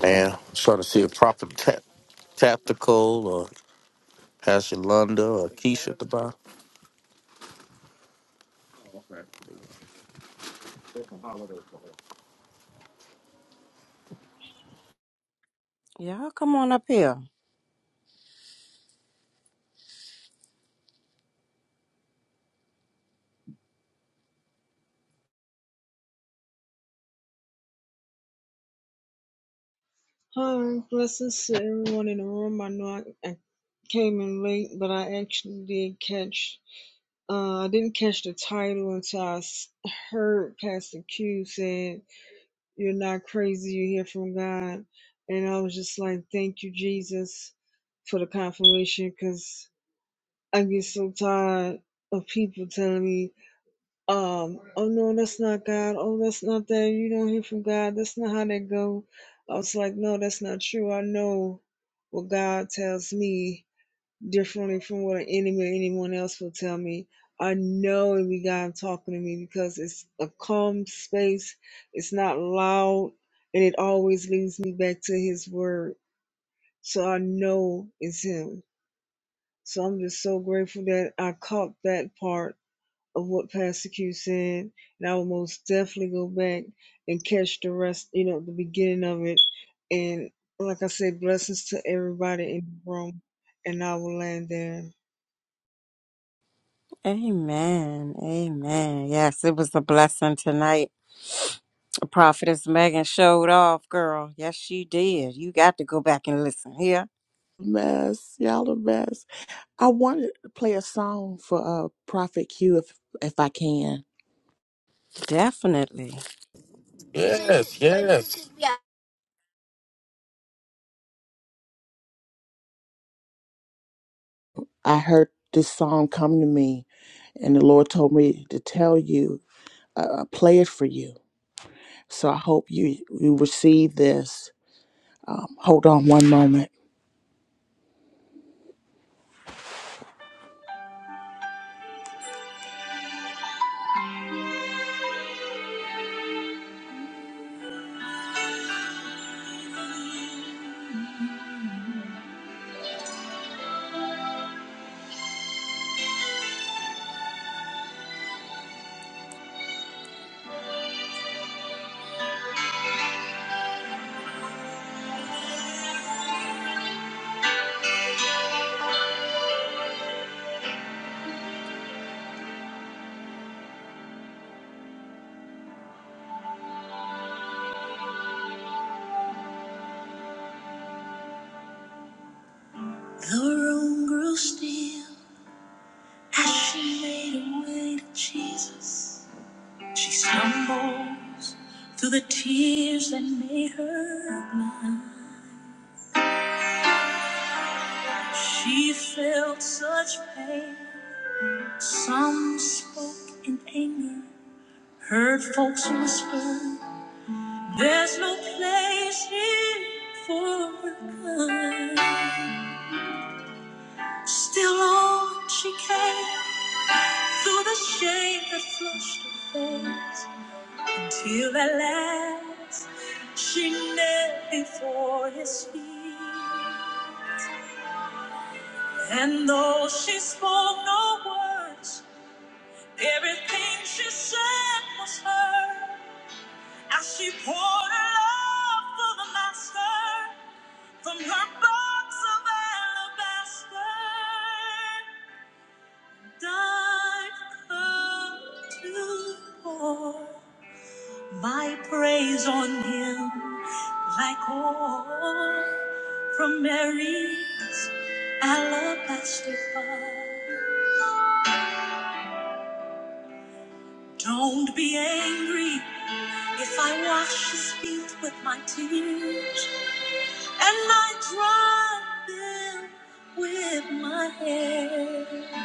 Man, I'm trying to see a proper ta- tactical or Pastor Lunda or Keisha at the bottom.
y'all come on up here.
Hi, blessings to everyone in the room. I know I, I came in late, but I actually did catch. Uh, I didn't catch the title until I s- heard Pastor Q said, "You're not crazy. You hear from God," and I was just like, "Thank you, Jesus, for the confirmation," because I get so tired of people telling me um oh no that's not god oh that's not that you don't hear from god that's not how that go i was like no that's not true i know what god tells me differently from what an enemy or anyone else will tell me i know it be god talking to me because it's a calm space it's not loud and it always leads me back to his word so i know it's him so i'm just so grateful that i caught that part of what Pastor Q said, and I will most definitely go back and catch the rest, you know, the beginning of it. And like I said, blessings to everybody in the room, and I will land there.
Amen. Amen. Yes, it was a blessing tonight. Prophetess Megan showed off, girl. Yes, she did. You got to go back and listen here.
Mess, y'all the mess. I wanted to play a song for uh Prophet Q if if I can.
Definitely.
Yes. Yes.
I heard this song come to me, and the Lord told me to tell you, uh, uh, play it for you. So I hope you you receive this. Hold on one moment. The room grew still. As she made her way to Jesus, she stumbles through the tears that made her blind. She felt such pain. Some spoke in anger, heard folks whisper, There's no place here for her. Still on she came through the shame that flushed her face. Till at last she knelt before his feet. And though she spoke no words, everything she said was heard. As she poured her love for the master from her box of alabaster, died come to pour. My praise on him like oil from Mary's alabaster fire. Don't be angry if I wash his feet with my tears and I dry them with my hair.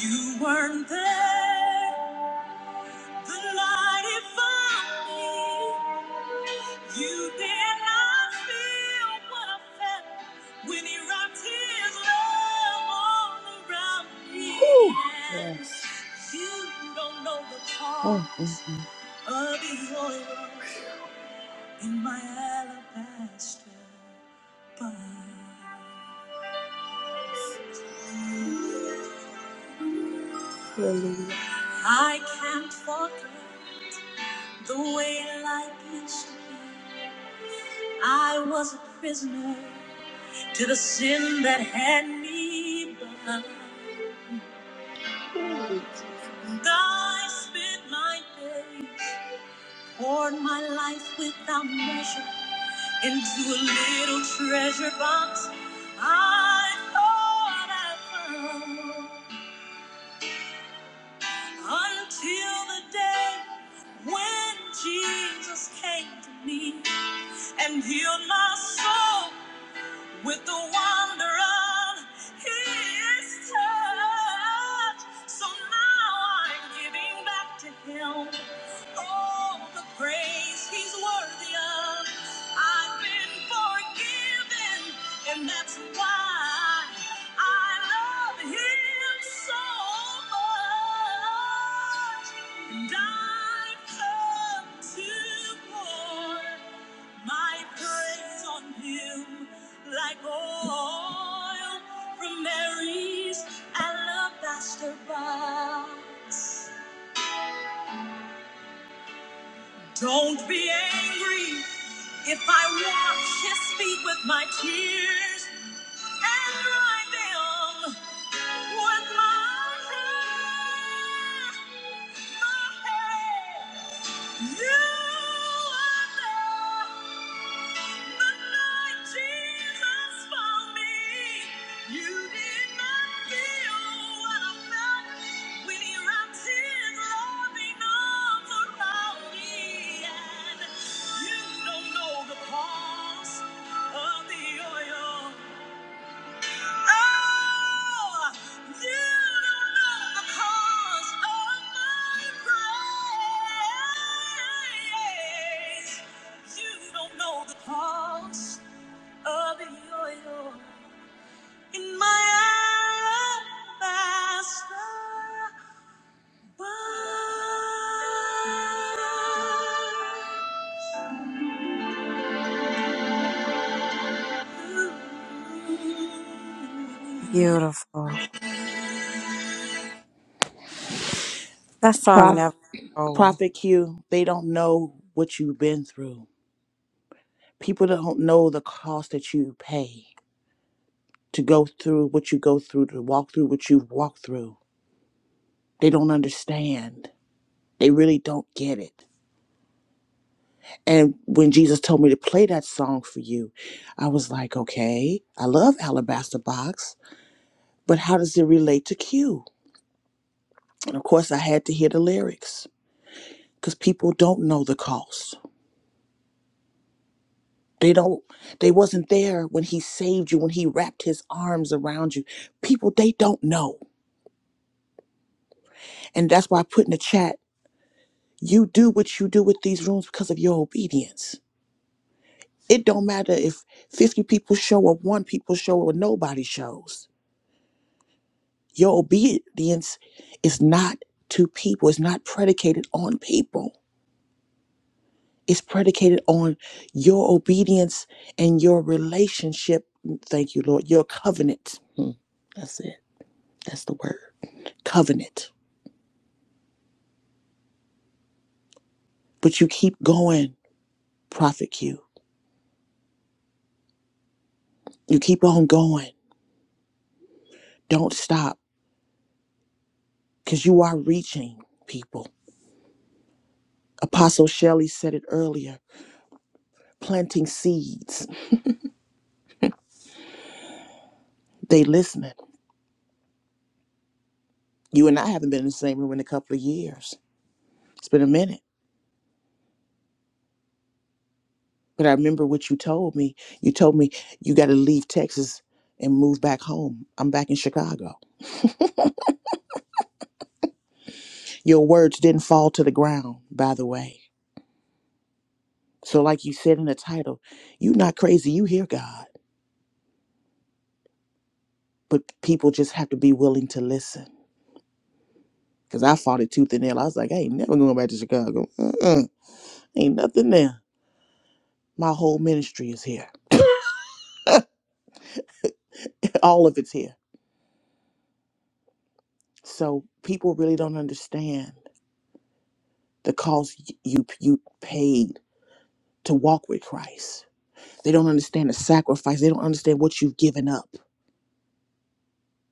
You weren't there the night it found me. You did not feel what I felt when you wrapped his love all around me. Whew, yes. You don't know the cost oh, mm, mm. of the oil in my alabaster. box. Hallelujah. I can't forget the way life used to be. I was a prisoner to the sin that had me bound. And I spent my day, poured my life without measure into a little treasure box. I thought I found. until the day when Jesus came to me and healed my soul with the wonder of his touch. So now I'm giving back to him all the praise he's worthy of. I've been forgiven, and that's why I love him so much. And I've come to pour my praise on him like oil from Mary's alabaster box. Don't be angry if I wash his feet with my tears and dry them with my hair. My hair. You are the night Jesus found me. You did not feel what I felt when He wrapped His loving arms around me. And you don't know the cost of the oil. Oh, you don't know the cost of my praise. You don't know the cost of your your- in my alabaster box.
Beautiful. That song
Prophet.
never old.
Prophet Q, they don't know what you've been through. People don't know the cost that you pay to go through what you go through, to walk through what you've walked through. They don't understand. They really don't get it. And when Jesus told me to play that song for you, I was like, okay, I love Alabaster Box, but how does it relate to Q? And of course, I had to hear the lyrics because people don't know the cost. they don't they wasn't there when he saved you when he wrapped his arms around you people they don't know and that's why i put in the chat you do what you do with these rooms because of your obedience it don't matter if 50 people show or one people show or nobody shows your obedience is not to people it's not predicated on people it's predicated on your obedience and your relationship thank you lord your covenant Hmm, that's it That's the word. Covenant. But you keep going, Prophet Q. You keep on going. Don't stop because you are reaching people. Apostle Shelley said it earlier planting seeds. They listening. You and I haven't been in the same room in a couple of years. It's been a minute. But I remember what you told me. You told me you got to leave Texas and move back home. I'm back in Chicago. Your words didn't fall to the ground, by the way. So, like you said in the title, you not crazy. You hear God. but people just have to be willing to listen. Cause I fought it tooth and nail. I was like, I ain't never going back to Chicago. Mm-mm. Ain't nothing there. My whole ministry is here. All of it's here. So people really don't understand the cost y- you you paid to walk with Christ. They don't understand the sacrifice. They don't understand what you've given up.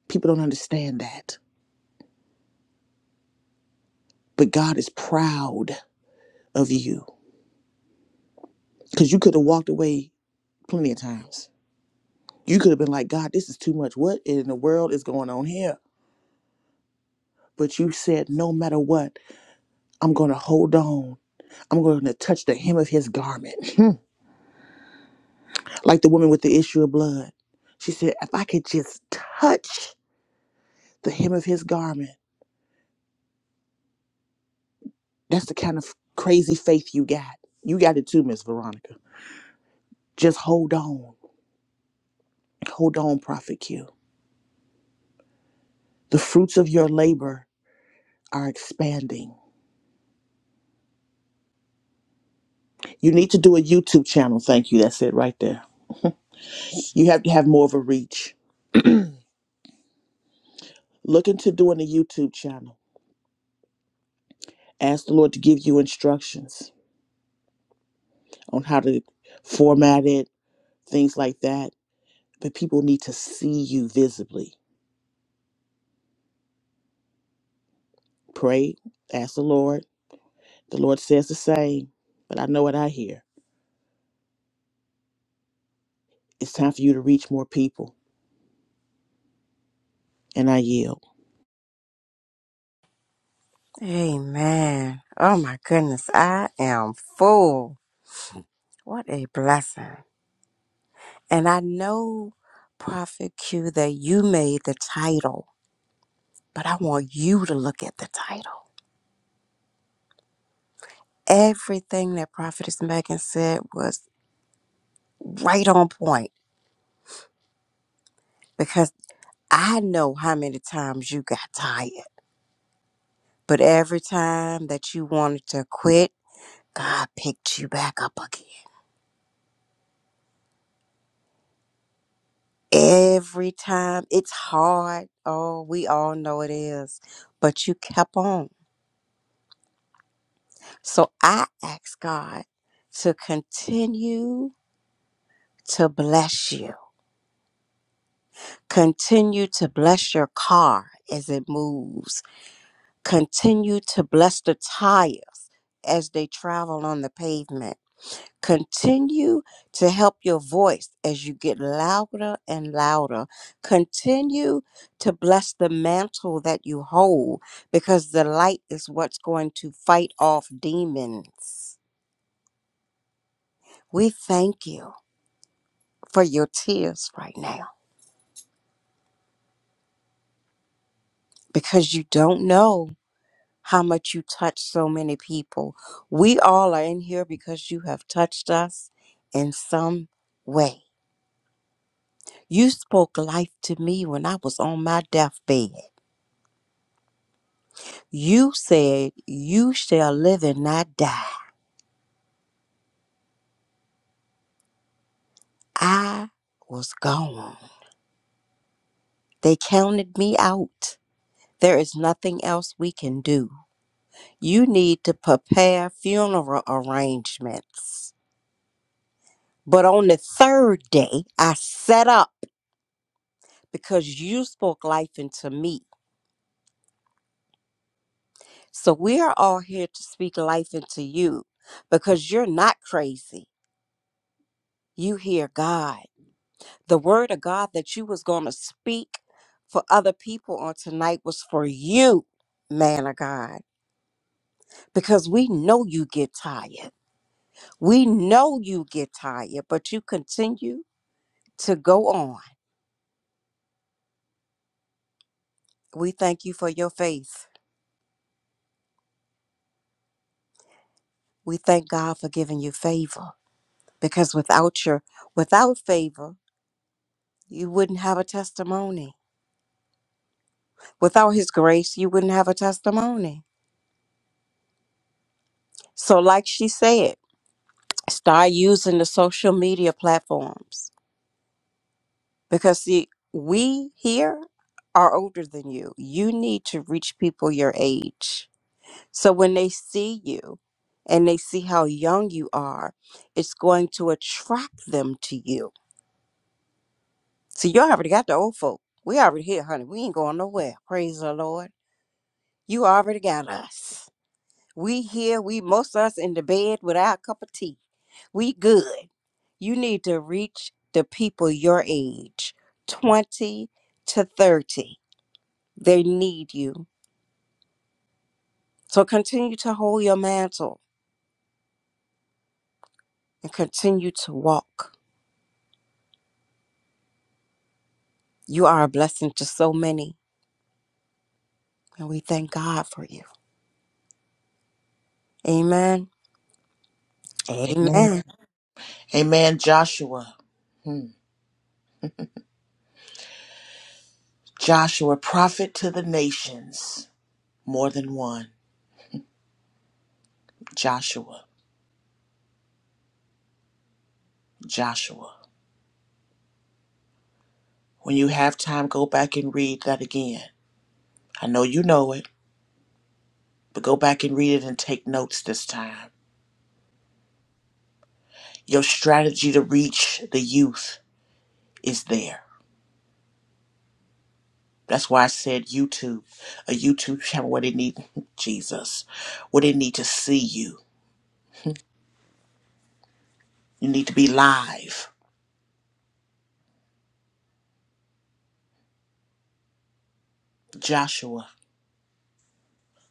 People don't understand that. But God is proud of you because you could have walked away plenty of times. You could have been like, God, this is too much. What in the world is going on here? But you said, no matter what, I'm going to hold on. I'm going to touch the hem of his garment. like the woman with the issue of blood. She said, if I could just touch the hem of his garment, that's the kind of crazy faith you got. You got it too, Miss Veronica. Just hold on. Hold on, Prophet Q. The fruits of your labor are expanding. You need to do a YouTube channel. Thank you. That's it right there. You have to have more of a reach. Look into doing a YouTube channel. Ask the Lord to give you instructions on how to format it, things like that. But people need to see you visibly. Pray, ask the Lord. The Lord says the same, but I know what I hear. It's time for you to reach more people, and I yield.
Amen. Oh my goodness. I am full. What a blessing. And I know, Prophet Q, that you made the title, but I want you to look at the title. Everything that Prophetess Megan said was right on point because I know how many times you got tired, but every time that you wanted to quit, God picked you back up again. Every time it's hard. Oh, we all know it is, but you kept on. So I ask God to continue to bless you. Continue to bless your car as it moves. Continue to bless the tires as they travel on the pavement. Continue to help your voice as you get louder and louder. Continue to bless the mantle that you hold because the light is what's going to fight off demons. We thank you for your tears right now because you don't know how much you touch so many people. We all are in here because you have touched us in some way. You spoke life to me when I was on my deathbed. You said, You shall live and not die. I was gone. They counted me out. There is nothing else we can do. You need to prepare funeral arrangements. But on the third day, I set up. because you spoke life into me. So we are all here to speak life into you because you're not crazy. You hear God. The word of God that you was going to speak for other people on tonight was for you, man of God, because we know you get tired. We know you get tired, but you continue to go on. We thank you for your faith. We thank God for giving you favor because without your without favor you wouldn't have a testimony. Without his grace, you wouldn't have a testimony. So, like she said, start using the social media platforms because, see, we here are older than you. You need to reach people your age. So, when they see you and they see how young you are, it's going to attract them to you. So, you already got the old folk. We already here, honey. We ain't going nowhere. Praise the Lord. You already got us. We here, we most of us in the bed with our cup of tea. We good. You need to reach the people your age, 20 to 30. They need you. So continue to hold your mantle and continue to walk. You are a blessing to so many, and we thank God for you. Amen.
Amen.
Amen.
Amen. Joshua. Joshua, prophet to the nations. More than one. Joshua. Joshua. When you have time, go back and read that again. I know you know it, but go back and read it and take notes this time. Your strategy to reach the youth is there. That's why I said YouTube, a YouTube channel where they need Jesus, where they need to see you. You need to be live. Joshua,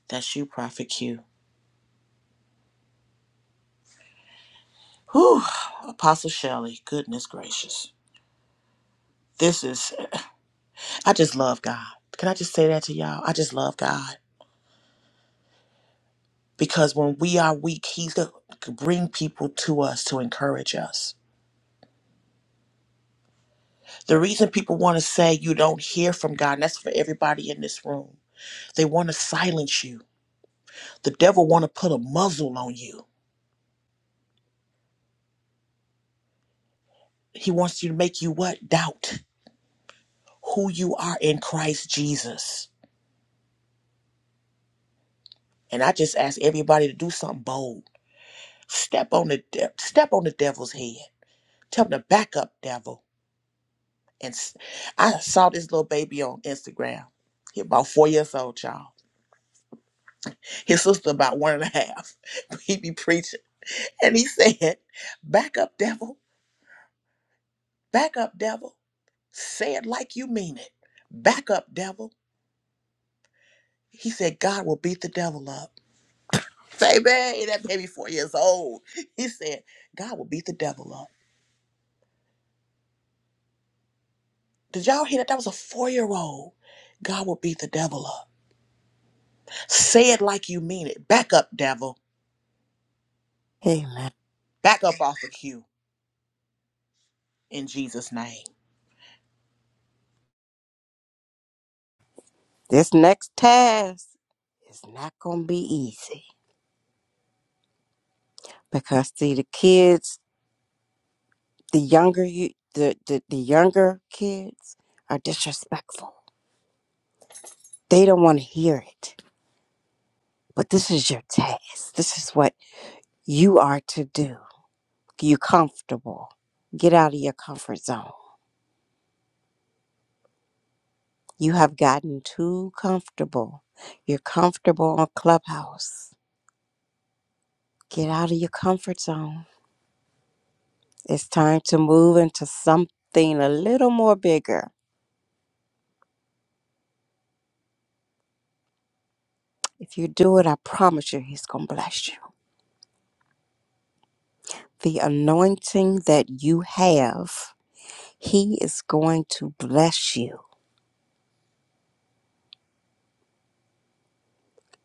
that's you, Prophet Q. Whew, Apostle Shelley, goodness gracious. This is, I just love God. Can I just say that to y'all? I just love God. Because when we are weak, He's going to bring people to us to encourage us The reason people want to say you don't hear from God, and that's for everybody in this room. They want to silence you. The devil want to put a muzzle on you. He wants you to make you what? Doubt who you are in Christ Jesus. And I just ask everybody to do something bold. Step on the de- step on the devil's head. Tell him to back up, devil. And s- I saw this little baby on Instagram. He about four years old, y'all. His sister about one and a half. He be preaching, and he said, "Back up, devil." Back up, devil. Say it like you mean it. Back up, devil. He said, God will beat the devil up. Baby, that baby four years old. He said, God will beat the devil up. Did y'all hear that? That was a four year old. God will beat the devil up. Say it like you mean it. Back up, devil.
Amen.
Back up off of you in Jesus' name.
This next task is not going to be easy because, see, the kids the younger you the, the, the younger kids are disrespectful. They don't want to hear it. But this is your task. This is what you are to do. You comfortable. Get out of your comfort zone. You have gotten too comfortable. You're comfortable on Clubhouse. Get out of your comfort zone. It's time to move into something a little more bigger. If you do it, I promise you he's gonna bless you. the anointing that you have, He is going to bless you.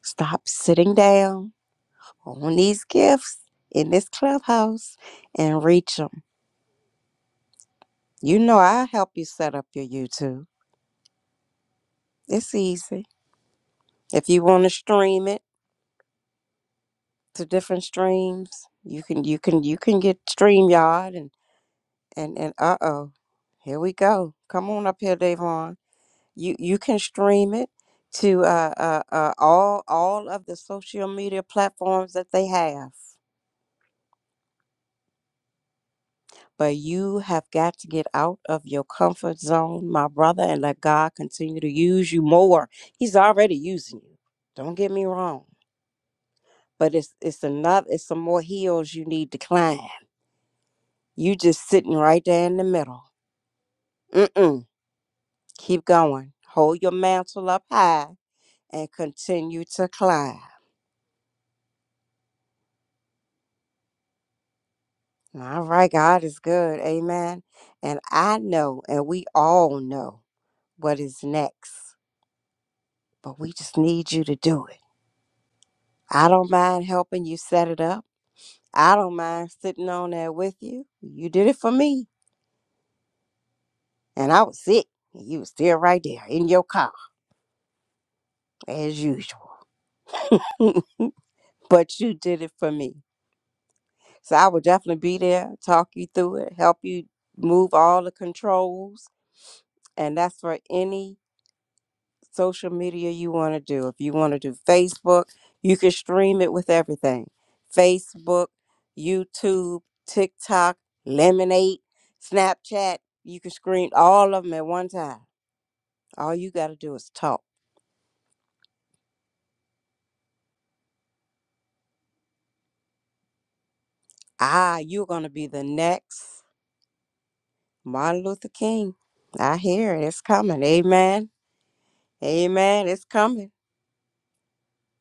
Stop sitting down on these gifts in this clubhouse and reach them. You know, I'll help you set up your YouTube. It's easy. If you want to stream it to different streams, you can you can you can get StreamYard and and and uh oh, here we go. Come on up here, Davon. You you can stream it to uh, uh, uh, all all of the social media platforms that they have. But you have got to get out of your comfort zone, my brother, and let God continue to use you more. He's already using you. Don't get me wrong. But it's it's another it's some more hills you need to climb. You just sitting right there in the middle. Mm-mm. Keep going. Hold your mantle up high and continue to climb. All right, God is good. Amen. And I know, and we all know what is next, but we just need you to do it. I don't mind helping you set it up. I don't mind sitting on there with you. You did it for me, and I was sick. and You were still right there in your car, as usual. but you did it for me. So I will definitely be there, talk you through it, help you move all the controls. And that's for any social media you want to do. If you want to do Facebook, you can stream it with everything Facebook, YouTube, TikTok, Lemonade, Snapchat. You can screen all of them at one time. All you got to do is talk. Ah, you're going to be the next Martin Luther King. I hear it. It's coming. Amen. Amen. It's coming.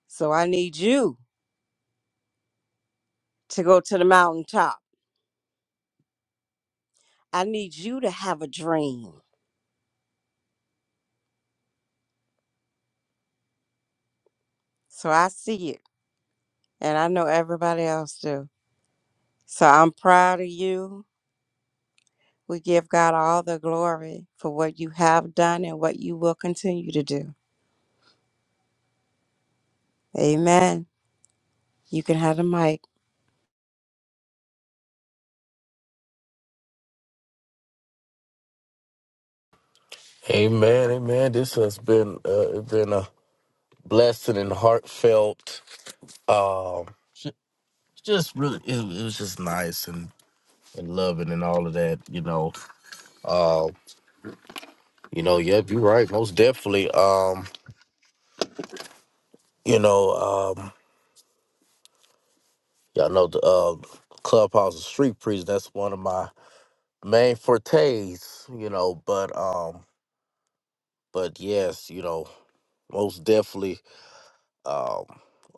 So I need you to go to the mountaintop. I need you to have a dream. So I see it. and I know everybody else do. So I'm proud of you. We give God all the glory for what you have done and what you will continue to do. Amen. You can have the mic.
Amen. Amen. This has been uh, it's been a blessing and heartfelt. Um, ju- just really, it, it was just nice and and loving and all of that. You know. Um, you know. Yep. You're right. Most definitely. Um, you know. Um, Y'all know the uh, clubhouse is street preach. That's one of my main fortes, you know. But um, but yes, you know, most definitely um,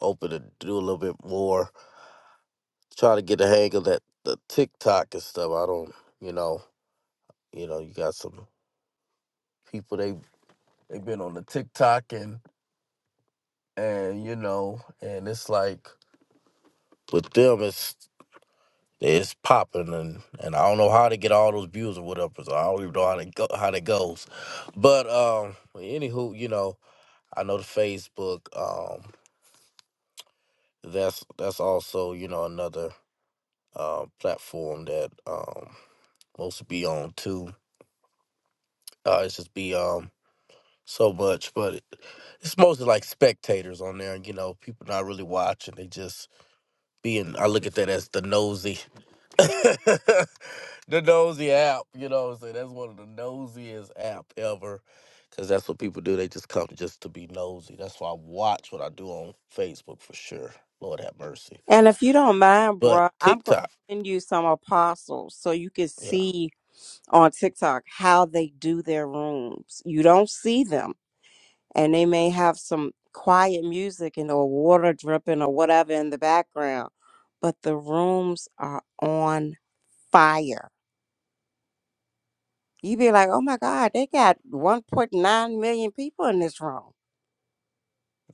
open to do a little bit more. Try to get the hang of that the TikTok and stuff. I don't, you know, you know, you got some people they they have been on the TikTok and and you know, and it's like with them, it's It's popping, and and I don't know how to get all those views or whatever. So I don't even know how to go how that goes. But um, anywho, you know, I know the Facebook. Um, that's that's also you know another uh, platform that um supposed be on too. Uh, it's just be um so much, but it, it's mostly like spectators on there. You know, people not really watching. They just being. I look at that as the nosy. the nosy app, you know what I'm saying? That's one of the nosiest app ever. Cause that's what people do. They just come just to be nosy. That's why I watch what I do on Facebook for sure. Lord have mercy.
And if you don't mind,
But
bro, I'm going
TikTok,
to send you some apostles so you can
yeah.
see on TikTok how they do their rooms. You don't see them, and they may have some quiet music and or water dripping or whatever in the background, but the rooms are on fire you be like, oh my God, they got 1.9 million people in this room.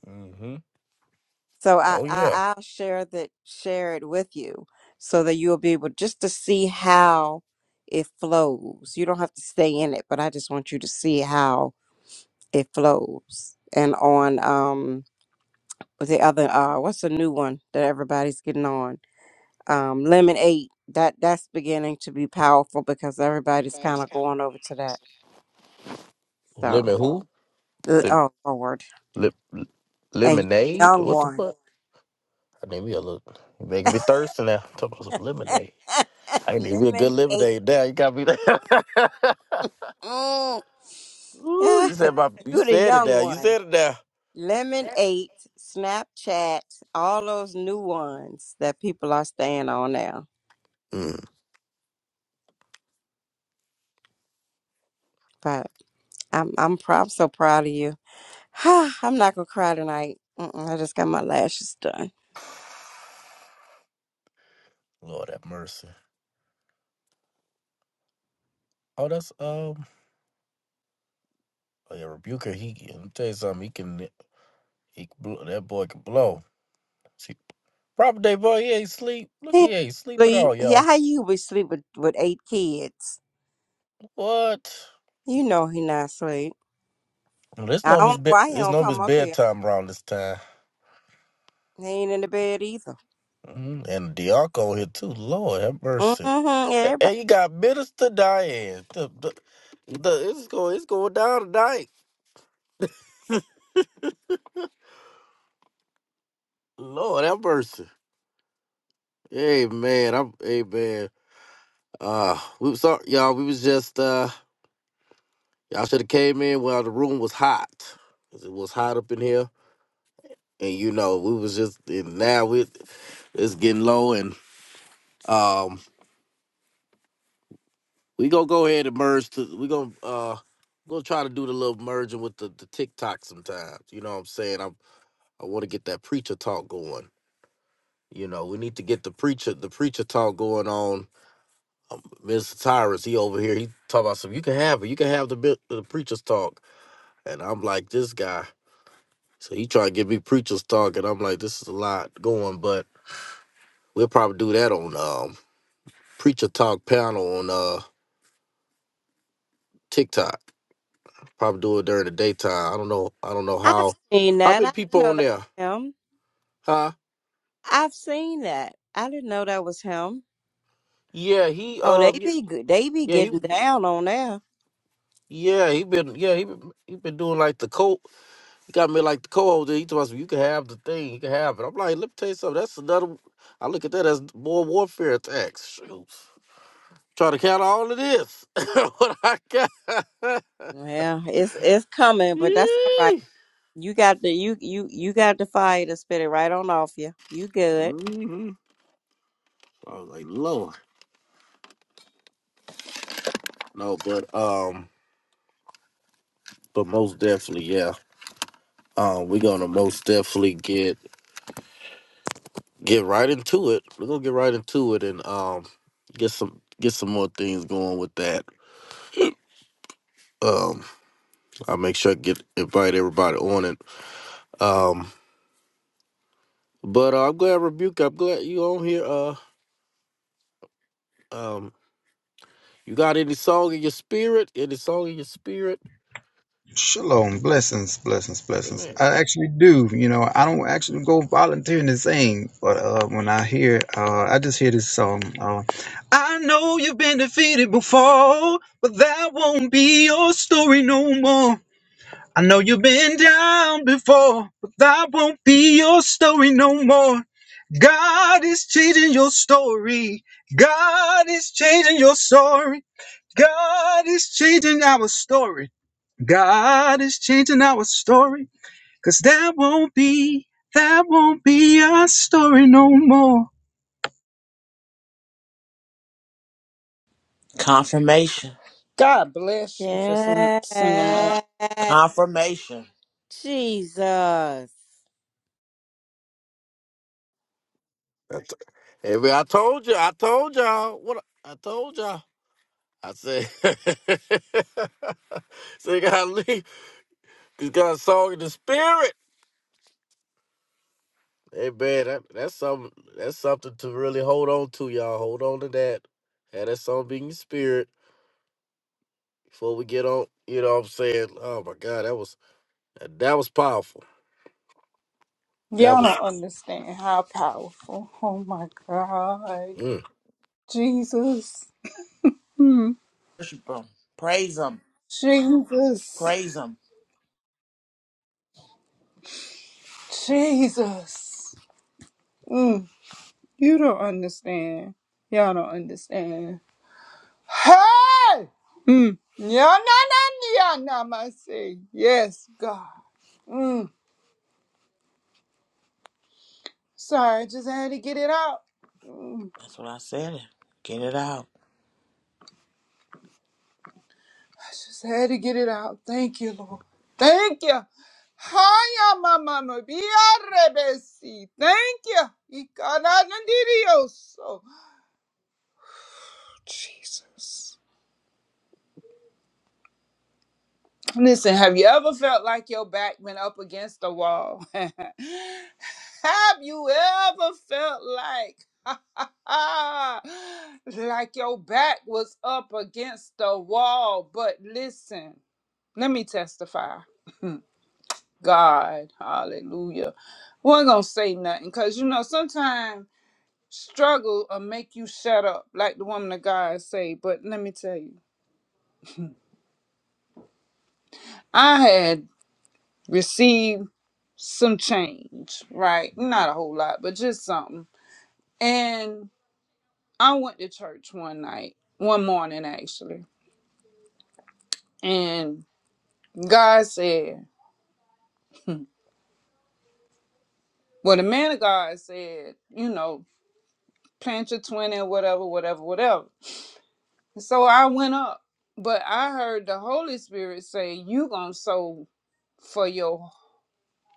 hmm
So I,
Oh yeah.
I I'll share that share it with you so that you'll be able just to see how it flows. You don't have to stay in it, but I just want you to see how it flows. And on um with the other uh what's the new one that everybody's getting on? Um Lemon Eight. That that's beginning to be powerful because everybody's kind of going over to that. So
Lemon who?
uh,
Lim,
oh Lord.
lim,
And you
lemonade?
young
What the
one.
fuck? I need me a little. You making me thirsty now. I'm talking about some lemonade. I need me a good
Lemonade, eight.
lemonade now. You got me there.
Mm.
Ooh,
Yeah,
you said my. You
you the
said it
young
now. You
ones.
said it now.
Lemon eight, Snapchat, all those new ones that people are staying on now.
Mm.
But I'm I'm, proud, I'm so proud of you. I'm not gonna cry tonight. Mm-mm, I just got my lashes done.
Lord have mercy. Oh, that's um. Oh yeah, Rebuker. He. Let me tell you something. He can. He can blow, that boy can blow. See, proper day boy. He ain't sleep.
He
Look, he
ain't
ain't sleep at all,
sleep. Yeah,
y'all.
how you would sleep with, with eight kids?
What?
You know he not asleep.
Well, This
I
no
don't
his
know
bed.
why he
It's
don't
no his
come up here.
bedtime around this time.
He ain't in the bed either.
Mhm. And Diaco here too. Lord have mercy.
Mm-hmm.
A-
Everybody.
And you got Minister Diane. The, the, the, it's going. It's going down tonight. Lord have mercy. Amen. I'm. Amen. Uh, we sorry, y'all. We was just uh. Y'all should have came in while the room was hot. 'Cause It was hot up in here. And you know, we was just and now we it's getting low and um we gonna go ahead and merge to we gonna uh gonna try to do the little merging with the, the TikTok sometimes. You know what I'm saying? I'm I wanna get that preacher talk going. You know, we need to get the preacher the preacher talk going on. Mr. Tyrus, he over here, he talk about some you can have it, you can have the bit the preacher's talk. And I'm like, this guy. So he trying to get me preacher's talk, and I'm like, this is a lot going, but we'll probably do that on um preacher talk panel on uh TikTok. Probably do it during the daytime. I don't know. I don't know
I've
how.
seen
How
that.
many
I didn't
people
know
on
that
there?
was him.
Huh?
I've seen that. I didn't know that was him.
Yeah, he
Oh, they
um y-
be good. They be
yeah he
getting down on there.
yeah he been yeah he been, he been doing like the co he got me like the co-host. He told us you can have the thing, you can have it. I'm like, let me tell you something. That's another. I look at that as more warfare attacks. Shoot. Try to count all of this. what I got.
Yeah, it's it's coming, but that's all right.
mm
You got the you you you got the fire to spit it right on off you. You good?
hmm. I was like, Lord. No, but um, but most definitely, yeah. Um, we're gonna most definitely get get right into it. We're gonna get right into it and um get some get some more things going with that. Um, I'll make sure I get invite everybody on it. Um, but uh, I'm glad rebuke. I'm glad you on here. Uh, um, you got any song in your spirit? Any song in your spirit?
Shalom, blessings, blessings, blessings.
Amen.
I actually do. You know, I don't actually go volunteering to sing, but uh, when I hear, uh, I just hear this song. Uh, I know you've been defeated before, but that won't be your story no more. I know you've been down before, but that won't be your story no more. God is changing your story. God is changing your story. God is changing our story. God is changing our story, cause that won't be, that won't be our story no more.
Confirmation.
God bless you for sing-
Yeah.
singing that.
Confirmation.
Jesus.
That's, hey, man, I told you. I told y'all. What I I told y'all. I said, so you gotta leave. You got a song in the spirit. Hey man, that, that's something. That's something to really hold on to, y'all. Hold on to that. Have that song be in your spirit before we get on. You know what I'm saying? Oh my God, that was that was powerful. That
Y'all
was.
don't understand how powerful. Oh my God.
Mm.
Jesus. Hmm.
Worship him. Praise him.
Jesus.
Praise Him.
Jesus. Mm, you don't understand. Y'all don't understand. Hey! Mm. Yeah, na, na, na, na, my say. Yes, God. Mm. Sorry, I just had to get it out. Mm.
That's what I said. Get it out.
I just had to get it out. Thank you, Lord. Thank you. Hiya, my mama. Be a rebesi. Thank you. Ikanandirioso. Jesus. Listen, have you ever felt like your back went up against the wall? have you ever felt like like your back was up against the wall? But listen, let me testify. God, hallelujah. We're gonna say nothing because you know sometimes struggle will make you shut up, like the woman of God say. But let me tell you, I had received some change, right? Not a whole lot, but just something. And I went to church one night, one morning actually, and God said, well, the man of God said, you know, plant your 20 or whatever, whatever, whatever. So I went up, but I heard the Holy Spirit say, you going to sow for your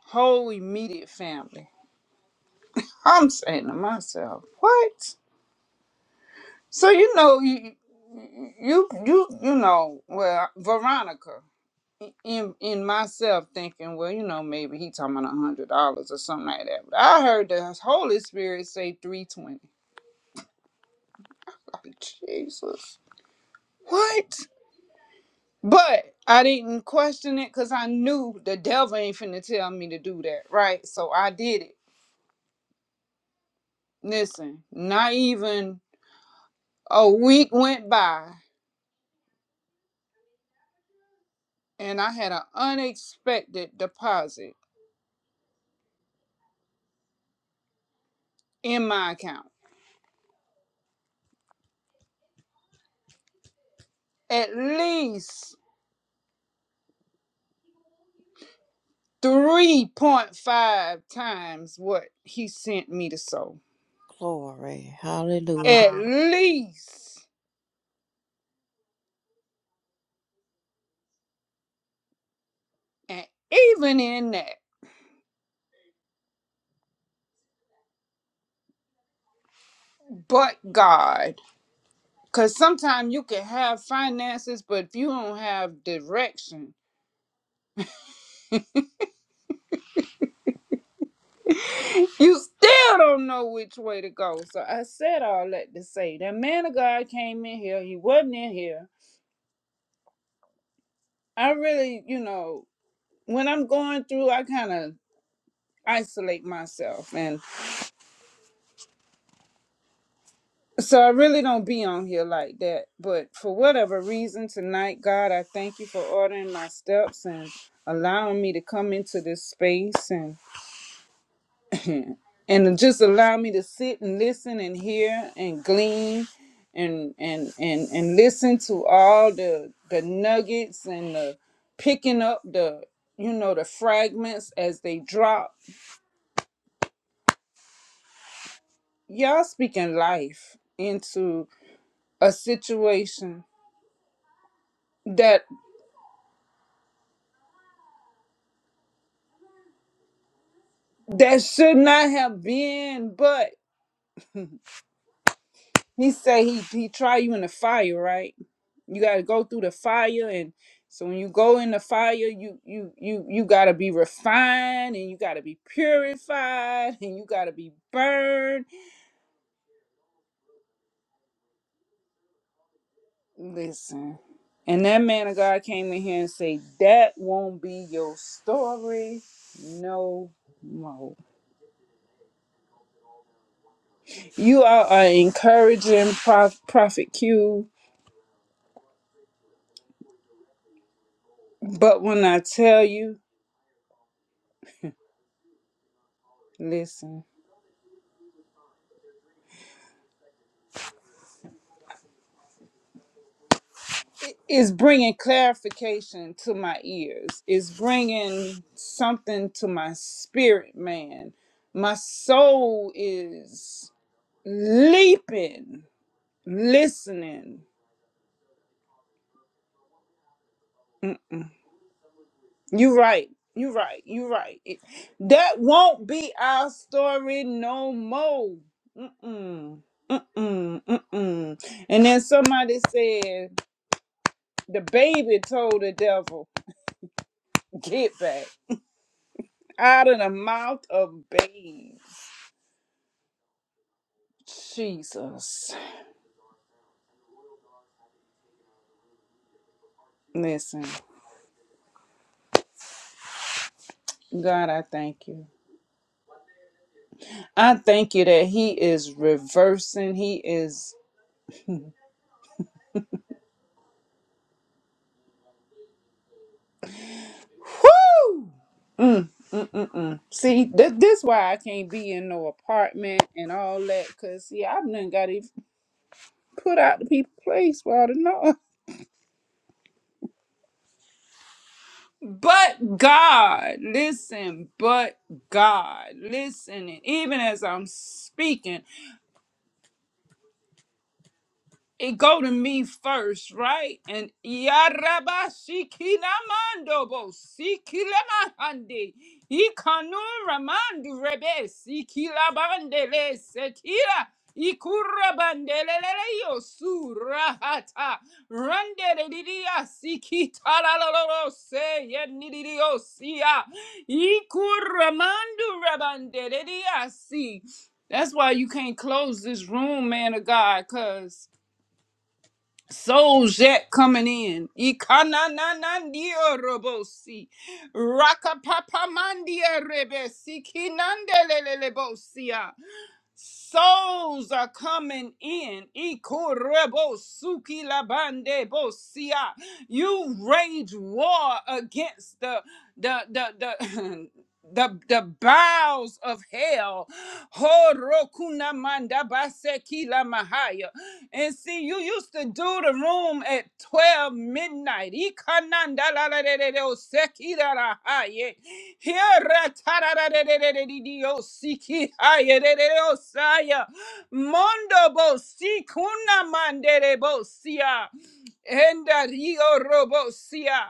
whole immediate family. I'm saying to myself, what? So you know you you you you know well Veronica in in myself thinking well you know maybe he talking about a hundred dollars or something like that. But I heard the Holy Spirit say three twenty. Like Jesus, what? But I didn't question it because I knew the devil ain't finna tell me to do that, right? So I did it. Listen, not even a week went by and I had an unexpected deposit in my account. at least 3.5 times what he sent me to sow.
Glory. Hallelujah.
At Wow. least. And even in that, but God. Because sometimes you can have finances, but if you don't have direction, you still don't know which way to go. So I said all that to say that man of God came in here. He wasn't in here. I really, you know, when I'm going through, I kind of isolate myself. and." So I really don't be on here like that. But for whatever reason tonight, God, I thank you for ordering my steps and allowing me to come into this space and and just allow me to sit and listen and hear and glean and and and and listen to all the the nuggets and the picking up the you know the fragments as they drop. Y'all speaking life into a situation that. That should not have been, but he said he he try you in the fire, right? You gotta go through the fire and so when you go in the fire, you you you you gotta be refined and you gotta be purified and you gotta be burned. Listen. And that man of God came in here and say, That won't be your story no more. You are an encouraging prof- prophet Q, but when I tell you, listen. is bringing clarification to my ears is bringing something to my spirit man my soul is leaping listening you right you right you right It- that won't be our story no more mm-mm, mm-mm, mm-mm. and then somebody said the baby told the devil get back out of the mouth of babes Jesus. Listen, God, I thank you. I thank you that He is reversing. He is. Whoo! Mm-mm. See, th- this why I can't be in no apartment and all that. Cause see, I've done got to put out the people place where I don't know. But God, listen. But God, listen. And even as I'm speaking. it go to me first, right? And yaraba sikinamando bo sikilamahande ikanu ramandu rebe sikilabandele sekila ikurabandele yo surahata randele didia sikitalalo se yenidio sia ikuramandu rabandele dia si. That's why you can't close this room, man of God, cuz Souls yet coming in. Ikanananandiorobosi. Rakapapamandiarebesi. Kinandelelelebosia. Souls are coming in. Ikorebosuki labande bosia. You rage war against the the the the the, the bowels of hell. Ho rokuna manda base kila mahaya. And see, you used to do the room at 12 midnight. Ikananda la la de de de o sekira la la haye. Hira ta ra ra de de de de de de o siki haye de de de o saya. Mondo bo sikuna mande de bo sia. Enda rio robo sia.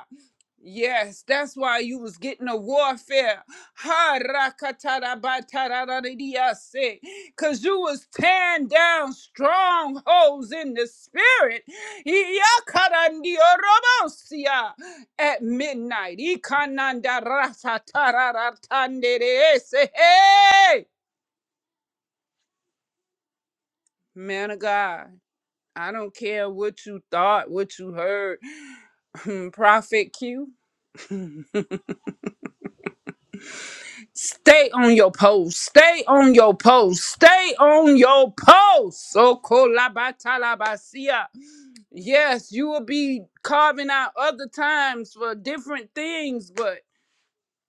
Yes, that's why you was getting a warfare. Ha rakatarabatararariyase. Cause you was tearing down strongholds in the spirit. Yakarandiorobosia. At midnight. Ikanandarasataratanderese. Hey! Man of God, I don't care what you thought, what you heard. Prophet Q. Stay on your post. Stay on your post. Stay on your post. So kolabalabasia. Yes, you will be carving out other times for different things, but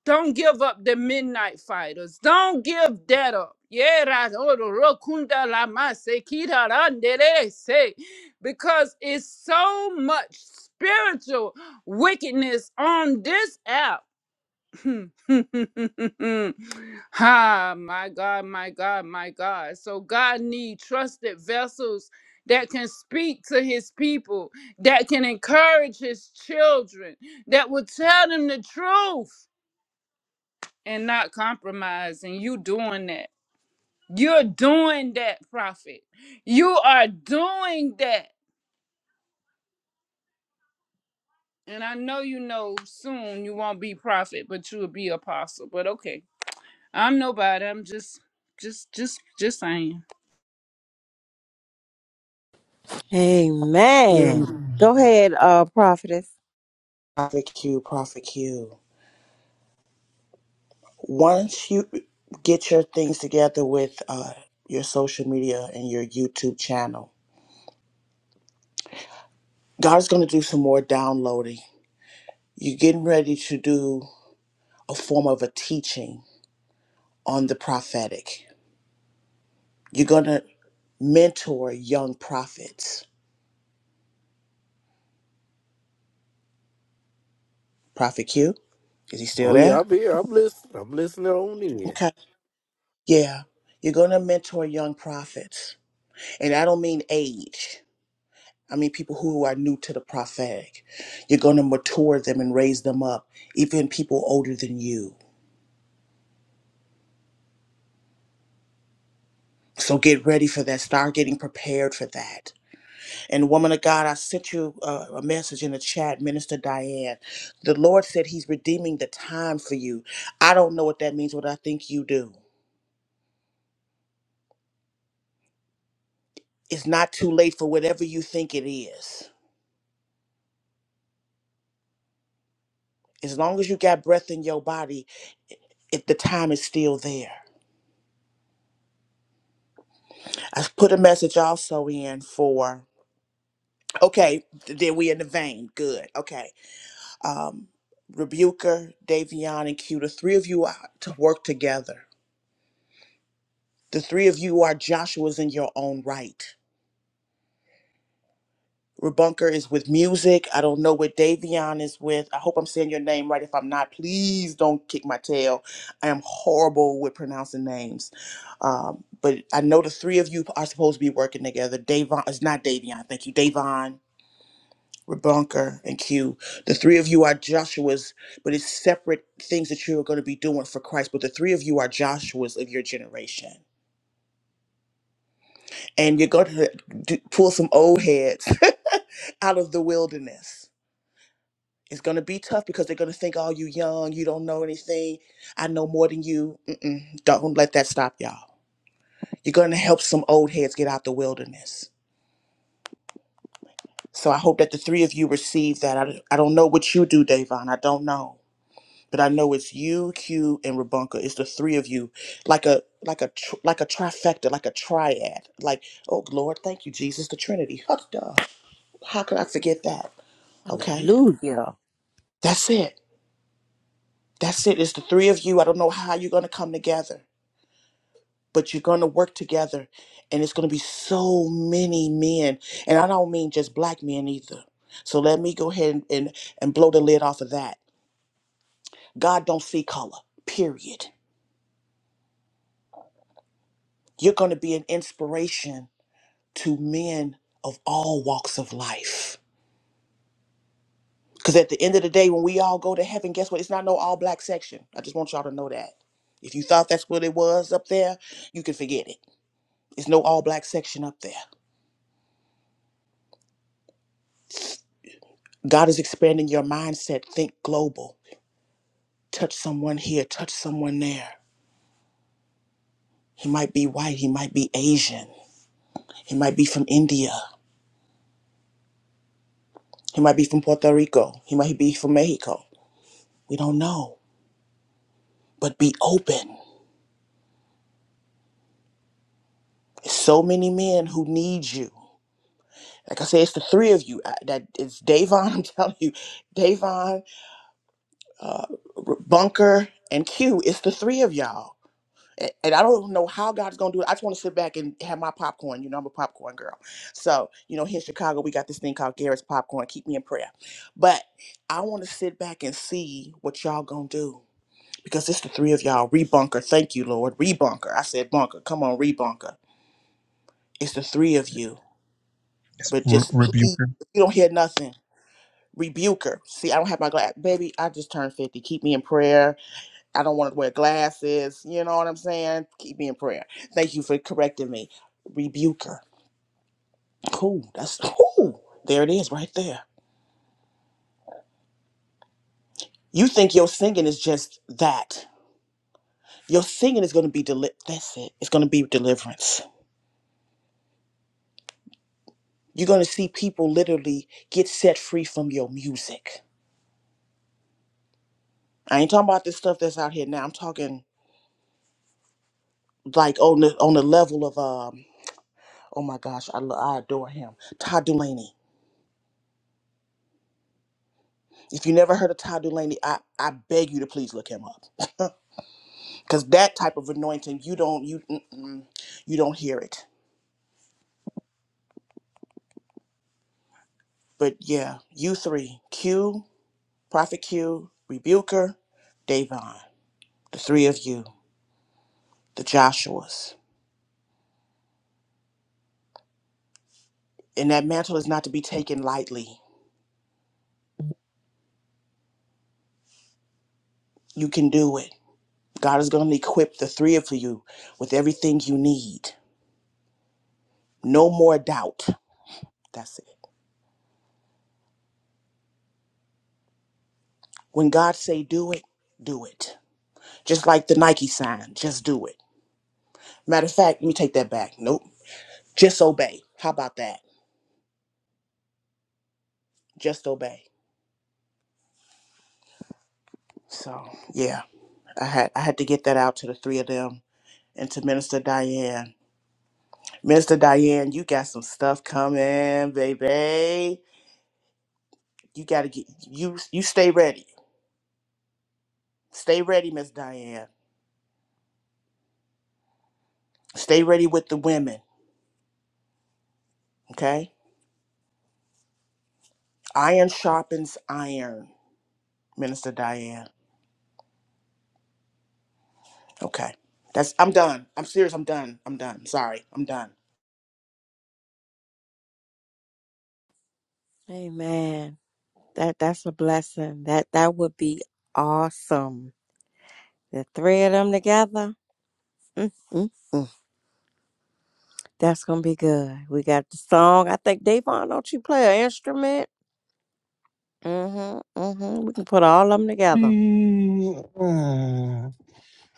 don't give up the midnight fighters. Don't give that up. Yeah, ra- oro ro kunda la ma se kita rande re se. because it's so much spiritual wickedness on this app Hmm, hmm, hmm, hmm, hmm, hmm. Ha! my God, my God, my God. So God need trusted vessels that can speak to his people, that can encourage his children, that will tell them the truth and not compromise. And you doing that. You're doing that, prophet. You are doing that. And I know you know soon you won't be prophet, but you'll be apostle. But okay. I'm nobody. I'm just, just, just, just saying.
Amen.
Mm.
Go ahead, uh, prophetess.
Prophet Q, Prophet Q. Once you get your things together with uh, your social media and your YouTube channel, God's going to do some more downloading. You're getting ready to do a form of a teaching on the prophetic. You're going to mentor young prophets. Prophet Q, is he still
Oh yeah,
there?
I'm here. I'm listening. I'm listening on in.
Okay. Yeah. You're going to mentor young prophets. And I don't mean age, I mean people who are new to the prophetic. You're going to mature them and raise them up, even people older than you. So get ready for that. Start getting prepared for that. And woman of God, I sent you uh, a message in the chat, Minister Diane. The Lord said He's redeeming the time for you. I don't know what that means, but I think you do. It's not too late for whatever you think it is. As long as you got breath in your body, if the time is still there. I put a message also in for okay, th- then we in the vein. Good. Okay. Um Rebuker, Davion, and Q, the three of you are to work together. The three of you are Joshua's in your own right. Rebunker is with music. I don't know what Davion is with. I hope I'm saying your name right. If I'm not, please don't kick my tail. I am horrible with pronouncing names. Um, but I know the three of you are supposed to be working together. Davon is not Davion. Thank you, Davon, Rebunker, and Q. The three of you are Joshua's, but it's separate things that you are going to be doing for Christ. But the three of you are Joshua's of your generation, and you're going to do, pull some old heads out of the wilderness It's gonna be tough because they're gonna think, "Oh, you young, you don't know anything. I know more than you." Mm-mm, don't let that stop y'all. You're gonna help some old heads get out the wilderness. So I hope that the three of you receive that. I, I don't know what you do, Davon. I don't know, but I know it's you, Q, and Rabunka. It's the three of you, like a like a tr- like a trifecta, like a triad. Like, oh Lord, thank you, Jesus, the Trinity. Huh, duh. How could I forget that? Okay,
Hallelujah.
that's it. That's it. It's the three of you. I don't know how you're gonna come together but you're going to work together and it's going to be so many men and i don't mean just black men either so let me go ahead and, and, and blow the lid off of that god don't see color period you're going to be an inspiration to men of all walks of life because at the end of the day when we all go to heaven guess what it's not no all black section i just want y'all to know that if you thought that's what it was up there you can forget it it's no all black section up there god is expanding your mindset think global touch someone here, touch someone there. He might be white, he might be Asian, he might be from India, he might be from Puerto Rico, he might be from Mexico. We don't know, but be open. There's so many men who need you. Like I said, it's the three of you. I, that it's Davon. I'm telling you, Davon, R- Bunker, and Q. It's the three of y'all. A- And I don't know how God's gonna do it. I just want to sit back and have my popcorn. You know, I'm a popcorn girl. So, you know, here in Chicago, we got this thing called Garrett's popcorn. Keep me in prayer. But I want to sit back and see what y'all gonna do because it's the three of y'all. Rebunker, thank you, Lord. Rebunker. I said bunker. Come on, rebunker. It's the three of you.
Yes,
But
Re-
just
rebuke.
please, if you don't hear nothing, rebuke her. See, I don't have my glass, baby. I just turned fifty. Keep me in prayer I don't want to wear glasses. You know what I'm saying? Keep me in prayer. Thank you for correcting me. Rebuker. Cool. That's cool. There it is right there. You think your singing is just that. Your singing is going to be deli- that's it. It's going to be deliverance. You're going to see people literally get set free from your music. I ain't talking about this stuff that's out here now. I'm talking like on the on the level of um oh my gosh, I, lo- I adore him. Todd Dulaney. If you never heard of Todd Dulaney, I, I beg you to please look him up. because that type of anointing you don't you mm-mm, you don't hear it but yeah you three q prophet q rebuker davon the three of you the joshuas and that mantle is not to be taken lightly you can do it god is going to equip the three of you with everything you need no more doubt that's it when god say do it do it just like the nike sign just do it matter of fact let me take that back nope just obey how about that just obey So yeah, I had I had to get that out to the three of them and to Minister Diane. Minister Diane, you got some stuff coming, baby. You gotta get you you stay ready. Stay ready, Miss Diane. Stay ready with the women. Okay? Iron sharpens iron, Minister Diane. Okay. That's I'm done. I'm serious, I'm done. I'm done. Sorry, I'm done.
Amen. That that's a blessing. That that would be awesome. The three of them together. Mm, mm, mm. That's gonna be good. We got the song. I think Davon, don't you play an instrument? Mm-hmm. Mm-hmm. We can put all of them together.
Me, uh, I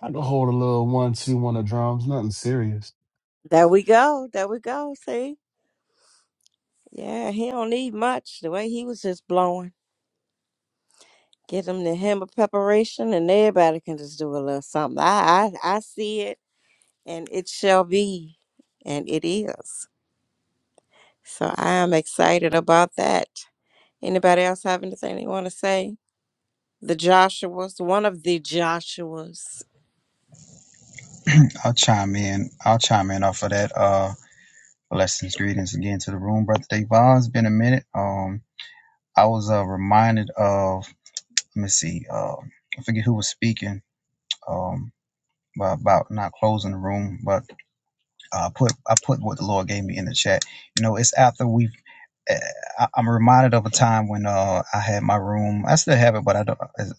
can hold a little one, two, one of drums. Nothing serious.
There we go. There we go. See? Yeah, he don't need much. The way he was just blowing. Get them the hem of preparation, and everybody can just do a little something. I, I I see it, and it shall be, and it is. So I am excited about that. Anybody else have anything they want to say? The Joshua's, one of the Joshua's.
I'll chime in. I'll chime in off of that. Uh, blessings, greetings again to the room, brother Davon. It's been a minute. Um, I was uh reminded of. Let me see. Um, I forget who was speaking. Um, about about not closing the room, but uh, I put I put what the Lord gave me in the chat. You know, it's after we've eh, I- am reminded of a time when uh, I had my room. I still have it, but I don't it's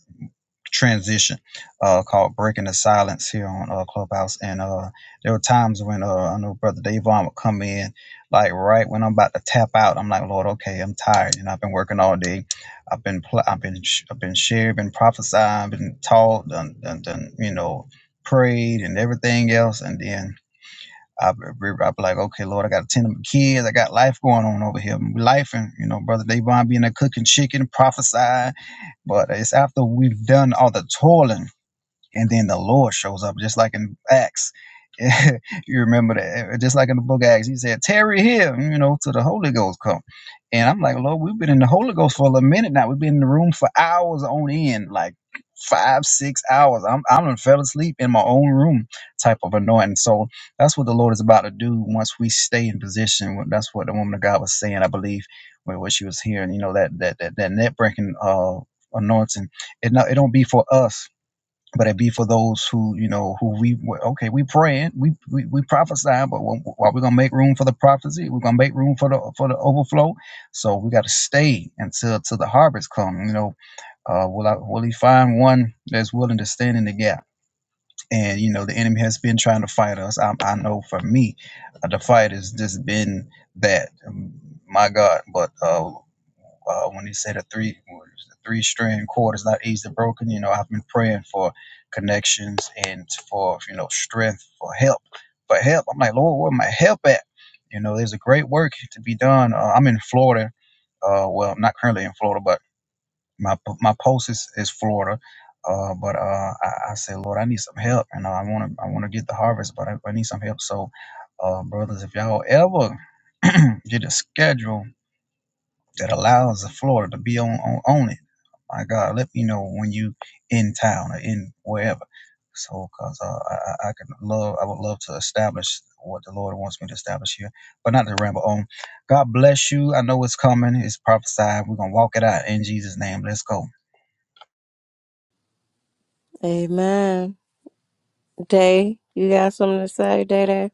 transition uh, called "Breaking the Silence" here on uh, Clubhouse. And uh, there were times when uh, I know Brother Davon would come in, like right when I'm about to tap out. I'm like, Lord, okay, I'm tired. You know, I've been working all day. I've been, pl- I've been, sh- I've been shared, been prophesying, been taught, done, done, done, you know, prayed and everything else, and then I, I'm like, okay, Lord, I got to tend to my kids. I got life going on over here. Life and, you know, Brother Davon being there cooking chicken, prophesying. But it's after we've done all the toiling and then the Lord shows up, just like in Acts. you remember that, eh, just like in the book of Acts, he said, "Tarry here," you know, till the Holy Ghost come. And I'm like, Lord, we've been in the Holy Ghost for a minute now. We've been in the room for hours on end, like five, six hours. I'm I'm done fell asleep in my own room, type of anointing. So that's what the Lord is about to do once we stay in position. That's what the woman of God was saying, I believe, when what she was hearing. You know that that that, that net breaking uh anointing. It not it don't be for us but it be for those who you know who we well, okay we praying we we, we prophesying but we- while we're gonna make room for the prophecy we're gonna make room for the for the overflow so we got to stay until till the harvest come you know uh will I, will he find one that's willing to stand in the gap and you know the enemy has been trying to fight us i, I know for me uh, the fight has just been that um, my god but uh uh, when they said the three the three string chord is not easily broken. You know, I've been praying for connections and for you know strength for help for help. I'm like, Lord, where my help at? You know, there's a great work to be done. Uh, I'm in Florida. Uh, well, I'm not currently in Florida, but my my post is, is Florida. Uh, but uh, I, I said, Lord, I need some help, and uh, I want to I want to get the harvest, but I, I need some help. So, uh, brothers, if y'all ever get a schedule that allows the floor to be on, on on it. My God, let me know when you in town or in wherever. So, cause uh, I I can love I would love to establish what the Lord wants me to establish here, but not to ramble on. God bless you. I know it's coming. It's prophesied. We're gonna walk it out in Jesus' name. Let's go.
Amen. Day, you got something to say, Day Day?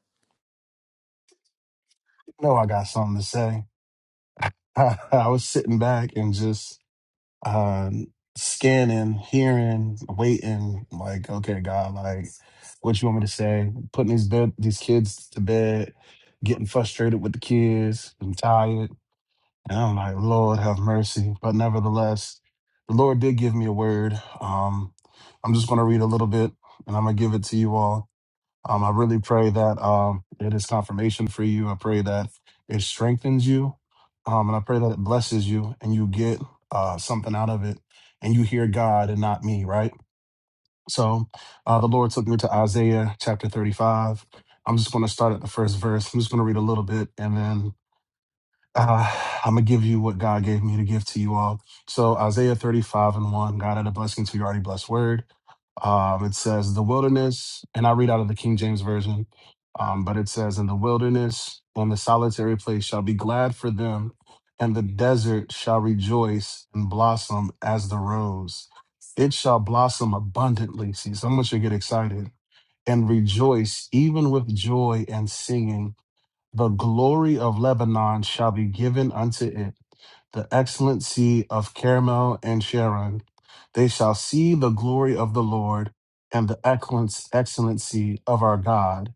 No, I got something to say. I, was sitting back and just um, scanning, hearing, waiting. Like, okay, God, like, what you want me to say? Putting these bed, these kids to bed, getting frustrated with the kids. I'm tired, and I'm like, Lord, have mercy. But nevertheless, the Lord did give me a word. Um, I'm just gonna read a little bit, and I'm gonna give it to you all. Um, I really pray that um, it is confirmation for you. I pray that it strengthens you. Um, and I pray that it blesses you and you get uh, something out of it and you hear God and not me, right? So uh, the Lord took me to Isaiah chapter 35. I'm just going to start at the first verse. I'm just going to read a little bit and then uh, I'm going to give you what God gave me to give to you all. So Isaiah 35 and 1, God had a blessing to your already blessed word. Um, it says, The wilderness, and I read out of the King James Version, um, but it says, In the wilderness and the solitary place shall be glad for them, and the desert shall rejoice and blossom as the rose. It shall blossom abundantly. See, someone should get excited and rejoice, even with joy and singing. The glory of Lebanon shall be given unto it, the excellency of Carmel and Sharon. They shall see the glory of the Lord and the excellence- excellency of our God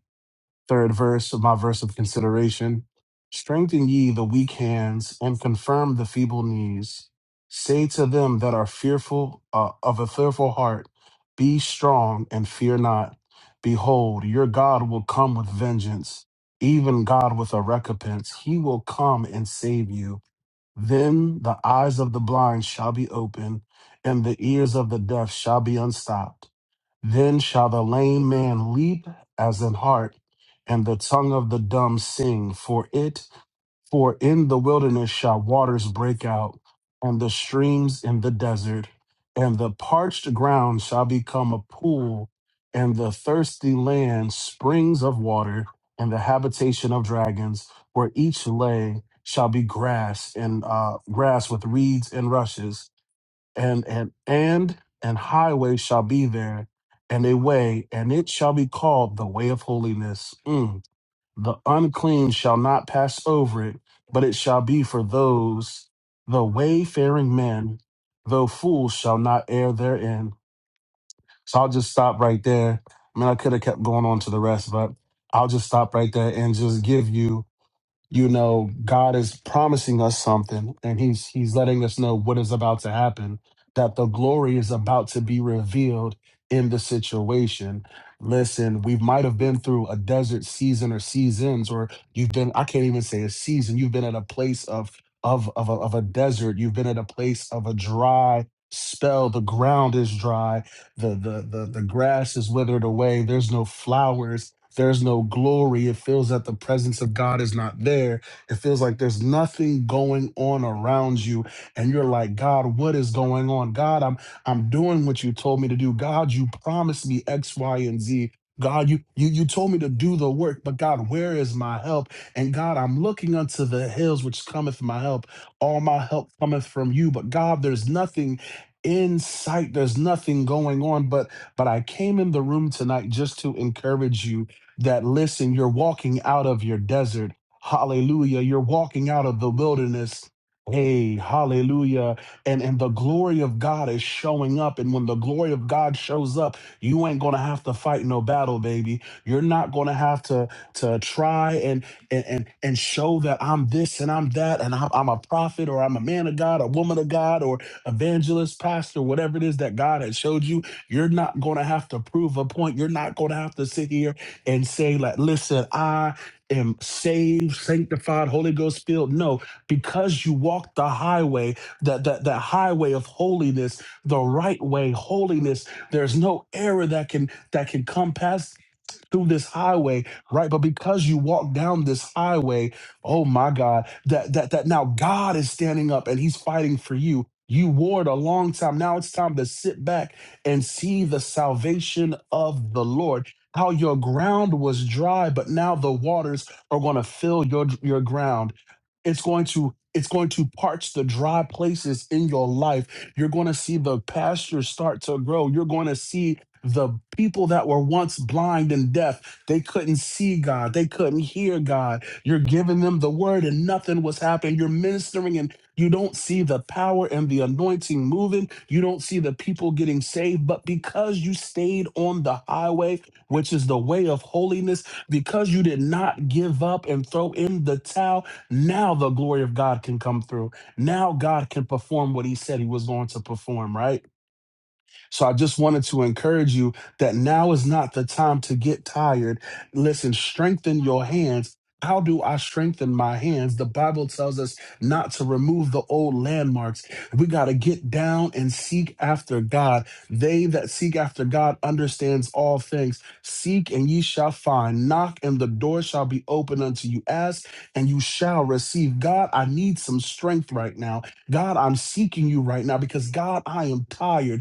third verse of my verse of consideration. Strengthen ye the weak hands and confirm the feeble knees. Say to them that are fearful uh, of a fearful heart, Be strong and fear not. Behold, your God will come with vengeance, even God with a recompense. He will come and save you. Then the eyes of the blind shall be opened, and the ears of the deaf shall be unstopped. Then shall the lame man leap as an hart, and the tongue of the dumb sing, for it, for in the wilderness shall waters break out, and the streams in the desert, and the parched ground shall become a pool, and the thirsty land springs of water, and the habitation of dragons, where each lay shall be grass and uh, grass with reeds and rushes and and and and highway shall be there and a way and it shall be called the way of holiness Mm. the unclean shall not pass over it but it shall be for those the wayfaring men though fools shall not err therein so i'll just stop right there i mean i could have kept going on to the rest but i'll just stop right there and just give you you know god is promising us something and he's he's letting us know what is about to happen that the glory is about to be revealed in the situation listen we might have been through a desert season or seasons or you've been i can't even say a season you've been at a place of of of a, of a desert you've been at a place of a dry spell the ground is dry the the the the grass is withered away there's no flowers there's no glory it feels that the presence of god is not there it feels like there's nothing going on around you and you're like god what is going on god i'm i'm doing what you told me to do god you promised me x y and z God, you, you you told me to do the work, but God, where is my help? And God, I'm looking unto the hills which cometh my help. All my help cometh from you. But God, there's nothing in sight there's nothing going on but but i came in the room tonight just to encourage you that listen you're walking out of your desert hallelujah you're walking out of the wilderness hey hallelujah and and the glory of god is showing up and when the glory of god shows up you ain't gonna have to fight no battle baby you're not gonna have to to try and and and, and show that i'm this and i'm that and I'm, I'm a prophet or i'm a man of god a woman of god or evangelist, pastor, whatever it is that God has showed you, you're not going to have to prove a point. You're not going to have to sit here and say, like, listen, I am saved, sanctified, Holy Ghost filled. No, because you walk the highway, that that that highway of holiness, the right way, holiness. There's no error that can that can come past through this highway, right? But because you walk down this highway, oh my God, that that that now God is standing up and he's fighting for you. You warred a long time. Now it's time to sit back and see the salvation of the Lord. How your ground was dry, but now the waters are going to fill your your ground. It's going to it's going to parch the dry places in your life. You're going to see the pasture start to grow. You're going to see the people that were once blind and deaf they couldn't see god they couldn't hear god you're giving them the word and nothing was happening you're ministering and you don't see the power and the anointing moving you don't see the people getting saved but because you stayed on the highway which is the way of holiness because you did not give up and throw in the towel now the glory of god can come through now god can perform what he said he was going to perform right so I just wanted to encourage you that now is not the time to get tired. Listen, strengthen your hands. How do I strengthen my hands? The Bible tells us not to remove the old landmarks. We got to get down and seek after God. They that seek after God understands all things. Seek and ye shall find. Knock and the door shall be open unto you. Ask and you shall receive. God, I need some strength right now. God, I'm seeking you right now because God, I am tired.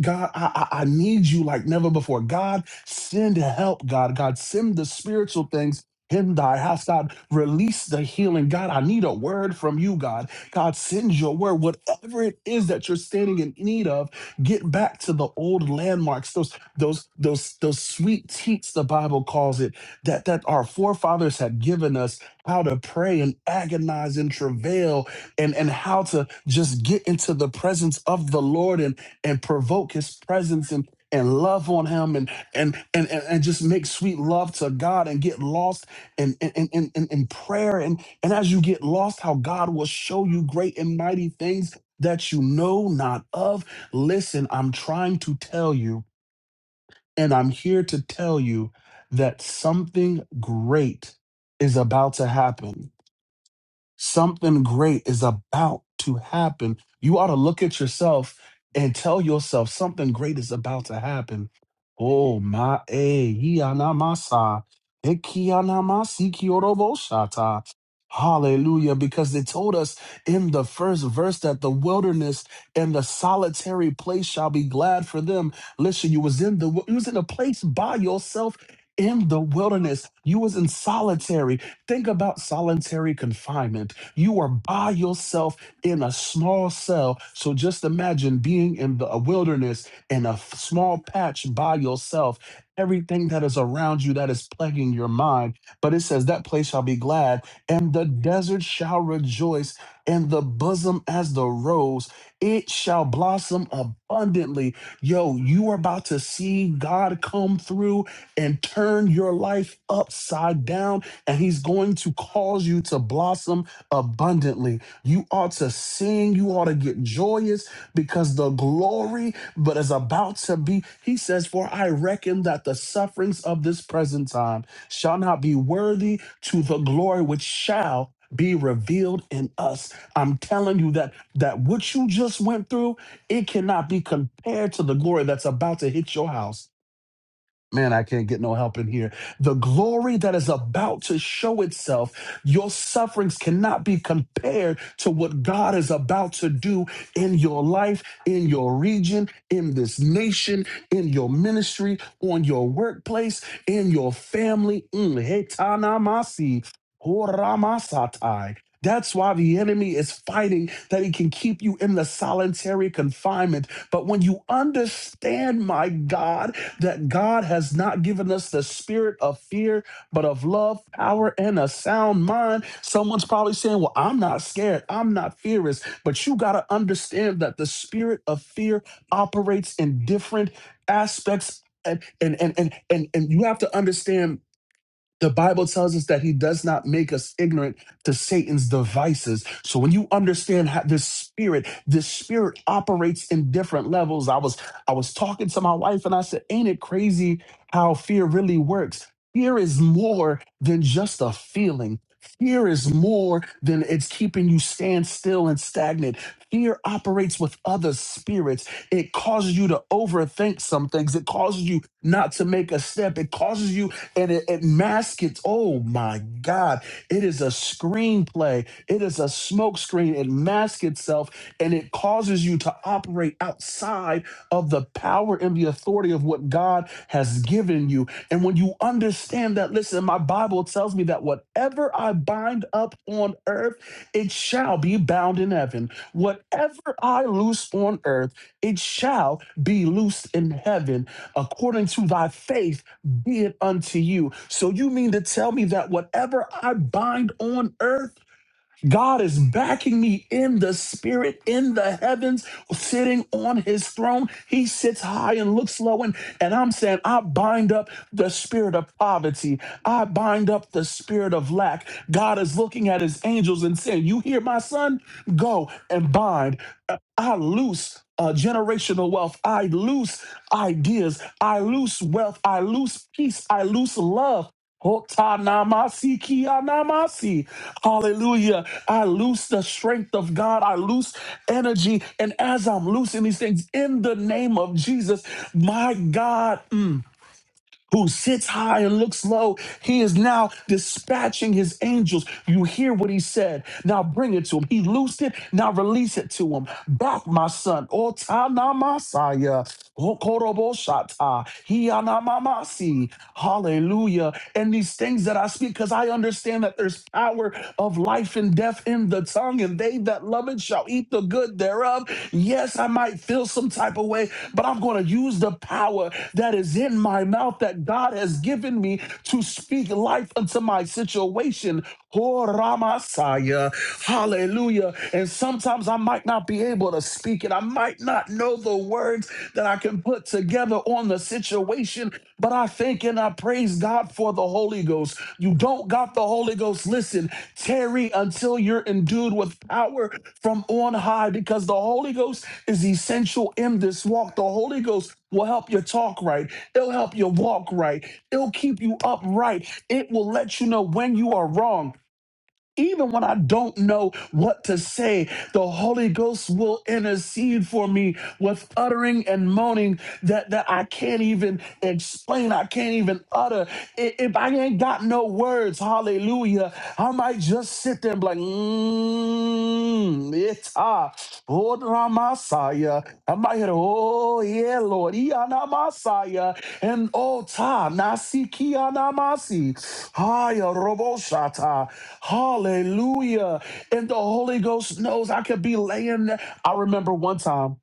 God, I, I I need you like never before. God, send help, God. God, send the spiritual things in thy house. God, release the healing. God, I need a word from you, God. God, send your word. Whatever it is that you're standing in need of, get back to the old landmarks, those, those, those, those sweet teats, the Bible calls it, that, that our forefathers had given us how to pray and agonize and travail and, and how to just get into the presence of the Lord and and provoke his presence and and love on him and and and and, and just make sweet love to God and get lost in in, in, in, in in prayer and and as you get lost how God will show you great and mighty things that you know not of listen I'm trying to tell you and I'm here to tell you that something great is about to happen Something great is about to happen. You ought to look at yourself and tell yourself something great is about to happen. Oh my eh yanamasa. Ekiyanamasi kiyoroboshata. Hallelujah. Because they told us in the first verse that the wilderness and the solitary place shall be glad for them. Listen, you was in the you was in a place by yourself in the wilderness. You was in solitary. Think about solitary confinement. You are by yourself in a small cell. So just imagine being in the a wilderness in a f- small patch by yourself. Everything that is around you that is plaguing your mind. But it says, That place shall be glad, and the desert shall rejoice, and the bosom as the rose. It shall blossom abundantly. Yo, you are about to see God come through and turn your life upside down and he's going to cause you to blossom abundantly. You ought to sing, you ought to get joyous because the glory but is about to be. He says, For I reckon that the sufferings of this present time shall not be worthy to the glory which shall be revealed in us. I'm telling you that that what you just went through, it cannot be compared to the glory that's about to hit your house Man, I can't get no help in here. The glory that is about to show itself, your sufferings cannot be compared to what God is about to do in your life, in your region, in this nation, in your ministry, on your workplace, in your family. Mm, hetanamasi, horamasatai. That's why the enemy is fighting that he can keep you in the solitary confinement. But when you understand, my God, that God has not given us the spirit of fear, but of love, power, and a sound mind. Someone's probably saying, Well, I'm not scared. I'm not fearless. But you got to understand that the spirit of fear operates in different aspects. And, and, and, and, and, and you have to understand the Bible tells us that he does not make us ignorant to Satan's devices. So when you understand how this spirit, this spirit operates in different levels. I was I was talking to my wife and I said, "Ain't it crazy how fear really works? Fear is more than just a feeling. Fear is more than it's keeping you stand still and stagnant. Fear operates with other spirits. It causes you to overthink some things. It causes you not to make a step. It causes you and it, it masks it. Oh my God. It is a screenplay. It is a smoke screen. It masks itself and it causes you to operate outside of the power and the authority of what God has given you. And when you understand that, listen, my Bible tells me that whatever I bind up on earth, it shall be bound in heaven. Whatever I loose on earth, it shall be loosed in heaven according to thy faith be it unto you. So you mean to tell me that whatever I bind on earth, God is backing me in the spirit, in the heavens, sitting on his throne. He sits high and looks low. And, and I'm saying, I bind up the spirit of poverty. I bind up the spirit of lack. God is looking at his angels and saying, You hear my son? Go and bind. Uh, I loose. Uh, generational wealth. I loose ideas. I loose wealth. I loose peace. I loose love. Hotanamasi kianamasi. Hallelujah. I loose the strength of God. I loose energy. And as I'm loosing these things in the name of Jesus, my God. mm, who sits high and looks low. He is now dispatching his angels. You hear what he said. Now bring it to him. He loosed it. Now release it to him. Back, my son. O Tanamasaya. Okoroboshata. Hiyanamamasi. Hallelujah. And these things that I speak, because I understand that there's power of life and death in the tongue, and they that love it shall eat the good thereof. Yes, I might feel some type of way, but I'm going to use the power that is in my my mouth that God has given me to speak life unto my situation. Oh, Ramasaya. Hallelujah. And sometimes I might not be able to speak it. I might not know the words that I can put together on the situation, but I thank and I praise God for the Holy Ghost. You don't got the Holy Ghost. Listen, tarry until you're endued with power from on high because the Holy Ghost is essential in this walk. The Holy Ghost will help you talk right. They'll help you walk right. It'll keep you upright. It will let you know when you are wrong even when I don't know what to say, the Holy Ghost will intercede for me with uttering and moaning that, that I can't even explain. I can't even utter. I- If I ain't got no words, hallelujah, I might just sit there and be like, mmm, it's ah, oh, Ramasaya. I might hear, oh, yeah, Lord, Iana Masaya, and oh, Ta, Nasikiana Masi, Haya Roboshata. Hallelujah. And the Holy Ghost knows I could be laying there. I remember one time,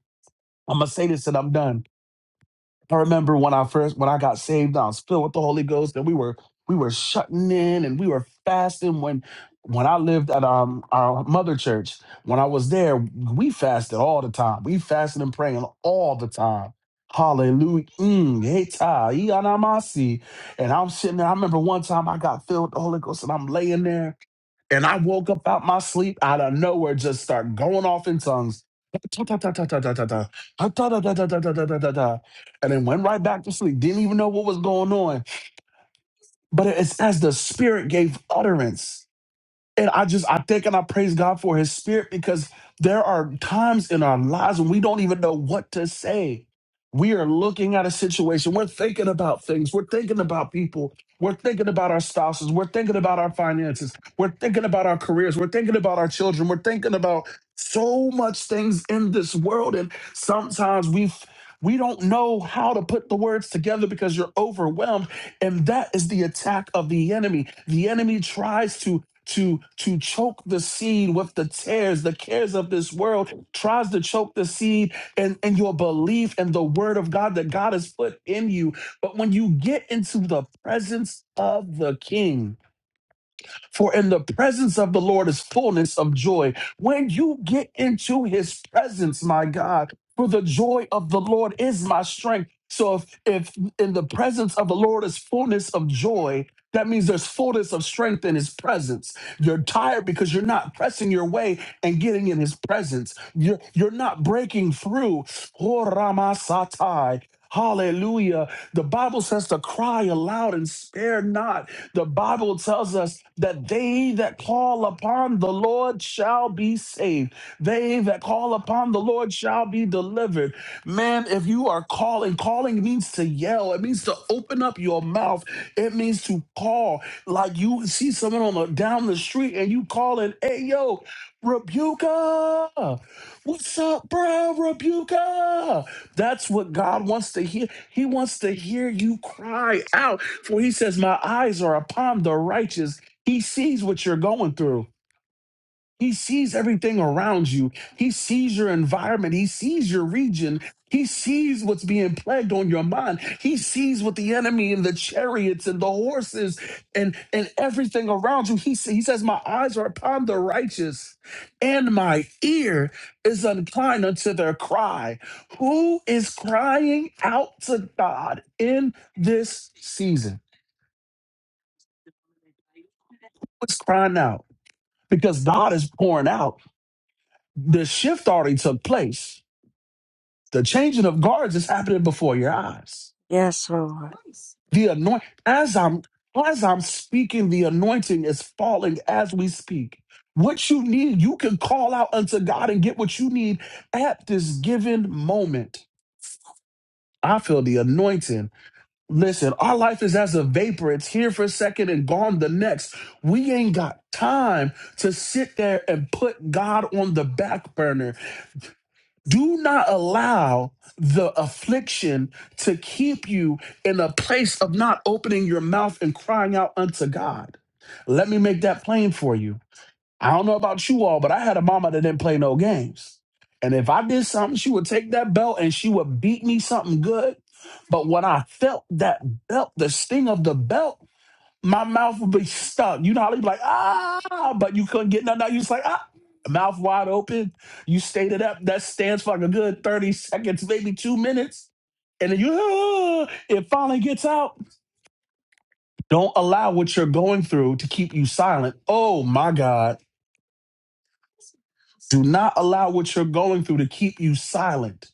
I'm gonna say this and I'm done. I remember when I first when I got saved, I was filled with the Holy Ghost, and we were we were shutting in and we were fasting when when I lived at um our mother church, when I was there, we fasted all the time. We fasted and praying all the time. Hallelujah. Mm, hey, ta, ee, anamasi. and I'm sitting there. I remember one time I got filled with the Holy Ghost and I'm laying there and I woke up out my sleep out of nowhere, just start going off in tongues. And then went right back to sleep. Didn't even know what was going on. But it's as the spirit gave utterance. And I just, I thank and I praise God for his spirit because there are times in our lives when we don't even know what to say. We are looking at a situation. We're thinking about things. We're thinking about people. We're thinking about our spouses. We're thinking about our finances. We're thinking about our careers. We're thinking about our children. We're thinking about so much things in this world. And sometimes we we don't know how to put the words together because you're overwhelmed. And that is the attack of the enemy. The enemy tries to to to choke the seed with the tares the cares of this world tries to choke the seed and and your belief and the word of god that god has put in you but when you get into the presence of the king for in the presence of the Lord is fullness of joy. When you get into his presence, my God, for the joy of the Lord is my strength. So if, if in the presence of the Lord is fullness of joy, that means there's fullness of strength in his presence. You're tired because you're not pressing your way and getting in his presence. You're, you're not breaking through. Oh, Ramasatai. Hallelujah. The Bible says to cry aloud and spare not. The Bible tells us that they that call upon the Lord shall be saved. They that call upon the Lord shall be delivered. Man, if you are calling, calling means to yell. It means to open up your mouth. It means to call. Like you see someone on the, down the street and you calling, hey yo, Rebuka, what's up, bro? Rebuka. That's what God wants to hear. He wants to hear you cry out. For he says, My eyes are upon the righteous. He sees what you're going through. He sees everything around you. He sees your environment. He sees your region. He sees what's being plagued on your mind. He sees what the enemy and the chariots and the horses and, and everything around you. He, sa- he says, My eyes are upon the righteous, and my ear is inclined unto their cry. Who is crying out to God in this season? Who's crying out? Because God is pouring out. The shift already took place The changing of guards is happening before your eyes.
Yes, Lord.
The anoint as I'm as I'm speaking, the anointing is falling as we speak. What you need, you can call out unto God and get what you need at this given moment. I feel the anointing. Listen, our life is as a vapor. It's here for a second and gone the next. We ain't got time to sit there and put God on the back burner. Do not allow the affliction to keep you in a place of not opening your mouth and crying out unto God. Let me make that plain for you. I don't know about you all, but I had a mama that didn't play no games. And if I did something, she would take that belt and she would beat me something good. But when I felt that belt, the sting of the belt, my mouth would be stuck. You know how they be like, ah, but you couldn't get nothing out. You just like, ah, mouth wide open. You stayed it up. That stands for like a good 30 seconds, maybe two minutes. And then you, ah, it finally gets out. Don't allow what you're going through to keep you silent. Oh my God. Do not allow what you're going through to keep you silent.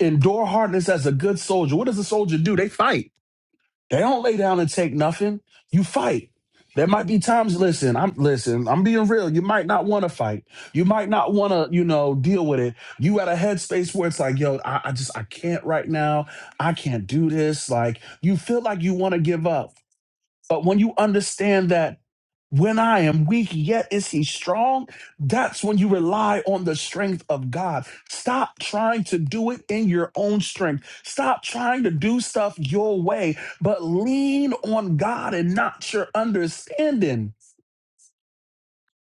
Endure hardness as a good soldier. What does a soldier do? They fight They don't lay down and take nothing. You fight. There might be times, listen, I'm listen, I'm being real. You might not want to fight. You might not want to, you know, deal with it. You at a headspace where it's like, yo, I, I just I can't right now. I can't do this. Like you feel like you want to give up. But when you understand that when I am weak, yet is he strong, that's when you rely on the strength of God. Stop trying to do it in your own strength. Stop trying to do stuff your way, but lean on God and not your understanding.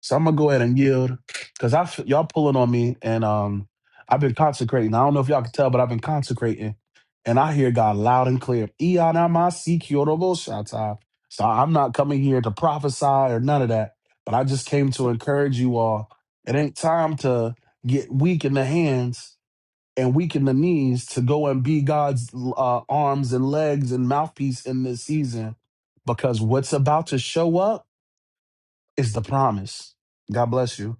So I'm gonna go ahead and yield because I f- y'all pulling on me, and um, I've been consecrating. I don't know if y'all can tell, but I've been consecrating, and I hear God loud and clear. "Iyanamasi kyorobosata." So I'm not coming here to prophesy or none of that, but I just came to encourage you all. It ain't time to get weak in the hands and weak in the knees to go and be God's uh, arms and legs and mouthpiece in this season, because what's about to show up is the promise. God bless you.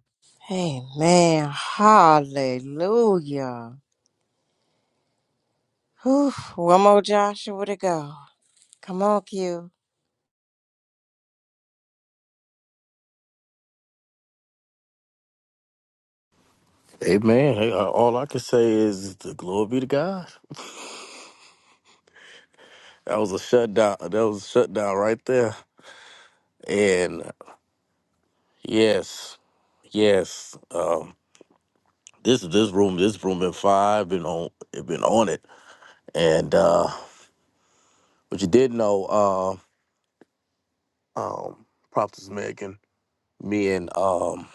Amen. Hallelujah. Whew. One more Joshua to go. Come on, Q.
Amen. Hey, uh, all I can say is the glory be to God. That was a shutdown. That was a shutdown right there. and. Yes, yes. Um, this this room, this room been five been on it been on it, and uh, but you did know, uh, um, Prophetess Megan, me and um,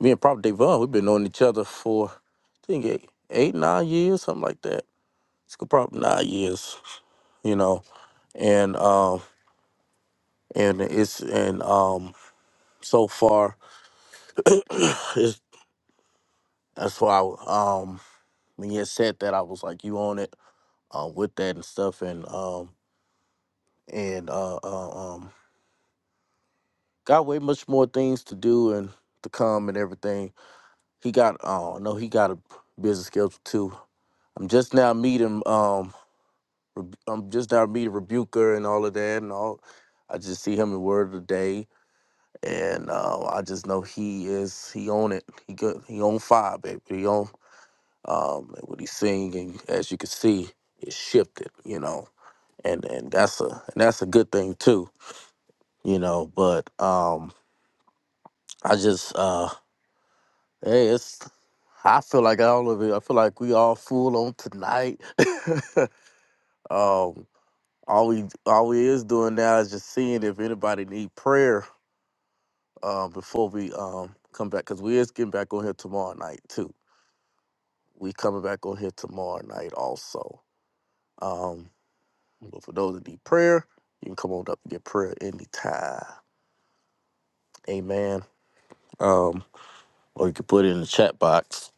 me and Prophet Devon, we've been knowing each other for I think eight, eight nine years, something like that. It's probably nine years, you know, and um, and it's and um, so far, it's, that's why um, when you had said that, I was like, you on it uh, with that and stuff, and um. and uh, uh um got way much more things to do and to come and everything. He got oh no, he got a busy schedule too. I'm just now meeting um I'm just now meeting Rebuker and all of that and all I just see him in word of the day and uh, I just know he is he on it. He good he on fire, baby. He on um what he's singing as you can see it shifted, you know. And and that's a and that's a good thing too, you know, but um I just uh hey it's I feel like all of it. I feel like we all full on tonight. um all we all we is doing now is just seeing if anybody need prayer uh, before we um come back because we is getting back on here tomorrow night too. We coming back on here tomorrow night also. Um but for those that need prayer, you can come on up and get prayer anytime. Amen. Um or you can put it in the chat box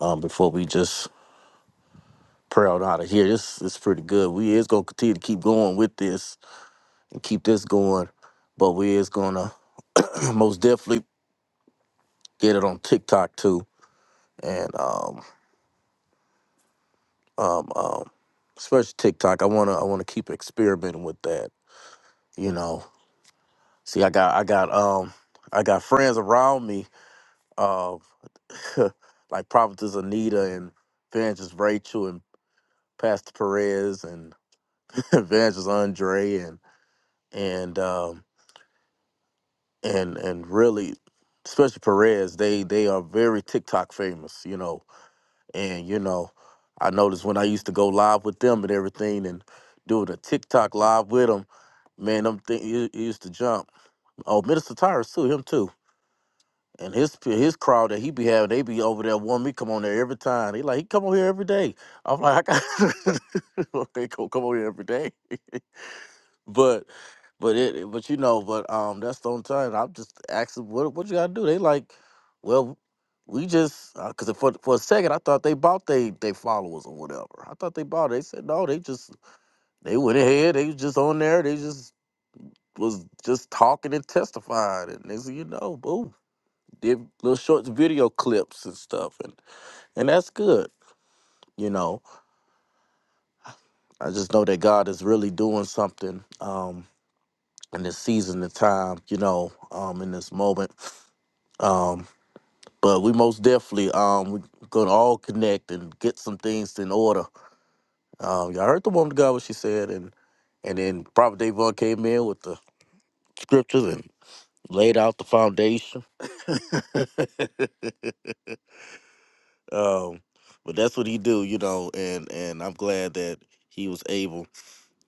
um before we just proud out of here. This is pretty good. We is gonna continue to keep going with this and keep this going, but we is gonna most definitely get it on TikTok too, and um, um, um, especially TikTok. I wanna I wanna keep experimenting with that. You know, see, I got I got um I got friends around me, uh, like Prophetess Anita and Evangelist Rachel and Pastor Perez and Evangelist Andre and and. um, and and really especially Perez, they they are very TikTok famous, you know. And you know, I noticed when I used to go live with them and everything and doing a TikTok live with them, man, them thing he, he used to jump. Oh, Minister Tyrus too, him too. And his his crowd that he be having, they be over there wanting me come on there every time. He like he come on here every day. I'm like, I got they go come on here every day. But but it but you know, but um that's the only time I'm just asking what what you gotta do. They like, well, we just uh 'cause cause for for a second I thought they bought they they followers or whatever. I thought they bought it. They said no, they just they went ahead, they was just on there, they just was just talking and testifying and they said, you know, boom. Did little short video clips and stuff and and that's good. You know, I just know that God is really doing something. Um. in this season, the time, you know, um, in this moment. Um, but we most definitely um we gonna all connect and get some things in order. Um, y'all heard the woman of God what she said, and and then Prophet Davon came in with the scriptures and laid out the foundation. um, but that's what he do, you know, and and I'm glad that he was able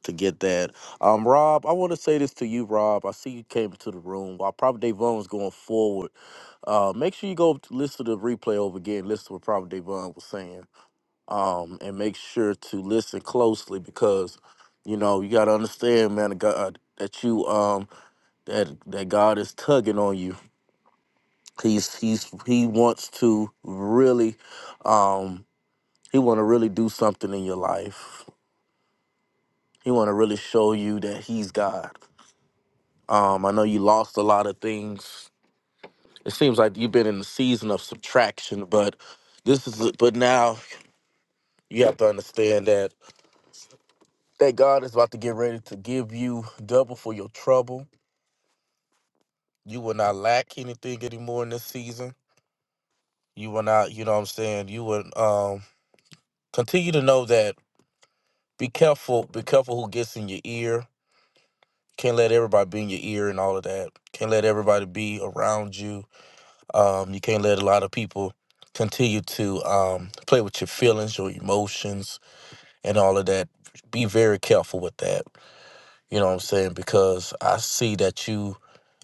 to get that. Um, Rob, I want to say this to you, Rob. I see you came into the room. While Private Davon's going forward, uh, make sure you go t- listen to the replay over again. Listen to what Private Davon was saying, um, and make sure to listen closely because you know you got to understand, man, God, uh, that you um that that God is tugging on you. He's he's he wants to really, um, he want to really do something in your life. He want to really show you that he's God. Um, I know you lost a lot of things. It seems like you've been in the season of subtraction, but this is but now you have to understand that that God is about to get ready to give you double for your trouble. You will not lack anything anymore in this season. You will not, you know what I'm saying? You will um continue to know that be careful, be careful who gets in your ear. Can't let everybody be in your ear and all of that. Can't let everybody be around you Um, you can't let a lot of people continue to um, play with your feelings, your emotions, and all of that. Be very careful with that. You know what I'm saying? Because I see that you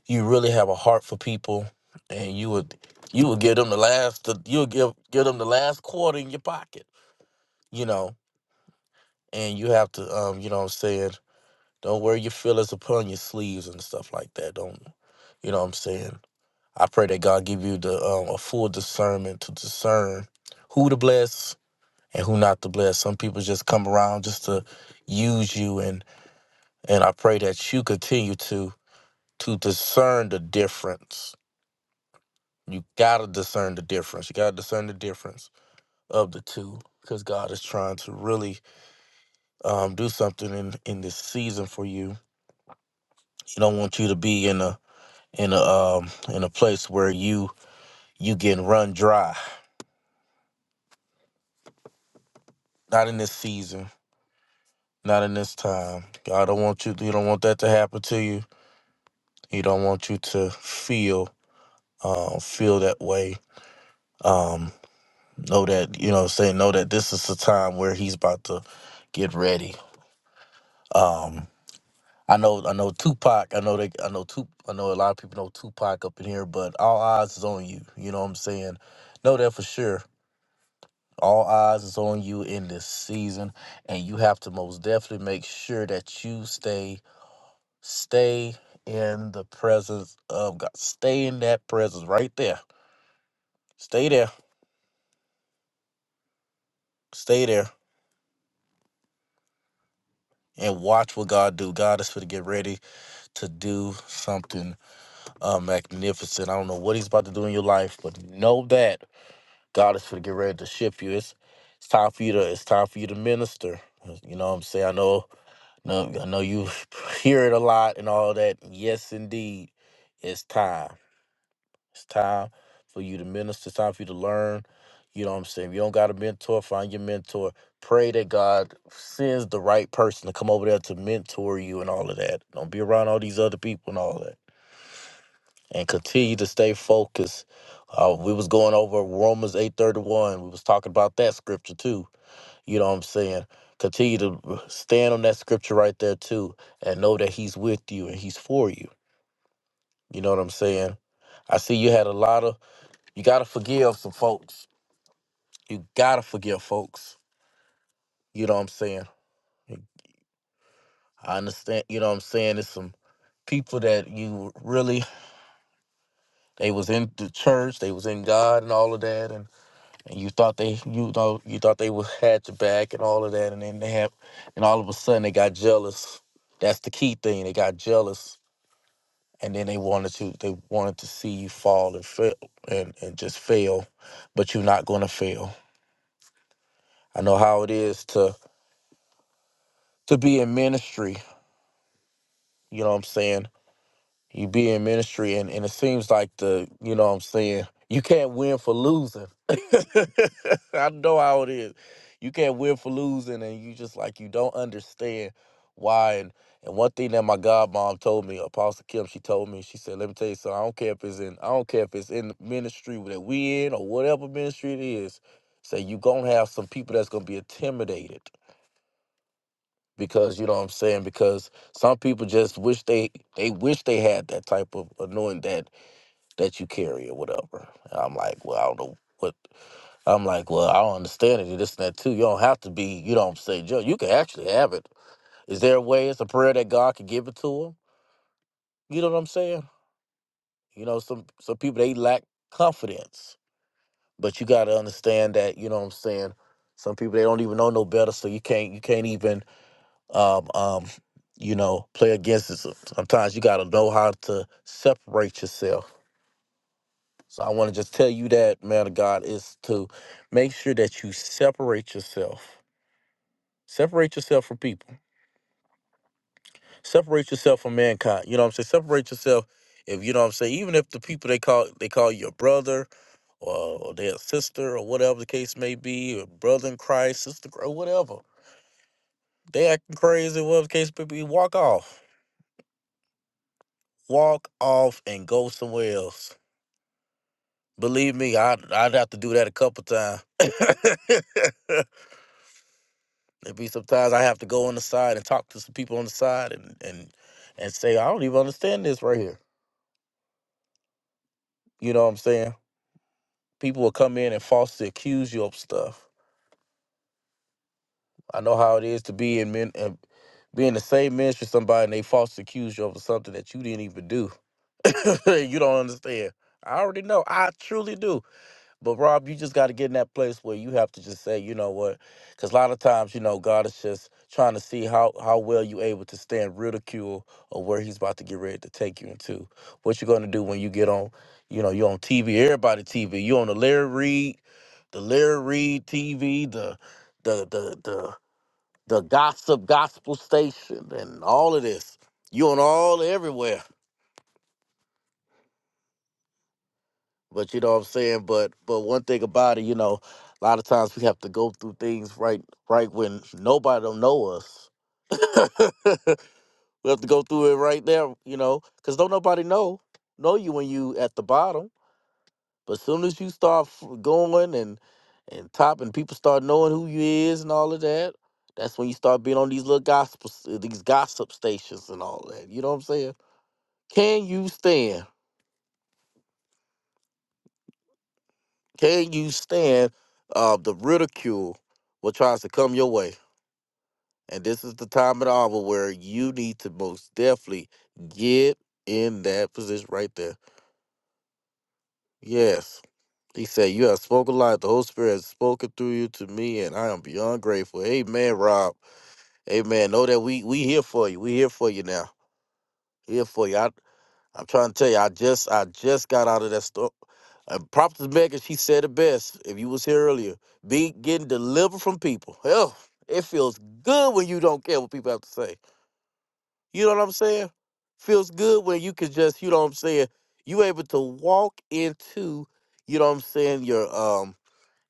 you really have a heart for people, and you would you would give them the last the, you'll give give them the last quarter in your pocket. You know, and you have to um, you know what I'm saying. Don't wear your feelings upon your sleeves and stuff like that. Don't you know what I'm saying? I pray that God give you the um, a full discernment to discern who to bless and who not to bless. Some people just come around just to use you, and and I pray that you continue to to discern the difference. You gotta discern the difference. You gotta discern the difference of the two, because God is trying to really um, do something in in this season for you. He don't want you to be in a in a um, in a place where you you getting run dry. Not in this season Not in this time. God don't want you. He don't want that to happen to you. He don't want you to feel, uh, feel that way. Um, know that you know. Say know that this is the time where he's about to get ready. Um, I know. I know Tupac. I know they. I know Tup. I know a lot of people know Tupac up in here, but all eyes is on you. You know what I'm saying? Know that for sure. All eyes is on you in this season, and you have to most definitely make sure that you stay Stay in the presence of God. Stay in that presence right there. Stay there. Stay there. And watch what God do. God is going to get ready to do something uh, magnificent. I don't know what He's about to do in your life, but know that God is going to get ready to shift you. It's it's time for you to. It's time for you to minister. You know what I'm saying? I know. No, I know you hear it a lot and all that. Yes, indeed, it's time. It's time for you to minister. It's time for you to learn. You know what I'm saying? If you don't got a mentor, find your mentor. Pray that God sends the right person to come over there to mentor you and all of that. Don't be around all these other people and all that. And continue to stay focused. Uh, we was going over Romans 8:31. We was talking about that scripture too. You know what I'm saying? Continue to stand on that scripture right there too and know that he's with you and he's for you. You know what I'm saying? I see you had a lot of you gotta forgive some folks. You gotta forgive folks. You know what I'm saying? I understand. You know what I'm saying? It's some people that you really they was in the church, they was in God and all of that, and, and you thought they you know you thought they was had your back and all of that, and then they have, and all of a sudden they got jealous. That's the key thing. They got jealous, and then they wanted to they wanted to see you fall and fail and and just fail, but you're not gonna fail. I know how it is to to be in ministry You know what I'm saying? You be in ministry and, and it seems like the, you know what I'm saying, you can't win for losing. I know how it is. You can't win for losing and you just like you don't understand why and and one thing that my godmom told me, Apostle Kim, she told me, she said, Let me tell you something, I don't care if it's in I don't care if it's in the ministry that we in or whatever ministry it is, say you gonna have some people that's gonna be intimidated because you know what I'm saying because some people just wish they they wish they had that type of anointing that that you carry or whatever. And I'm like, well, I don't know what I'm like. Well, I don't understand it. And This and that too. You don't have to be. You know what I'm saying, Joe. You can actually have it. Is there a way? It's a prayer that God can give it to them. You know what I'm saying? You know, some some people they lack confidence, but you got to understand that. You know what I'm saying? Some people they don't even know no better, so you can't you can't even um, um, you know, play against it. So- Sometimes you got to know how to separate yourself. So I want to just tell you that, man of God, is to make sure that you separate yourself. Separate yourself from people. Separate yourself from mankind. You know what I'm saying? Separate yourself. If you know what I'm saying, even if the people they call they call you a brother or, or their sister or whatever the case may be, or brother in Christ, sister or whatever, they acting crazy, whatever the case may be, walk off. Walk off and go somewhere else Believe me, I'd, I'd have to do that a couple times. There'd be sometimes I have to go on the side and talk to some people on the side and, and, and say, I don't even understand this right here. You know what I'm saying? People will come in and falsely accuse you of stuff. I know how it is to be in men, uh, be in the same ministry with somebody and they falsely accuse you of something that you didn't even do. you don't understand. I already know. I truly do. But Rob, you just got to get in that place where you have to just say, you know what? Because a lot of times, you know, God is just trying to see how how well you able to stand ridicule or where He's about to get ready to take you into. What you're going to do when you get on, you know, you're on TV, everybody TV, you on the Larry Reed, the Larry Reed TV, the the the the the gossip gospel station, and all of this. You on all everywhere. But you know what I'm saying? But but one thing about it, you know, a lot of times we have to go through things right right when nobody don't know us. we have to go through it right there, you know, because don't nobody know know you when you at the bottom. But as soon as you start f- going and and top and people start knowing who you is and all of that, that's when you start being on these little gospel s- these gossip stations and all that. You know what I'm saying? Can you stand? Can you stand uh, the ridicule what tries to come your way? And this is the time and hour where you need to most definitely get in that position right there. Yes. He said, You have spoken life. The Holy Spirit has spoken through you to me, and I am beyond grateful. Amen, Rob. Amen. Know that we we here for you. We here for you now. Here for you. I, I'm trying to tell you, I just I just got out of that store. Uh, Props to Megan, she said it best. If you was here earlier, be getting delivered from people. Hell, it feels good when you don't care what people have to say. You know what I'm saying? Feels good when you can just, you know what I'm saying. You able to walk into, you know what I'm saying, your um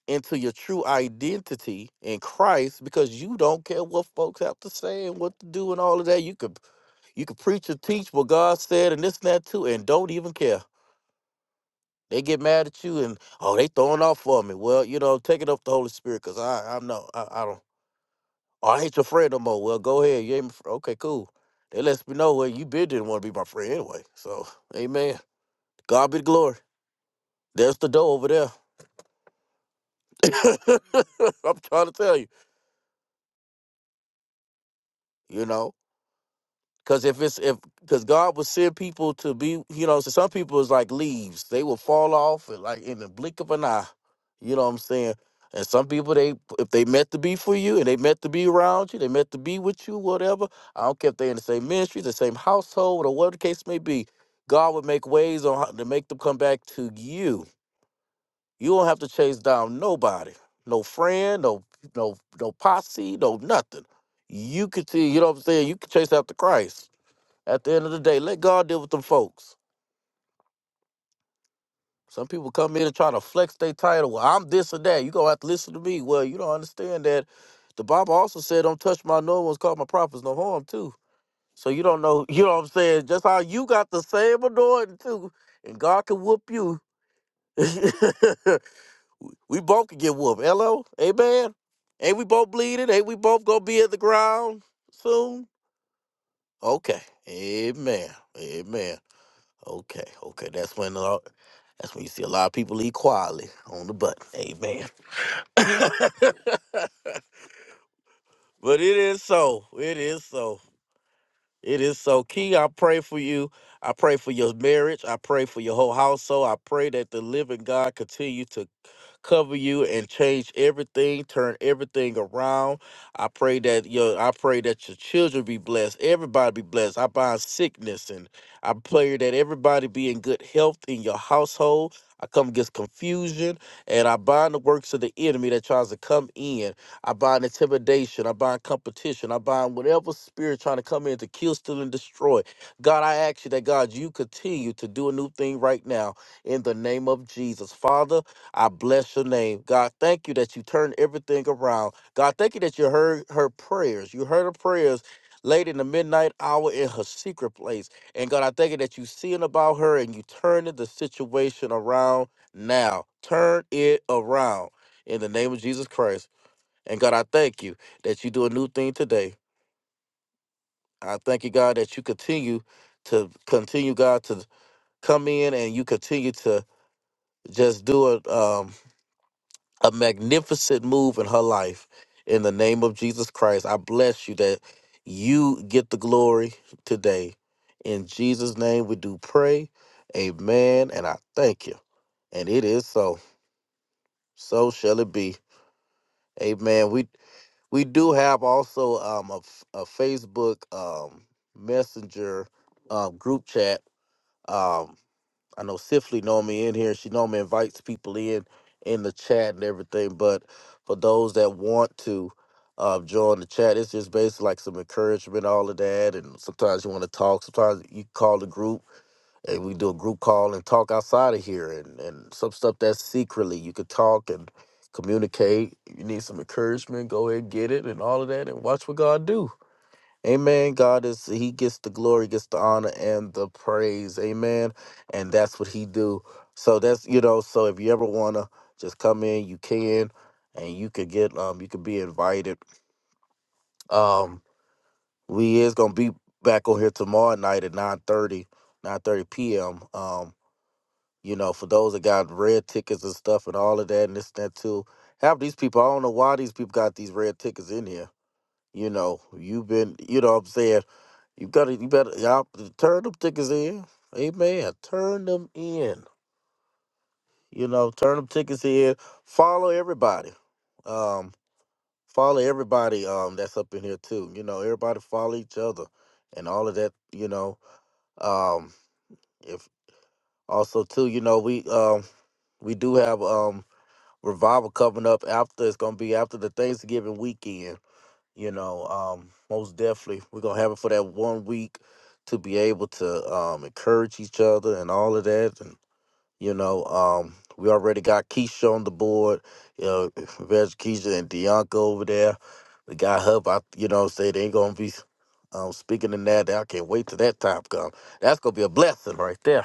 into your true identity in Christ because you don't care what folks have to say and what to do and all of that. You could you could preach and teach what God said and this and that too, and don't even care. They get mad at you and oh, they throwing off for me. Well, you know, take it up the Holy Spirit, cause I I know I, I don't. Oh, I ain't your friend no more. Well, go ahead. You ain't my friend. okay, cool. They let me know well, you been didn't want to be my friend anyway. So, Amen. God be the glory. There's the door over there. I'm trying to tell you. You know. Cause if it's if because God will send people to be, you know, so some people is like leaves. They will fall off and like in the blink of an eye. You know what I'm saying? And some people they if they meant to be for you and they meant to be around you, they meant to be with you, whatever. I don't care if they in the same ministry, the same household, or whatever the case may be. God would make ways on how to make them come back to you. You don't have to chase down nobody. No friend, no no no posse, no nothing. You could see, you know what I'm saying? You could chase after Christ. At the end of the day, let God deal with them folks. Some people come in and try to flex their title. Well, I'm this or that. You gonna have to listen to me. Well, you don't understand that the Bible also said, "Don't touch my no one's called my prophets no harm too." So you don't know. You know what I'm saying? Just how you got the same anointing too, and God can whoop you. we both can get whooped. Hello, amen. Ain't we both bleeding? Ain't we both gonna be at the ground soon? Okay, amen, amen. Okay, okay. That's when a lot, that's when you see a lot of people leave quietly on the button. Amen. but it is so. It is so. It is so. Key, I pray for you. I pray for your marriage. I pray for your whole household. I pray that the living God continue to cover you and change everything, turn everything around. I pray that your I pray that your children be blessed, everybody be blessed. I bind sickness and I pray that everybody be in good health in your household. I come against confusion and I bind the works of the enemy that tries to come in. I bind intimidation. I bind competition. I bind whatever spirit trying to come in to kill, steal, and destroy. God, I ask you that, God, you continue to do a new thing right now in the name of Jesus. Father, I bless your name. God, thank you that you turned everything around. God, thank you that you heard her prayers. You heard her prayers late in the midnight hour in her secret place. And God, I thank you that you seeing about her and you turning the situation around now. Turn it around in the name of Jesus Christ. And God, I thank you that you do a new thing today. I thank you, God, that you continue to continue, God, to come in and you continue to just do it Um, a magnificent move in her life. In the name of Jesus Christ, I bless you that you get the glory today. In Jesus' name, we do pray. Amen. And I thank you. And it is so. So shall it be. Amen. We we do have also um a, f- a Facebook um messenger um group chat. um. I know Sifley know me in here. She know me invites people in in the chat and everything. But for those that want to uh, join the chat, it's just basically like some encouragement, all of that. And sometimes you want to talk. Sometimes you call the group and we do a group call and talk outside of here and, and some stuff that's secretly you could talk and communicate. You need some encouragement, go ahead and get it and all of that and watch what God do. Amen. God is He gets the glory, gets the honor and the praise. Amen. And that's what He do. So that's you know. So if you ever wanna just come in, you can, and you could get um you could be invited. Um, we is gonna be back on here tomorrow night at nine thirty, nine thirty p.m. Um, you know, for those that got red tickets and stuff and all of that and this and that too. Half these people, I don't know why these people got these red tickets in here. You know, you've been, you know what I'm saying? You gotta, you better, y'all turn them tickets in. Amen. Turn them in. You know, turn them tickets in. Follow everybody. Um, follow everybody. Um, that's up in here too. You know, everybody follow each other, and all of that. You know, um, if also too, you know, we um we do have um revival coming up after. It's gonna be after the Thanksgiving weekend. you know um most definitely we're gonna have it for that one week to be able to um encourage each other and all of that and you know um we already got Keisha on the board you know Veg Keisha and Dianca over there we got Hub I you know say they gonna be um speaking in that I can't wait till that time comes. that's gonna be a blessing right there